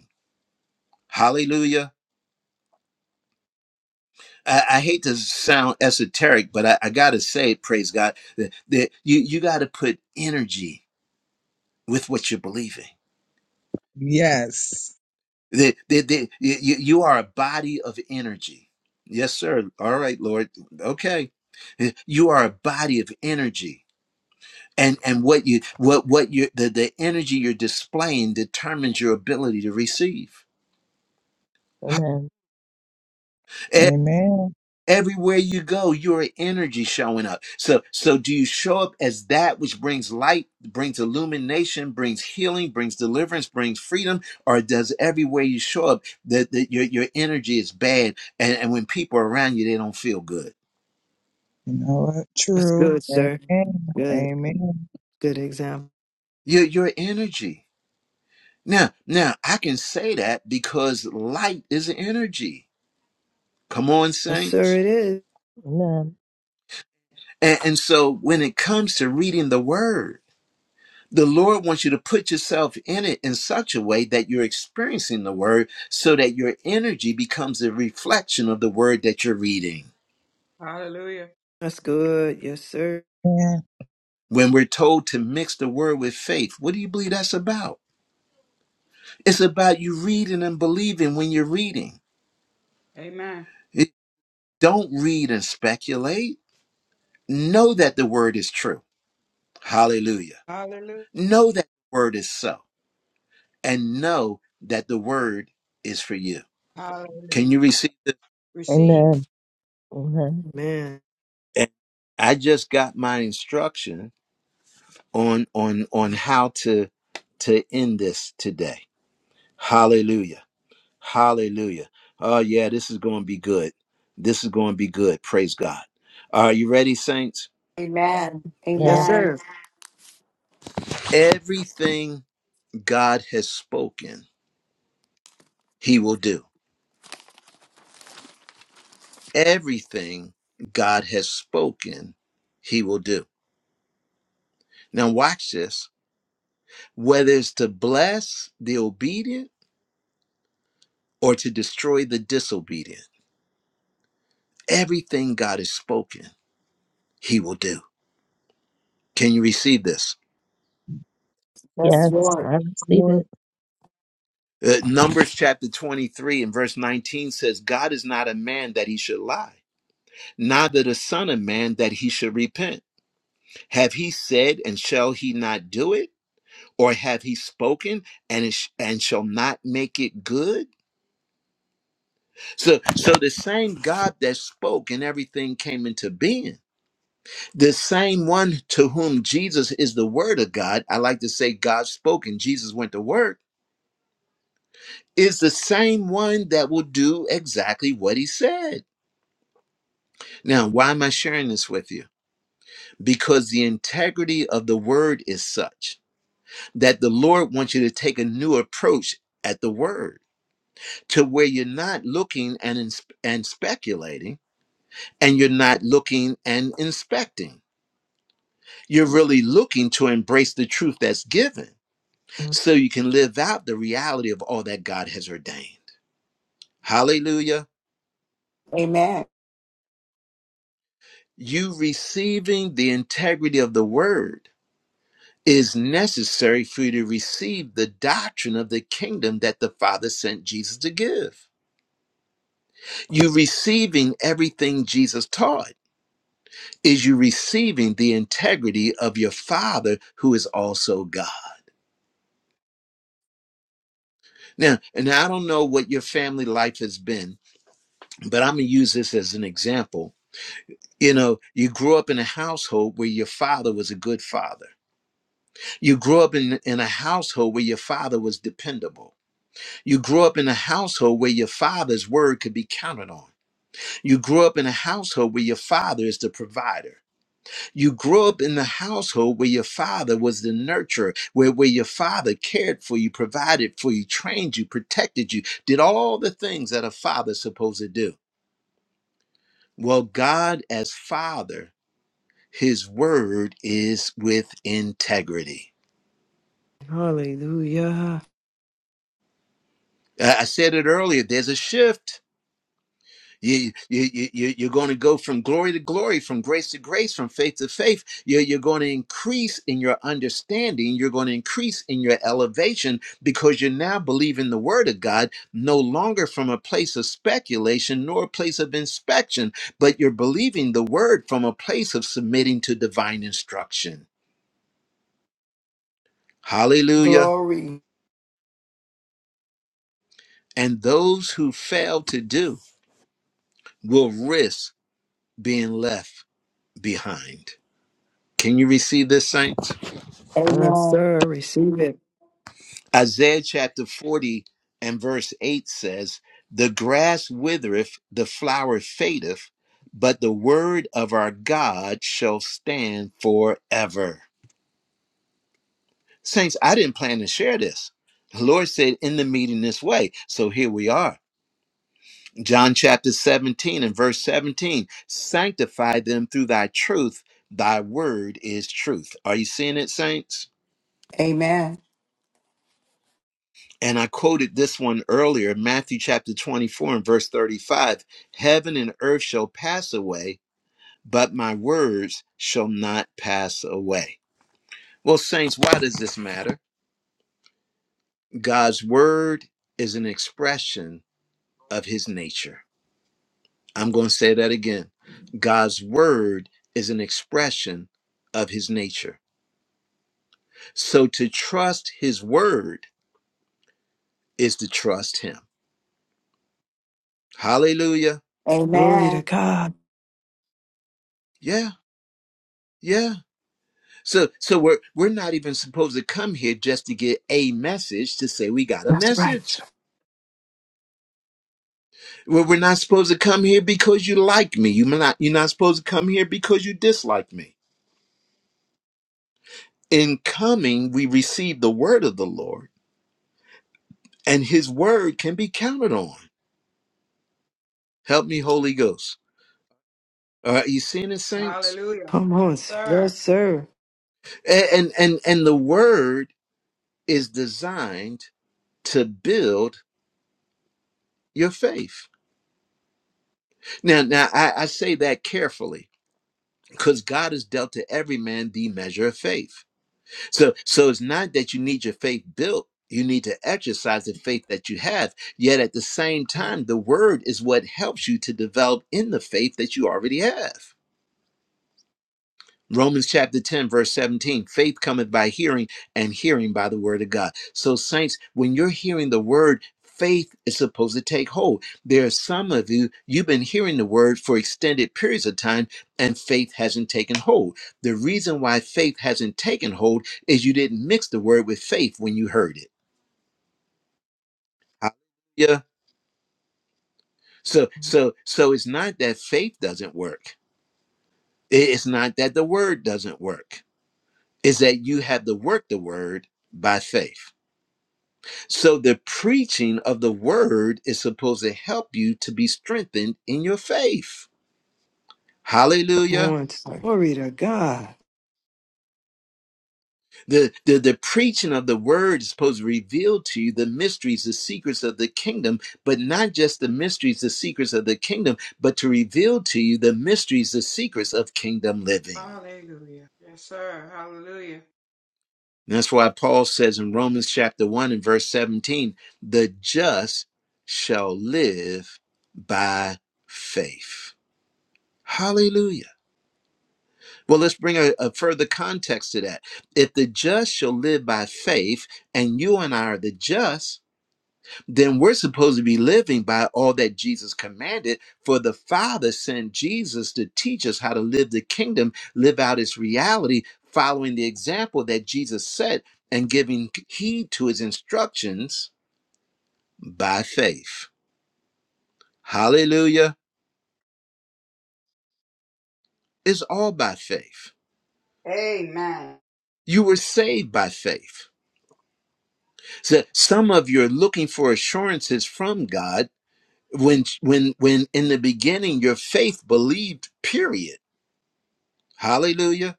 S1: Hallelujah. I, I hate to sound esoteric, but I, I got to say, praise God, that, that you, you got to put energy with what you're believing.
S4: Yes.
S1: That, that, that you, you you are a body of energy. Yes, sir. All right, Lord. Okay. You are a body of energy. And, and what you what what you the, the energy you're displaying determines your ability to receive
S2: Amen.
S4: Amen.
S1: everywhere you go your energy showing up so so do you show up as that which brings light brings illumination brings healing brings deliverance brings freedom or does everywhere you show up that, that your, your energy is bad and, and when people are around you they don't feel good
S4: You know what?
S3: That's
S4: True.
S3: good, sir.
S4: Amen.
S3: Good.
S4: Amen.
S3: Good example.
S1: your, your energy now now i can say that because light is energy come on
S3: Yes, sir,
S1: saints
S3: it is.
S2: Amen.
S1: and, and so when it comes to reading the word The Lord wants you to put yourself in it in such a way that you're experiencing the word so that your energy becomes a reflection of the word that you're reading.
S6: Hallelujah.
S3: That's good. Yes, sir.
S4: Amen.
S1: When we're told to mix the word with faith, what do you believe that's about? It's about you reading and believing when you're reading.
S6: Amen.
S1: It- Don't read and speculate. Know that the word is true. Hallelujah.
S6: Hallelujah.
S1: Know that the word is so, and know that the word is for you. Can
S6: Hallelujah.
S1: you receive this?
S6: Receive.
S2: Amen. Amen.
S3: Man.
S1: And I just got my instruction. on on on how to to end this today. Hallelujah. Hallelujah. Oh yeah, this is going to be good. This is going to be good. Praise God. Are you ready saints?
S9: Amen.
S3: Yes,
S2: Yes.
S9: Amen.
S3: sir.
S1: Everything God has spoken, he will do. Everything God has spoken, he will do. Now watch this. Whether it's to bless the obedient or to destroy the disobedient, everything God has spoken, he will do. Can you receive this?
S9: Yes,
S2: Yes.
S9: Lord.
S2: I receive
S4: Lord,
S2: it.
S1: Uh, Numbers chapter 23 and verse 19 says, God is not a man that he should lie, neither the Son of Man that he should repent. Have he said, and shall he not do it? Or have he spoken and it sh- and shall not make it good? So, so the same God that spoke and everything came into being, the same one to whom Jesus is the Word of God. I like to say God spoke and Jesus went to work is the same one that will do exactly what he said. Now, why am I sharing this with you? Because the integrity of the word is such that the Lord wants you to take a new approach at the word to where you're not looking and ins- and speculating and you're not looking and inspecting. You're really looking to embrace the truth that's given so you can live out the reality of all that God has ordained. Hallelujah.
S9: Amen.
S1: You receiving the integrity of the word is necessary for you to receive the doctrine of the kingdom that the Father sent Jesus to give. You receiving everything Jesus taught is you receiving the integrity of your Father who is also God. Now, and I don't know what your family life has been, but I'm going to use this as an example. You know, you grew up in a household where your father was a good father You grew up in, in a household where your father was dependable. You grew up in a household where your father's word could be counted on. You grew up in a household where your father is the provider. You grew up in the household where your father was the nurturer, where, where your father cared for you, provided for you, trained you, protected you, did all the things that a father's supposed to do. Well, God, as father, his word is with integrity.
S3: Hallelujah.
S1: I I said it earlier, there's a shift You, you, you, you- are going to go from glory to glory, from grace to grace, from faith to faith. You're, you're going to increase in your understanding. You're going to increase in your elevation because you're now believing the word of God, no longer from a place of speculation nor a place of inspection, but you're believing the word from a place of submitting to divine instruction. Hallelujah.
S9: Glory.
S1: And those who fail to do will risk being left behind. Can you receive this, saints?
S3: Yes,
S9: Amen.
S3: sir. Receive it.
S1: Isaiah chapter 40 and verse 8 says, The grass withereth, the flower fadeth, but the word of our God shall stand forever. Saints, I didn't plan to share this. The Lord said in the meeting this way. So here we are. John chapter 17 and verse 17 Sanctify them through thy truth, thy word is truth. Are you seeing it, saints?
S9: Amen.
S1: And I quoted this one earlier, Matthew chapter 24 and verse 35 Heaven and earth shall pass away, but my words shall not pass away. Well, saints, why does this matter? God's word is an expression of his nature. I'm going to say that again. God's word is an expression of his nature. So to trust his word is to trust him. Hallelujah.
S3: Glory to
S9: Amen.
S3: God.
S1: Yeah, yeah. So so we're we're not even supposed to come here just to get a message to say we got a
S3: That's right.
S1: message. We're, we're not supposed to come here because you like me. You're not you're not supposed to come here because you dislike me. In coming, we receive the word of the Lord, and His word can be counted on. Help me, Holy Ghost. All right, you seeing it, saints?
S6: Hallelujah.
S3: Come
S6: Yes,
S3: on, sir. Yes,
S6: sir.
S3: sir.
S1: A- And and and the word is designed to build your faith. Now now I, I say that carefully because God has dealt to every man the measure of faith. So, so it's not that you need your faith built. You need to exercise the faith that you have. Yet at the same time, the word is what helps you to develop in the faith that you already have. Romans chapter 10, verse 17 faith cometh by hearing, and hearing by the word of God. So, saints, when you're hearing the word, faith is supposed to take hold. There are some of you, you've been hearing the word for extended periods of time, and faith hasn't taken hold. The reason why faith hasn't taken hold is you didn't mix the word with faith when you heard it. Hallelujah. So, so, so it's not that faith doesn't work. It- It's not that the word doesn't work. It's that you have to work the word by faith. So the preaching of the word is supposed to help you to be strengthened in your faith.
S3: Come
S1: Hallelujah.
S3: on, sir. Glory to God.
S1: The, the, the preaching of the word is supposed to reveal to you the mysteries, the secrets of the kingdom, but not just the mysteries, the secrets of the kingdom, but to reveal to you the mysteries, the secrets of kingdom living.
S6: Hallelujah. Yes, sir. Hallelujah.
S1: And that's why Paul says in Romans chapter 1 and verse 17, the just shall live by faith. Hallelujah. Well, let's bring a, a further context to that. If the just shall live by faith, and you and I are the just, then we're supposed to be living by all that Jesus commanded. For the Father sent Jesus to teach us how to live the kingdom, live out its reality, following the example that Jesus set and giving heed to his instructions by faith. Hallelujah. It's all by faith.
S6: Amen.
S1: You were saved by faith. So some of you are looking for assurances from God when when when in the beginning your faith believed, period. Hallelujah.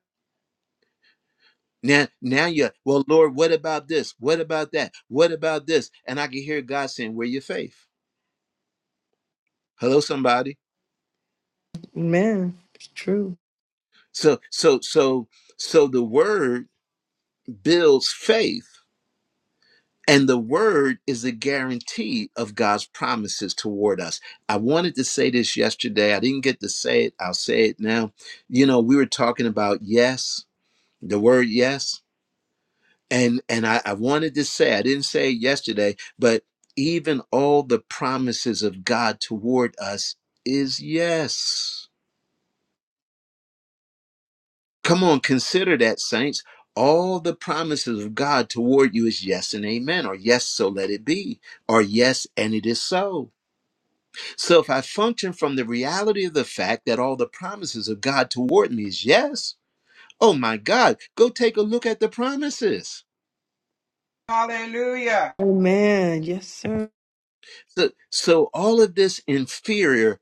S1: Now now you well Lord, what about this? What about that? What about this? And I can hear God saying, Where your faith? Hello, somebody.
S3: Amen. It's true.
S1: So so so so the word builds faith And the word is a guarantee of God's promises toward us. I wanted to say this yesterday. I didn't get to say it. I'll say it now. You know, we were talking about yes, the word yes. And and I, I wanted to say, I didn't say it yesterday, but even all the promises of God toward us is yes. Come on, consider that, saints. All the promises of God toward you is yes and amen, or yes, so let it be, or yes, and it is so. So if I function from the reality of the fact that all the promises of God toward me is yes, oh my God, go take a look at the promises.
S6: Hallelujah.
S3: Amen. Yes, sir.
S1: So, so all of this inferior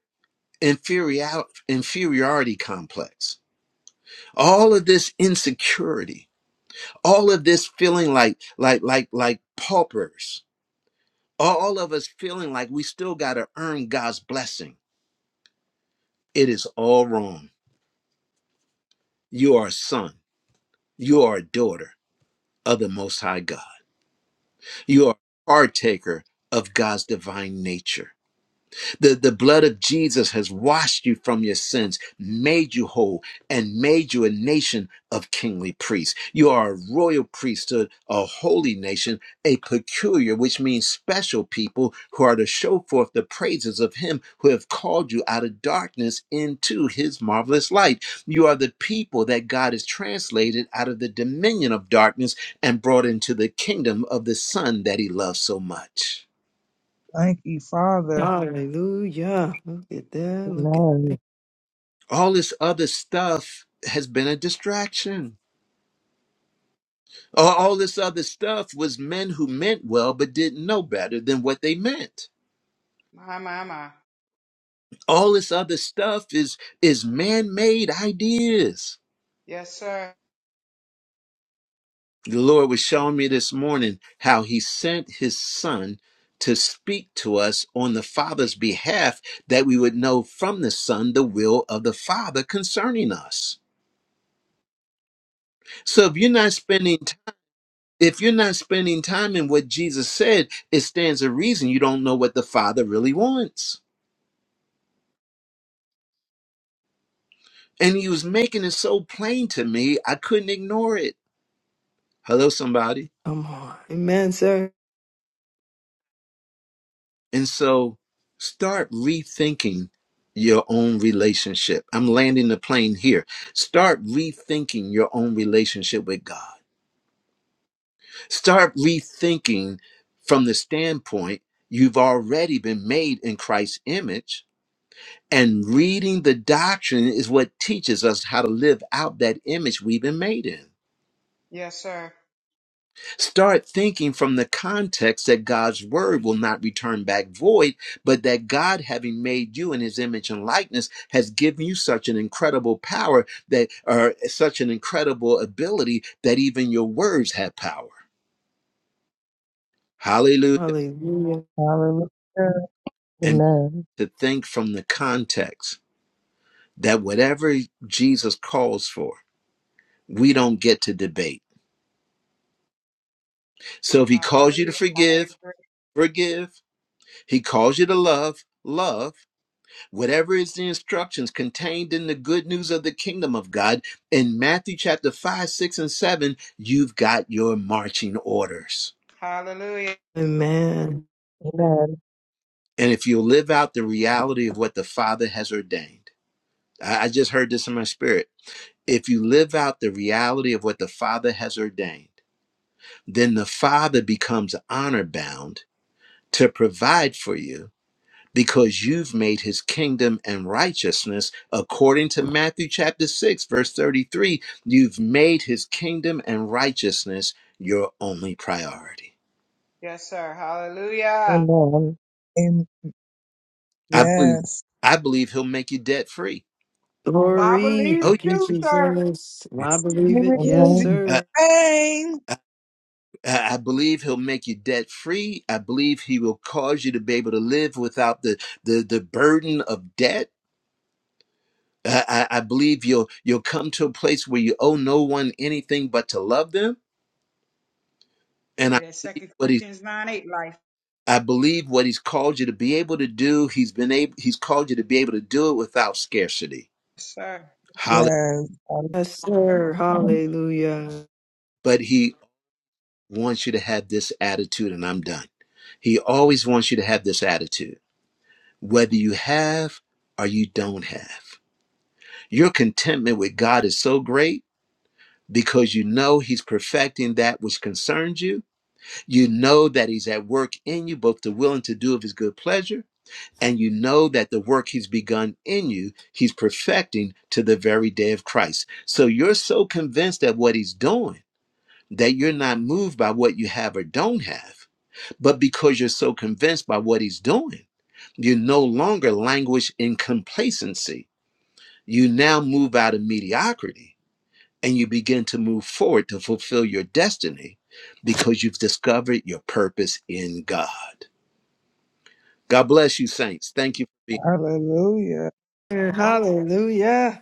S1: inferior inferiority complex, all of this insecurity, all of this feeling like like like like paupers, all of us feeling like we still got to earn God's blessing. It is all wrong. You are a son. You are a daughter of the Most High God. You are a partaker of God's divine nature. The, the blood of Jesus has washed you from your sins, made you whole, and made you a nation of kingly priests. You are a royal priesthood, a holy nation, a peculiar, which means special people who are to show forth the praises of Him who have called you out of darkness into His marvelous light. You are the people that God has translated out of the dominion of darkness and brought into the kingdom of the Son that He loves so much.
S4: thank you, Father.
S3: Hallelujah. Look at that. Look at that.
S2: Amen.
S1: all this other stuff has been a distraction. All all this other stuff was men who meant well but didn't know better than what they meant.
S6: My, my, my.
S1: All this other stuff is is man-made ideas.
S6: Yes, sir.
S1: The Lord was showing me this morning how he sent his son to speak to us on the Father's behalf that we would know from the Son the will of the Father concerning us. So if you're not spending If you're not spending time in what Jesus said, it stands a reason you don't know what the Father really wants. And he was making it so plain to me, I couldn't ignore it. Hello, somebody.
S3: Come on. Amen, sir.
S1: And so start rethinking your own relationship. I'm landing the plane here. Start rethinking your own relationship with God. Start rethinking from the standpoint you've already been made in Christ's image And reading the doctrine is what teaches us how to live out that image we've been made in.
S6: Yes, sir.
S1: Start thinking from the context that God's word will not return back void, but that God, having made you in his image and likeness, has given you such an incredible power that, or such an incredible ability that even your words have power. Hallelujah.
S3: Hallelujah.
S4: Hallelujah.
S1: And
S2: Amen.
S1: to think from the context that whatever Jesus calls for, we don't get to debate So if he
S6: Hallelujah.
S1: calls you to
S6: I
S1: forgive,
S6: agree.
S1: forgive. He calls you to love, love. Whatever is the instructions contained in the good news of the kingdom of God in Matthew chapter 5, 6, and 7, you've got your marching orders.
S6: Hallelujah.
S3: Amen.
S2: Amen.
S1: And if you live out the reality of what the Father has ordained, I I just heard this in my spirit. If you live out the reality of what the Father has ordained, then the Father becomes honor bound to provide for you because you've made his kingdom and righteousness according to Matthew chapter 6 verse 33 you've made his kingdom and righteousness your only priority
S6: Yes, sir. Hallelujah.
S2: Amen.
S4: Amen.
S1: i believe
S4: Yes.
S1: i believe he'll make you debt free
S6: So I
S3: Glory.
S6: believe
S1: oh
S6: it
S3: Thank you,
S6: too, sir.
S3: Jesus.
S1: yeah
S3: I believe it.
S4: Amen.
S3: Yes,
S4: Jesus'
S1: I,
S3: sir.
S4: name.
S1: I, I believe he'll make you debt free i believe he will cause you to be able to live without the the, the burden of debt I, I I believe you'll you'll come to a place where you owe no one anything but to love them and i
S6: Yeah, that
S1: believe
S6: Second
S1: what
S6: Corinthians 9 8 life.
S1: I believe what he's called you to be able to do, he's been able he's called you to be able to do it without scarcity.
S6: Yes, sir. Yes,
S1: Holly,
S6: sir.
S4: Yes.
S3: Yes, sir.
S4: Hallelujah.
S3: Hallelujah.
S1: but he wants you to have this attitude and I'm done. He always wants you to have this attitude. Whether you have or you don't have. Your contentment with God is so great because you know he's perfecting that which concerns you. You know that he's at work in you both to will and to do of his good pleasure and you know that the work he's begun in you, he's perfecting to the very day of Christ. So you're so convinced that what he's doing that you're not moved by what you have or don't have, but because you're so convinced by what he's doing, you no longer languish in complacency. You now move out of mediocrity and you begin to move forward to fulfill your destiny because you've discovered your purpose in God. God bless you, saints. Thank you for being.
S3: Hallelujah.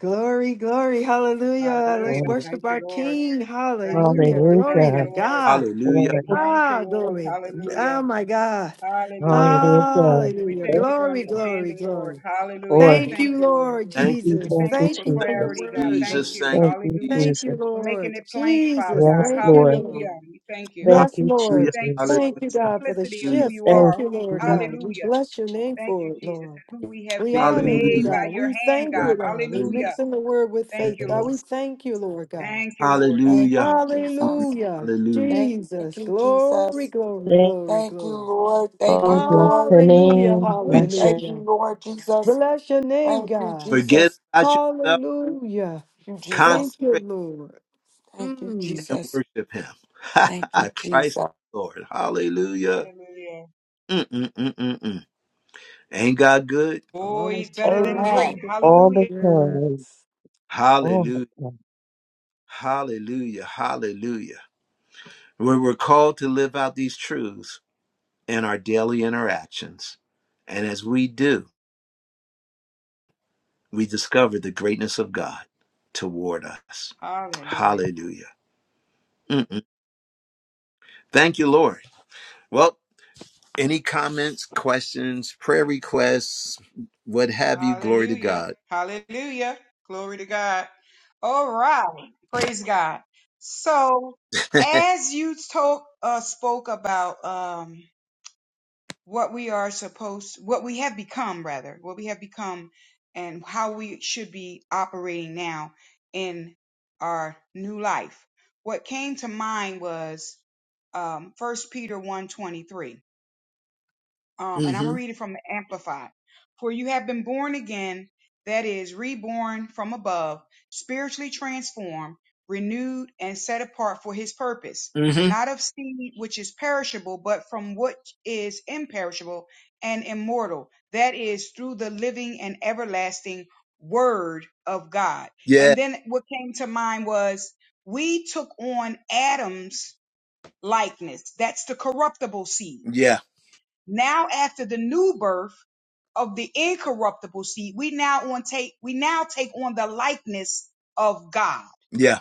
S3: Glory, glory. Hallelujah. Let's
S6: Hallelujah.
S2: Amen.
S6: Thank
S3: worship
S6: you,
S3: our
S6: Lord.
S3: King.
S6: Thank you,
S3: Hallelujah.
S6: Lord. Thank
S3: Glory
S6: you,
S2: Hallelujah.
S3: to
S6: Lord.
S3: God.
S2: Glory.
S6: Thank you,
S3: Ah,
S6: Lord.
S3: glory. mm, Oh,
S6: Hallelujah.
S3: my God.
S6: Hallelujah.
S2: Hallelujah.
S6: We
S3: Hallelujah.
S6: thank you for
S3: Glory, glory,
S6: understanding, Lord.
S3: glory.
S6: Hallelujah. We
S2: Glory.
S3: Thank
S6: thank
S3: you,
S6: you, Lord.
S3: Lord
S1: Thank
S6: We
S3: Jesus.
S4: Hallelujah.
S2: Thank
S6: thank
S2: you,
S6: you
S3: Thank
S6: for
S3: you for your
S2: Jesus.
S6: clarity, God.
S3: word,
S6: Thank
S1: Jesus,
S3: Lord.
S6: you.
S1: thank
S2: Thank
S1: you,
S2: you,
S1: Jesus.
S6: Hallelujah.
S3: Thank you,
S2: Jesus.
S6: For making
S3: Lord.
S6: it plain, Father
S3: Jesus,
S6: God.
S2: Yes,
S3: thank you,
S2: Lord.
S6: Hallelujah.
S3: Lord.
S6: We thank you.
S2: Thank
S3: Yes,
S2: you,
S6: We
S1: Hallelujah,
S3: Lord.
S6: thank you,
S2: Jesus.
S6: Lord,
S3: Thank
S6: for the
S3: you,
S1: hallelujah,
S3: God, for the
S6: simplicity of who
S3: shift.
S6: you
S2: Thank
S3: Thank
S6: are.
S3: you,
S6: Who,
S3: Lord
S2: you,
S3: God. We
S6: hallelujah.
S3: bless your name
S6: Thank
S3: for
S6: you,
S3: it,
S6: Jesus,
S3: Lord.
S6: and who we have
S3: We
S1: hallelujah,
S6: been
S3: honor you,
S6: made
S1: hallelujah,
S3: God.
S6: by your
S3: We
S6: hand,
S3: thank you,
S6: God.
S3: Lord. We're
S1: hallelujah,
S6: Hallelujah.
S3: mixing the word with
S6: Thank
S3: faith,
S6: you,
S3: God. We
S6: Lord.
S2: Jesus.
S3: thank you, Lord God.
S6: Thank you, Lord.
S9: Thank
S1: hallelujah, hallelujah,
S9: you, Jesus.
S3: Hallelujah.
S1: hallelujah.
S9: Thank
S3: Jesus.
S9: you,
S3: Glory,
S9: Jesus.
S3: glory,
S2: Thank
S3: glory,
S9: Thank you,
S3: glory.
S9: Lord. Thank you,
S2: oh, bless
S9: Lord.
S2: the
S3: Hallelujah.
S2: name.
S1: hallelujah.
S9: Ooh,
S2: Bless
S9: Thank
S2: you
S9: you,
S3: Hallelujah.
S9: Lord Jesus.
S3: Bless your name,
S9: Thank you,
S3: God.
S1: Forget
S9: Jesus.
S1: about yourself,
S3: Hallelujah.
S9: You, Jesus.
S3: Thank you,
S1: concentrate
S3: Lord.
S9: Thank you,
S3: Mm.
S1: and
S9: Jesus.
S1: worship Him.
S9: Thank you,
S1: Christ
S9: Jesus.
S1: Lord, hallelujah.
S6: Hallelujah.
S1: Mm-mm-mm-mm-mm. Ain't God good?
S6: Oh,
S3: All
S6: he's
S3: the
S6: better than great.
S9: Amen.
S3: time.
S2: all the
S6: Hallelujah.
S2: time.
S3: Yes.
S2: All the
S1: Hallelujah,
S2: time.
S1: hallelujah, hallelujah. When we're called to live out these truths in our daily interactions, and as we do, we discover the greatness of God toward us.
S6: Hallelujah.
S1: Hallelujah. Mm-mm. Thank you, Lord. Well, any comments, questions, prayer requests, what have you? Glory to
S6: Hallelujah.
S1: God.
S6: Hallelujah. Glory to God. All right. Praise God. So, as you talk, uh, spoke about, um, what we are supposed, what we have become, rather, what we have become, and how we should be operating now in our new life. What came to mind was um, 1 Peter one twenty three um, and I'm
S1: hmm
S6: gonna read it from the Amplified. For you have been born again, that is, reborn from above, spiritually transformed, renewed, and set apart for his purpose,
S1: hmm
S6: not of seed which is perishable, but from what is imperishable and immortal, that is, through the living and everlasting word of God.
S1: Yeah.
S6: And then what came to mind was we took on Adam's likeness. That's the corruptible seed
S1: Yeah.
S6: now after the new birth of the incorruptible seed, we now on take we now take on the likeness of God.
S1: Yeah.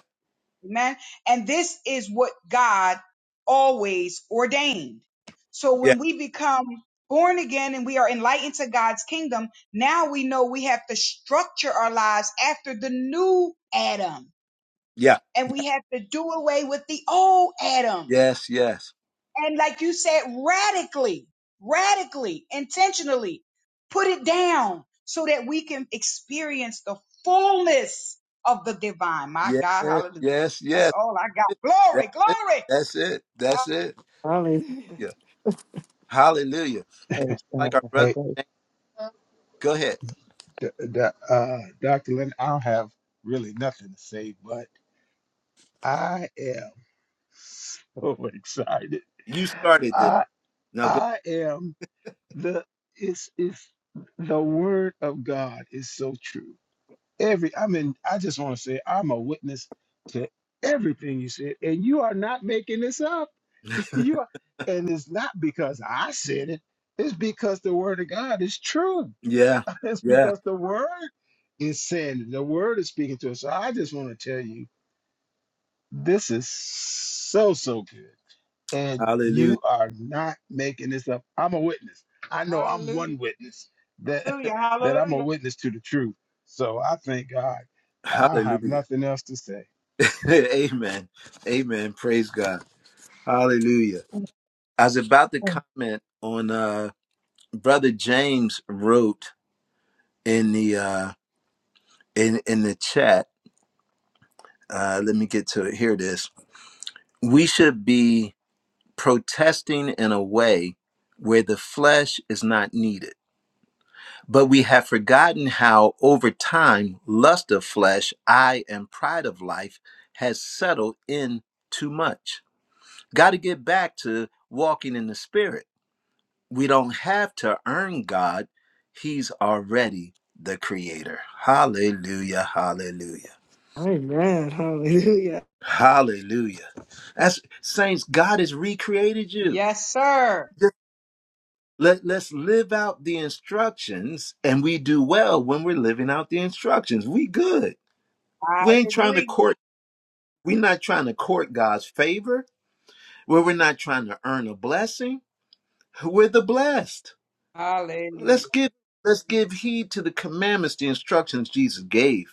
S6: Amen. And this is what God always ordained. So
S1: Yeah.
S6: when we become born again and we are enlightened to God's kingdom, now we know we have to structure our lives after the new Adam.
S1: Yeah.
S6: And
S1: Yeah.
S6: we have to do away with the old Adam
S1: Yes. Yes.
S6: and like you said, radically, radically, intentionally put it down so that we can experience the fullness of the divine. My
S1: Yes.
S6: God, hallelujah.
S1: Yes.
S6: That's
S1: Yes.
S6: all I got.
S1: That's
S6: Glory,
S1: it.
S6: glory.
S1: That's it. That's it.
S3: Hallelujah.
S1: Yeah. Hallelujah.
S2: Praise God.
S1: Like our brother.
S8: Hey,
S2: Praise,
S1: Go ahead.
S8: d- d- uh, Dr. Lynn, I don't have really nothing to say, but I am so excited.
S1: You started this.
S8: I
S1: Now go.
S8: I am the it's it's the word of God is so true. Every I mean, I just want to say I'm a witness to everything you said, and you are not making this up. you are, and it's not because I said it, it's because the word of God is true.
S1: Yeah.
S8: It's
S1: Yeah.
S8: because the word is saying the word is speaking to us. So I just want to tell you, this is so so good, and
S1: Hallelujah.
S8: you are not making this up. I'm a witness. I know I'm one
S6: Hallelujah,
S8: witness that
S6: hallelujah,
S8: that I'm a
S6: hallelujah.
S8: witness to the truth. So I thank God. I have
S1: Hallelujah.
S8: nothing else to say.
S1: Amen. Amen. Praise God. Hallelujah. I was about to
S2: God.
S1: comment on uh brother James wrote in the uh in in the chat. Uh let me get to it. Here it is. We should be protesting in a way where the flesh is not needed. But we have forgotten how over time lust of flesh, eye, and pride of life has settled in too much. Got to get back to walking in the spirit We don't have to earn God. He's already the creator. Hallelujah. Hallelujah.
S3: Amen. Hallelujah.
S1: Hallelujah. That's saints, God has recreated you.
S6: Yes, sir.
S1: Just Let, let's live out the instructions and we do well when we're living out the instructions. We good.
S6: I
S1: We ain't trying to
S6: agree.
S1: court. We're not trying to court God's favor. Where we're not trying to earn a blessing. We're the blessed.
S6: Hallelujah.
S1: Let's give let's give heed to the commandments, the instructions Jesus gave.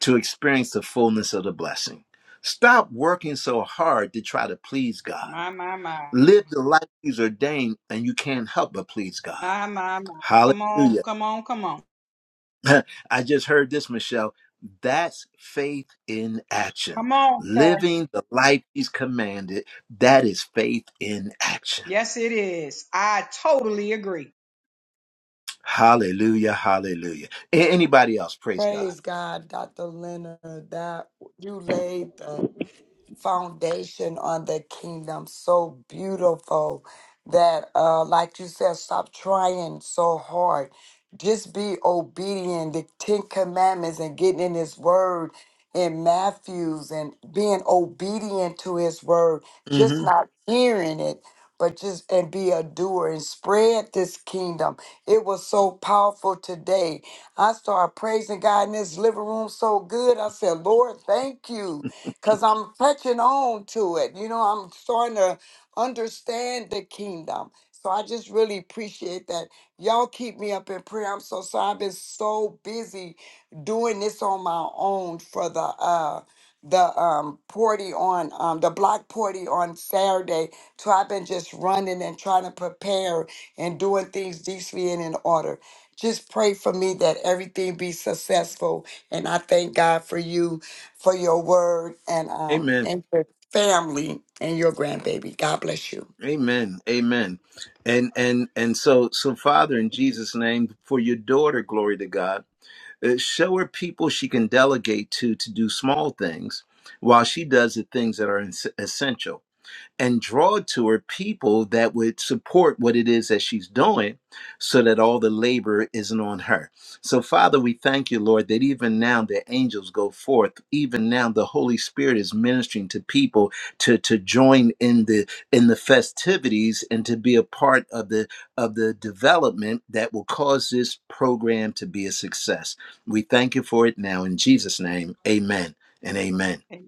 S1: to experience the fullness of the blessing. Stop working so hard to try to please God.
S6: My, my, my.
S1: Live the life He's ordained, and you can't help but please God.
S6: My, my, my. Come on,
S1: Hallelujah.
S6: come on, come on.
S1: I just heard this, Michelle. That's faith in action.
S6: Come on, sir.
S1: Living the life He's commanded, that is faith in action.
S6: Yes, it is. I totally agree.
S1: Hallelujah. Hallelujah. A- Anybody else? Praise God.
S9: Praise God, Dr. Leonard, that you laid the foundation on the kingdom. So beautiful that, uh, like you said, stop trying so hard. Just be obedient. The Ten Commandments and getting in His Word in Matthew's and being obedient to His Word, just
S1: hmm
S9: not hearing it. But just and be a doer and spread this kingdom. It was so powerful today. I started praising God in this living room so good. I said, Lord, thank you because I'm catching on to it. You know, I'm starting to understand the kingdom. So I just really appreciate that. Y'all keep me up in prayer. I'm so sorry. I've been so busy doing this on my own for the uh the um party on um the block party on Saturday. So I've been just running and trying to prepare and doing things decently and in order. Just pray for me that everything be successful. And I thank God for you for your word and um
S1: Amen.
S9: and your family and your grandbaby. God bless you.
S1: Amen. Amen. And and and so so Father in Jesus name for your daughter glory to God. uh, show her people she can delegate to to do small things while she does the things that are es- essential and draw to her people that would support what it is that she's doing so that all the labor isn't on her. So, Father, we thank you, Lord, that even now the angels go forth. Even now the Holy Spirit is ministering to people to, to join in the in the festivities and to be a part of the of the development that will cause this program to be a success. We thank you for it now in Jesus' name. Amen and amen.
S6: Amen.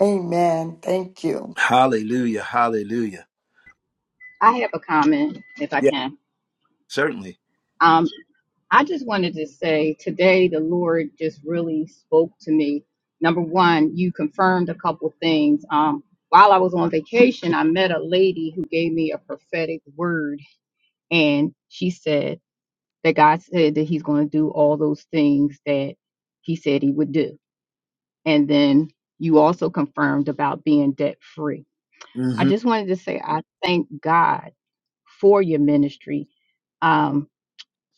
S9: Amen. Thank you.
S1: Hallelujah. Hallelujah.
S10: I have a comment if I
S1: Yeah,
S10: can.
S1: certainly.
S10: Um, I just wanted to say today the Lord just really spoke to me. Number one, you confirmed a couple things. Um, while I was on vacation, I met a lady who gave me a prophetic word, and she said that God said that He's going to do all those things that He said He would do. And then you also confirmed about being debt free. I
S1: hmm
S10: just wanted to say I thank God for your ministry Um,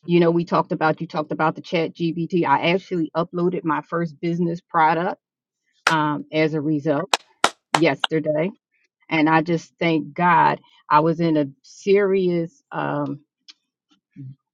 S10: You know, we talked about, you talked about the chat GBT. I actually uploaded my first business product um, as a result yesterday. And I just thank God I was in a serious, um,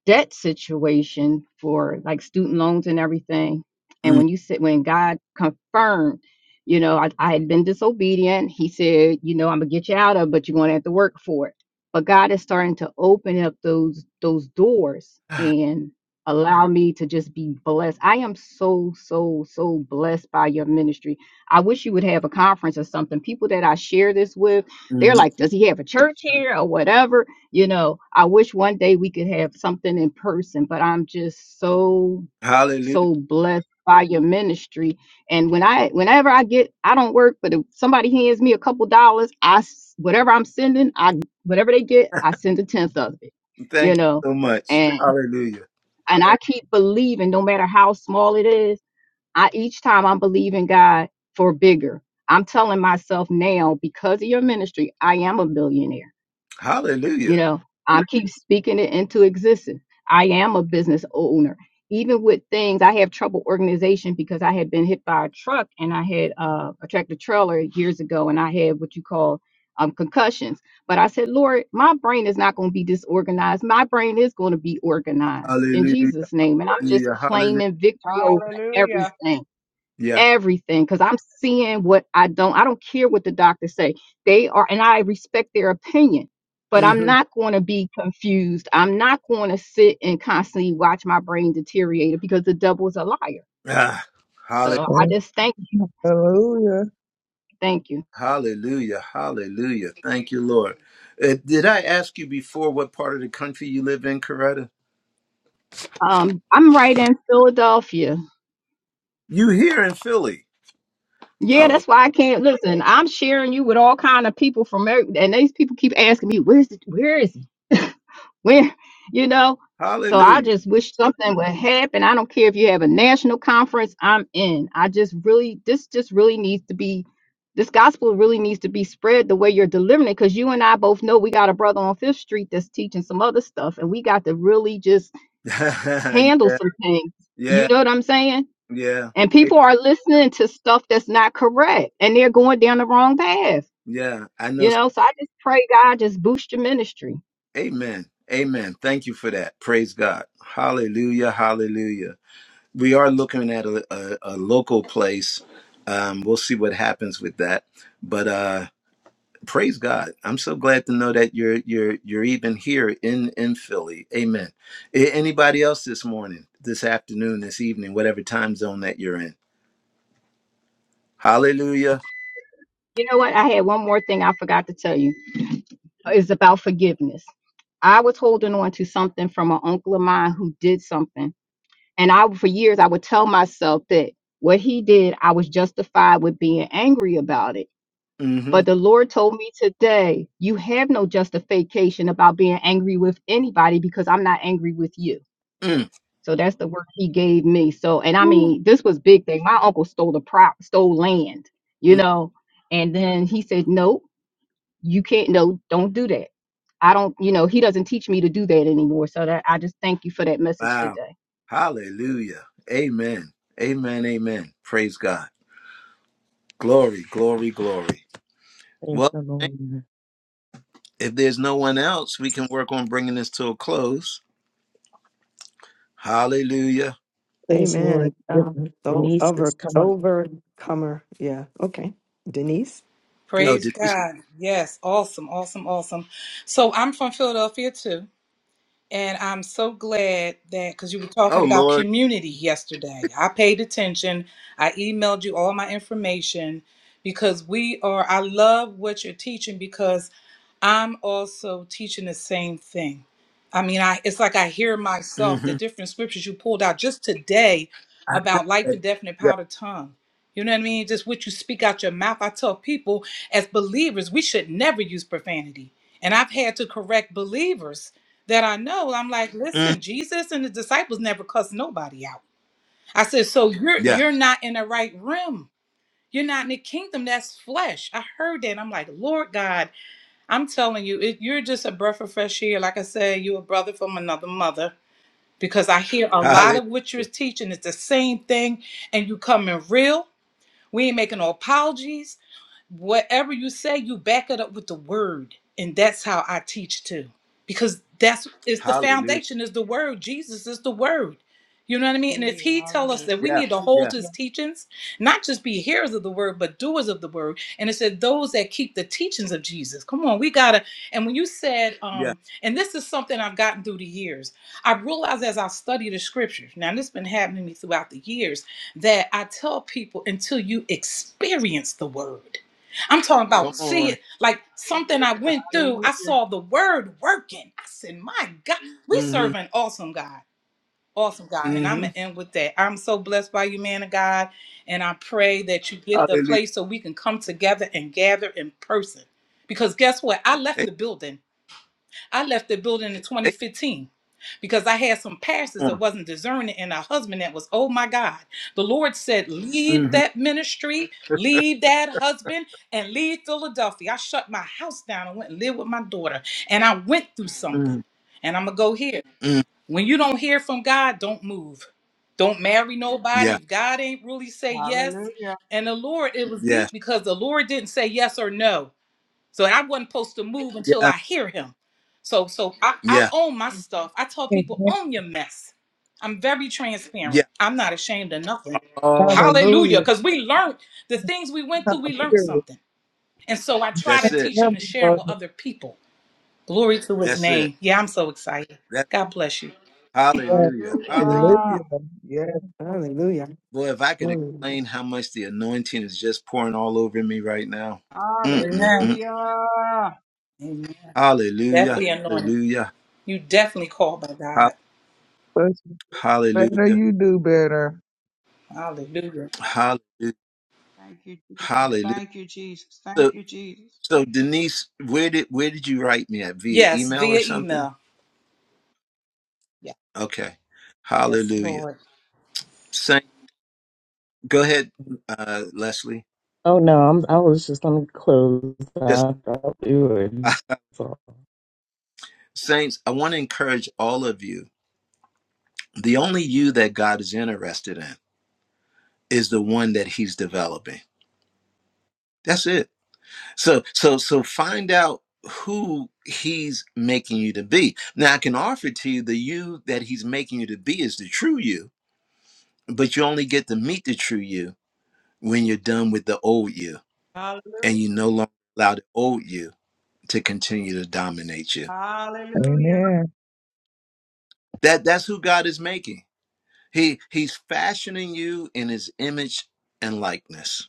S10: debt situation for like student loans and everything. And when you said when God confirmed, you know, I, I had been disobedient, he said, you know, I'm gonna get you out of, it, but you're gonna have to work for it. But God is starting to open up those those doors and allow me to just be blessed. I am so, so, so blessed by your ministry. I wish you would have a conference or something. People that I share this with,
S1: hmm
S10: they're like, does he have a church here or whatever? You know, I wish one day we could have something in person, but I'm just so
S1: Hallelujah.
S10: so blessed by your ministry. And when I whenever I get I don't work, but if somebody hands me a couple dollars, I s- whatever I'm sending, I whatever they get, I send a tenth of it. You
S1: Thank you
S10: know,
S1: so much.
S10: and
S1: Hallelujah.
S10: and I keep believing no matter how small it is, I each time I'm believing God for bigger. I'm telling myself now because of your ministry, I am a billionaire you
S1: Hallelujah.
S10: know, I keep speaking it into existence. I am a business owner. Even with things, I have trouble organization because I had been hit by a truck and I had uh, a tractor trailer years ago and I had what you call um, concussions. But I said, Lord, my brain is not going to be disorganized. My brain is going to be organized in
S1: Hallelujah.
S10: Jesus' name. And I'm just
S1: Hallelujah.
S10: claiming victory over
S6: Hallelujah.
S10: everything
S1: Yeah.
S10: everything because I'm seeing what I don't I don't care what the doctors say. They are and I respect their opinion, but I'm
S1: hmm
S10: not going to be confused. I'm not going to sit and constantly watch my brain deteriorate because the devil is a liar.
S1: Ah, halle-
S10: So I
S4: Amen.
S10: just thank you,
S4: Hallelujah.
S10: thank you.
S1: hallelujah. Hallelujah. Thank you, Lord. Uh, did I ask you before what part of the country you live in, Coretta?
S10: Um I'm right in Philadelphia.
S1: You here in Philly.
S10: Yeah,
S1: Oh,
S10: that's why I can't listen. I'm sharing you with all kind of people from every, and these people keep asking me, "Where's the, where is When you know, so I
S1: hallelujah.
S10: just wish something would happen. I don't care if you have a national conference, I'm in. I just really this just really needs to be this gospel really needs to be spread the way you're delivering it because you and I both know we got a brother on Fifth Street that's teaching some other stuff and we got to really just
S1: yeah.
S10: handle some things. You
S1: Yeah.
S10: know what I'm saying?
S1: Yeah.
S10: And
S1: Amen.
S10: people are listening to stuff that's not correct and they're going down the wrong path.
S1: Yeah. I know.
S10: You know, so I just pray God just boost your ministry.
S1: Amen. Amen. Thank you for that. Praise God. Hallelujah. Hallelujah. we are looking at a, a, a local place. Um, we'll see what happens with that. But uh, praise God! I'm so glad to know that you're you're you're even here in in Philly. Amen. A- Anybody else this morning, this afternoon, this evening, whatever time zone that you're in? Hallelujah.
S10: You know what? I had one more thing I forgot to tell you. is about forgiveness. I was holding on to something from an uncle of mine who did something. And I, for years, I would tell myself that what he did, I was justified with being angry about it.
S1: hmm
S10: But the Lord told me today, you have no justification about being angry with anybody because I'm not angry with you.
S1: mm
S10: So that's the word he gave me. So, and I mean, this was big thing. My uncle stole the prop, stole land, you
S1: mm.
S10: know, and then he said, nope you can't no don't do that i don't you know he doesn't teach me to do that anymore so that i just thank you for that message
S1: Wow.
S10: today
S1: Hallelujah. Amen. Amen. Amen. Praise God. Glory. Glory. Glory.
S2: praise
S1: Well,
S2: the Lord.
S1: if there's no one else, we can work on bringing this to a close. Hallelujah.
S2: Praise the Lord.
S3: Amen. Um,
S2: Goodness,
S3: so
S2: Denise has
S3: over
S2: come up.
S3: overcomer. Yeah. Okay. Denise.
S1: Oh,
S11: Praise
S1: did these?
S11: God. Yes, awesome, awesome, awesome. So I'm from Philadelphia too. And I'm so glad that because you were
S1: Oh,
S11: talking about
S1: Lord.
S11: community yesterday, I paid attention. I emailed you all my information because we are, I love what you're teaching because I'm also teaching the same thing. I mean, I it's like I hear myself the
S1: hmm
S11: different scriptures you pulled out just today about life and death and the power of the tongue. You know what I mean? Just what you speak out your mouth. I tell people as believers, we should never use profanity. And I've had to correct believers that I know, I'm like,
S1: mm
S11: listen, Jesus and the disciples never cussed nobody out. I said, so you're
S1: Yeah.
S11: you're not in the right realm. You're not in the kingdom. That's flesh. I heard that. I'm like, Lord God, I'm telling you, it, you're just a breath of fresh air. Like I said, you're a brother from another mother because I hear a lot
S1: Hallelujah.
S11: of what you're teaching is the same thing, and you coming real. We ain't making no apologies. Whatever you say, you back it up with the word. And that's how I teach too. Because that's it's the
S1: Hallelujah.
S11: foundation is the word. Jesus is the word. You know what I mean? And if
S6: Hallelujah,
S11: he tell us
S6: hallelujah,
S11: that we
S1: Yeah.
S11: need to hold
S1: Yeah.
S11: his teachings, not just be hearers of the word, but doers of the word. And it said those that keep the teachings of Jesus. Come on, we gotta. And when you said,
S1: Yeah.
S11: um, and this is something I've gotten through the years, I realized as I study the scriptures, now this has been happening to me throughout the years that I tell people until you experience the word. I'm talking about
S1: Come
S11: Mm. see
S1: on.
S11: it like something I went through. I
S6: hallelujah,
S11: saw the word working. I said, My God, Mm. we
S1: hmm
S11: serve an awesome God. Awesome God. And I'm
S1: hmm
S11: gonna end with that. I'm so blessed by you, man of God. And I pray that you get the
S1: Hallelujah.
S11: place so we can come together and gather in person. Because guess what? I left
S1: Hey,
S11: the building I left the building in
S1: hey,
S11: 2015 because I had some pastors
S1: come
S11: that
S1: on.
S11: wasn't discerning and a husband that was, oh my God. The Lord said, leave
S1: hmm
S11: that ministry, leave that husband, and leave Philadelphia. I shut my house down and went and lived with my daughter. And I went through something.
S1: hmm
S11: And I'm going to go here. When you don't hear from God, don't move. Don't marry nobody.
S1: Yeah.
S11: If God ain't really say yes.
S6: hallelujah,
S11: And the Lord, it was
S1: Yeah.
S11: deep because the Lord didn't say yes or no. So and I wasn't supposed to move until
S1: Yeah.
S11: I hear him. So so I, I
S1: Yeah.
S11: own my stuff. I tell people own your mess. I'm very
S1: Yeah.
S11: transparent. I'm not ashamed of nothing. Hallelujah. Because we learned the things we went through, we learned something. And so I try to
S1: That's it.
S11: teach them and share them with
S4: Hallelujah.
S11: other people. Glory to his
S1: That's it.
S11: name. Yeah, I'm so excited.
S1: That.
S11: God bless you.
S4: Hallelujah.
S1: Hallelujah. Hallelujah.
S6: hallelujah,
S4: Yes,
S3: Hallelujah.
S1: Boy, if I could explain how much the anointing is just pouring all over me right now.
S11: Amen.
S1: Mm-mm-mm.
S6: hallelujah.
S11: Amen.
S1: Hallelujah.
S11: Definitely anointed.
S1: Hallelujah.
S11: You definitely called by God.
S4: first you better,
S1: Hallelujah.
S4: you do better.
S11: Hallelujah.
S1: Hallelujah.
S6: Thank you, Jesus.
S1: Hallelujah.
S6: Thank you, Jesus. Thank
S1: So
S6: you, Jesus.
S1: so Denise, where did where did you write me at? Via
S11: Yes,
S1: email or
S11: via
S1: something?
S11: email. Yeah.
S1: Okay.
S11: Yes,
S1: Hallelujah.
S11: Lord.
S1: Saint go ahead, uh Leslie.
S2: Oh, no. I'm, I was just going to close.
S1: Yes.
S2: I thought we were.
S1: Saints, I want to encourage all of you. The only you that God is interested in is the one that he's developing. That's it. So so so find out who he's making you to be. Now I can offer to you the you that he's making you to be is the true you But you only get to meet the true you when you're done with the old you and you
S6: Hallelujah,
S1: no longer allow the old you to continue to dominate you.
S6: hallelujah,
S4: Amen.
S1: That that's who God is making. He he's fashioning you in his image and likeness.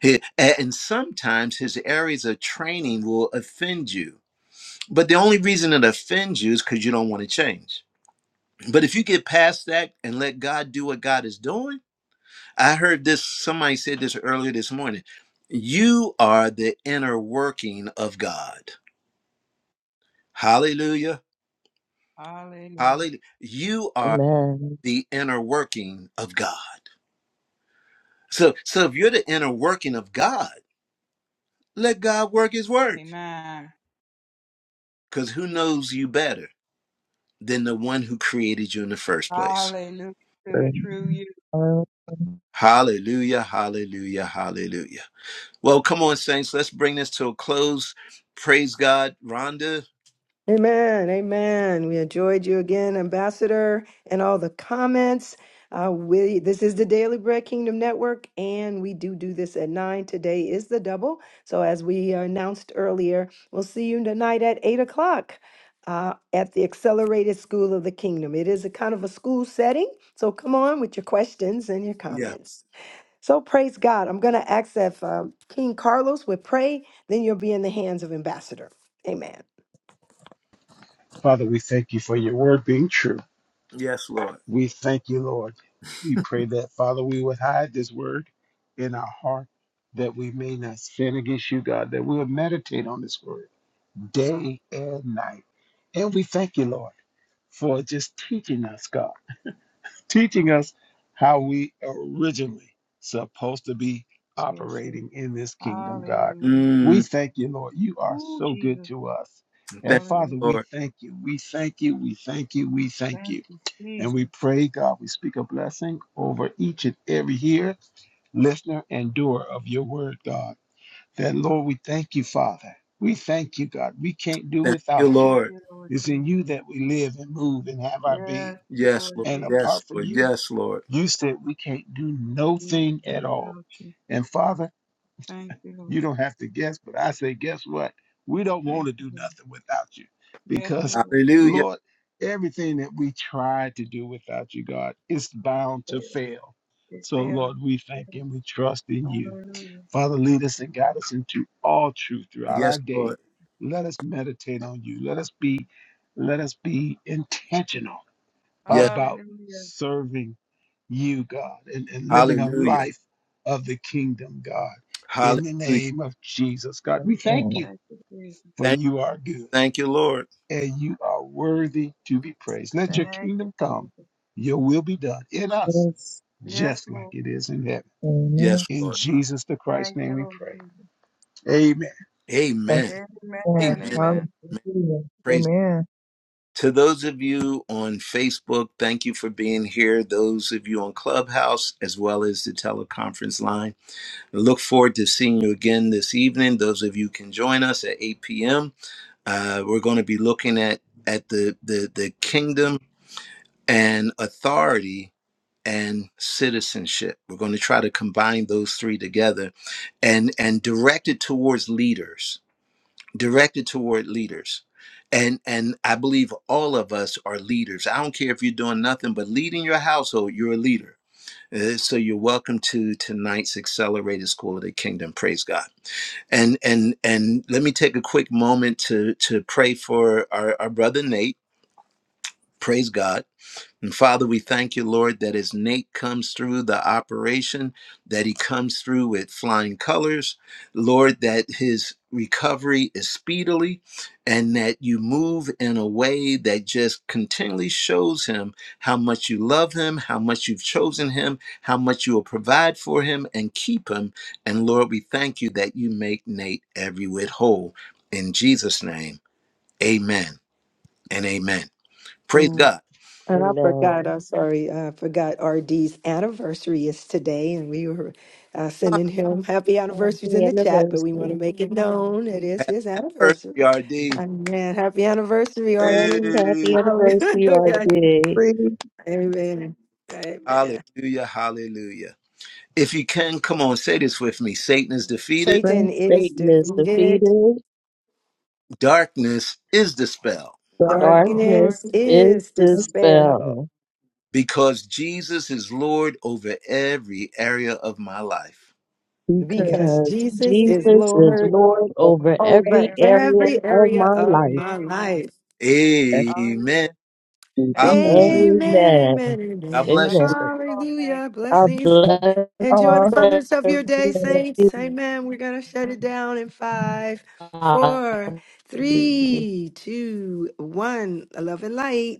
S1: He, a- and sometimes his areas of training will offend you. But the only reason it offends you is because you don't want to change. But if you get past that and let God do what God is doing, I heard this, somebody said this earlier this morning. You are the inner working of God. Hallelujah.
S6: hallelujah.
S1: Hallelujah. You are
S2: Amen.
S1: the inner working of God. So, so if you're the inner working of God, let God work his work.
S6: Amen.
S1: Because who knows you better than the one who created you in the first place?
S6: Hallelujah to the true you.
S4: Amen.
S1: Hallelujah. Hallelujah. Hallelujah. Well, come on, saints. Let's bring this to a close. Praise God. Rhonda.
S3: Amen. Amen. We enjoyed you again, Ambassador, and all the comments. Uh, we this is the Daily Bread Kingdom Network, and we do do this at nine. Today is the double. So as we announced earlier, we'll see you tonight at eight o'clock. Uh, at the Accelerated School of the Kingdom. It is a kind of a school setting. So come on with your questions and your
S1: Yeah.
S3: comments. So praise God. I'm going to ask if um, King Carlos would pray, then you'll be in the hands of Ambassador. Amen.
S8: Father, we thank you for your word being true.
S1: Yes, Lord.
S8: We thank you, Lord. We pray that, Father, we would hide this word in our heart that we may not sin against you, God, that we would meditate on this word day and night. And we thank you, Lord, for just teaching us, God, teaching us how we originally supposed to be
S6: Yes, yes.
S8: operating in this kingdom, God.
S6: Hallelujah.
S1: Mm.
S8: We thank you, Lord. You are
S6: Ooh,
S8: so good
S6: Jesus.
S8: to us. And
S1: Thank
S8: Father,
S6: Hallelujah.
S1: you,
S8: we
S1: Lord.
S8: thank you. We thank you. We thank you. We thank
S6: Thank
S8: you
S6: you,
S8: and we
S6: Jesus.
S8: pray, God, we speak a blessing over each and every hearer, listener, and doer of your word, God. That, Lord, we thank you, Father. We thank you, God. We can't do
S1: Thank
S8: without
S1: you,
S8: you.
S6: Thank
S1: Lord.
S6: you, Lord
S8: It's in
S6: Jesus.
S8: you that we live and move and have our being.
S6: Yes,
S1: Yes,
S6: Lord
S1: Lord.
S8: And
S6: Jesus.
S1: Yes,
S8: apart from
S1: Lord.
S8: you,
S1: Yes, Lord.
S8: you said we can't do no
S6: Nothing
S8: thing at all.
S6: without you.
S8: And Father,
S6: Thank you,
S8: you
S6: Lord.
S8: don't have to guess, but I say, guess what? We don't want
S6: Thank
S8: to
S6: you.
S8: do
S6: Lord.
S8: nothing without you
S6: Yes,
S8: because,
S6: Lord.
S1: Hallelujah.
S8: Lord, everything that we try to do without you, God, is bound to fail.
S6: It's
S8: So,
S6: failing.
S8: Lord, we
S6: It's
S8: thank
S6: failing.
S8: and we trust in you.
S6: Hallelujah.
S8: Father, lead us and guide us into all truth throughout
S1: Yes,
S8: our day.
S1: Lord.
S8: Let us meditate on you. Let us be, let us be intentional
S1: Yes.
S8: about
S6: Hallelujah.
S8: serving you, God, and, and living a
S1: Hallelujah.
S8: life of the kingdom, God.
S1: Hallelujah.
S8: In the name of Jesus, God, we thank you
S6: Thank you, Jesus.
S8: for
S1: Thank
S8: you are good
S1: thank you, Lord.
S8: and you are worthy to be praised. Let your
S6: Thank you,
S8: kingdom come,
S6: Jesus.
S8: your will be done in us,
S4: Yes.
S6: Yes,
S8: just like
S6: Lord.
S8: it is in heaven.
S4: Amen.
S1: Yes,
S8: In
S1: Lord.
S8: Jesus the Christ's
S6: Thank
S8: name
S6: you,
S8: we
S6: Lord
S8: pray.
S6: Jesus.
S8: Amen.
S1: Amen. Amen.
S4: Amen.
S6: Amen. Amen.
S1: Amen.
S4: Hallelujah.
S1: Praise
S4: Amen.
S1: to those of you on Facebook, thank you for being here. Those of you on Clubhouse, as well as the teleconference line. I look forward to seeing you again this evening. Those of you can join us at 8 p.m. Uh, we're going to be looking at at the, the the kingdom and authority and citizenship. We're going to try to combine those three together, and and direct it towards leaders, directed toward leaders, and and I believe all of us are leaders. I don't care if you're doing nothing but leading your household. You're a leader. Uh, so you're welcome to tonight's Accelerated School of the Kingdom. Praise God and and and let me take a quick moment to to pray for our, our brother nate praise god and Father, we thank you, Lord, that as Nate comes through the operation, that he comes through with flying colors. Lord, that his recovery is speedily and that you move in a way that just continually shows him how much you love him, how much you've chosen him, how much you will provide for him and keep him. And Lord, we thank you that you make Nate every whit whole. In Jesus' name, amen and amen. Praise God.
S3: And I
S2: Amen.
S3: forgot, I'm sorry, I forgot RD's anniversary is today, and we were uh, sending him happy anniversaries
S2: Happy
S3: in the chat, but we want to
S2: anniversary.
S3: make it known it is his
S1: First,
S3: anniversary.
S1: PRD.
S3: And man, happy anniversary,
S2: Yes,
S3: RD.
S2: happy anniversary, our
S3: Hallelujah.
S2: day.
S4: Free,
S3: Amen. Amen.
S1: Hallelujah, hallelujah. If you can, come on, say this with me Satan is defeated,
S3: Satan
S4: thank
S3: is
S2: Satan is
S3: defeated,
S2: defeated.
S1: darkness is dispelled
S4: God,
S6: For all
S2: Darkness
S3: darkness
S6: darkness is
S2: is
S3: is
S6: dispelled.
S3: dispelled
S2: dispelled
S1: because Jesus is Lord over every area of my life.
S4: because
S6: Because
S3: because
S2: because
S6: Jesus
S3: Jesus is
S6: is
S2: Jesus is
S3: Lord
S6: Lord
S2: Lord
S4: the
S2: over
S6: over every
S3: over
S2: every
S6: area of my life.
S2: area
S3: every
S2: of
S3: area
S2: my
S3: of
S2: life.
S3: my life.
S6: Amen.
S4: thank
S1: Amen.
S6: Hallelujah.
S4: you,
S6: Thank you,
S4: Jesus.
S6: Jesus.
S1: Hallelujah.
S3: Amen,
S2: Amen.
S3: amen,
S1: God
S3: amen.
S1: bless you.
S2: Amen.
S6: Blessings to you all.
S3: Hallelujah.
S2: God
S3: Blessings. Enjoy the
S4: Oh,
S2: bless
S3: fullness of your day,
S2: everybody.
S3: saints. Amen. We're going to shut it down in five, four, three, two, one. Love and light.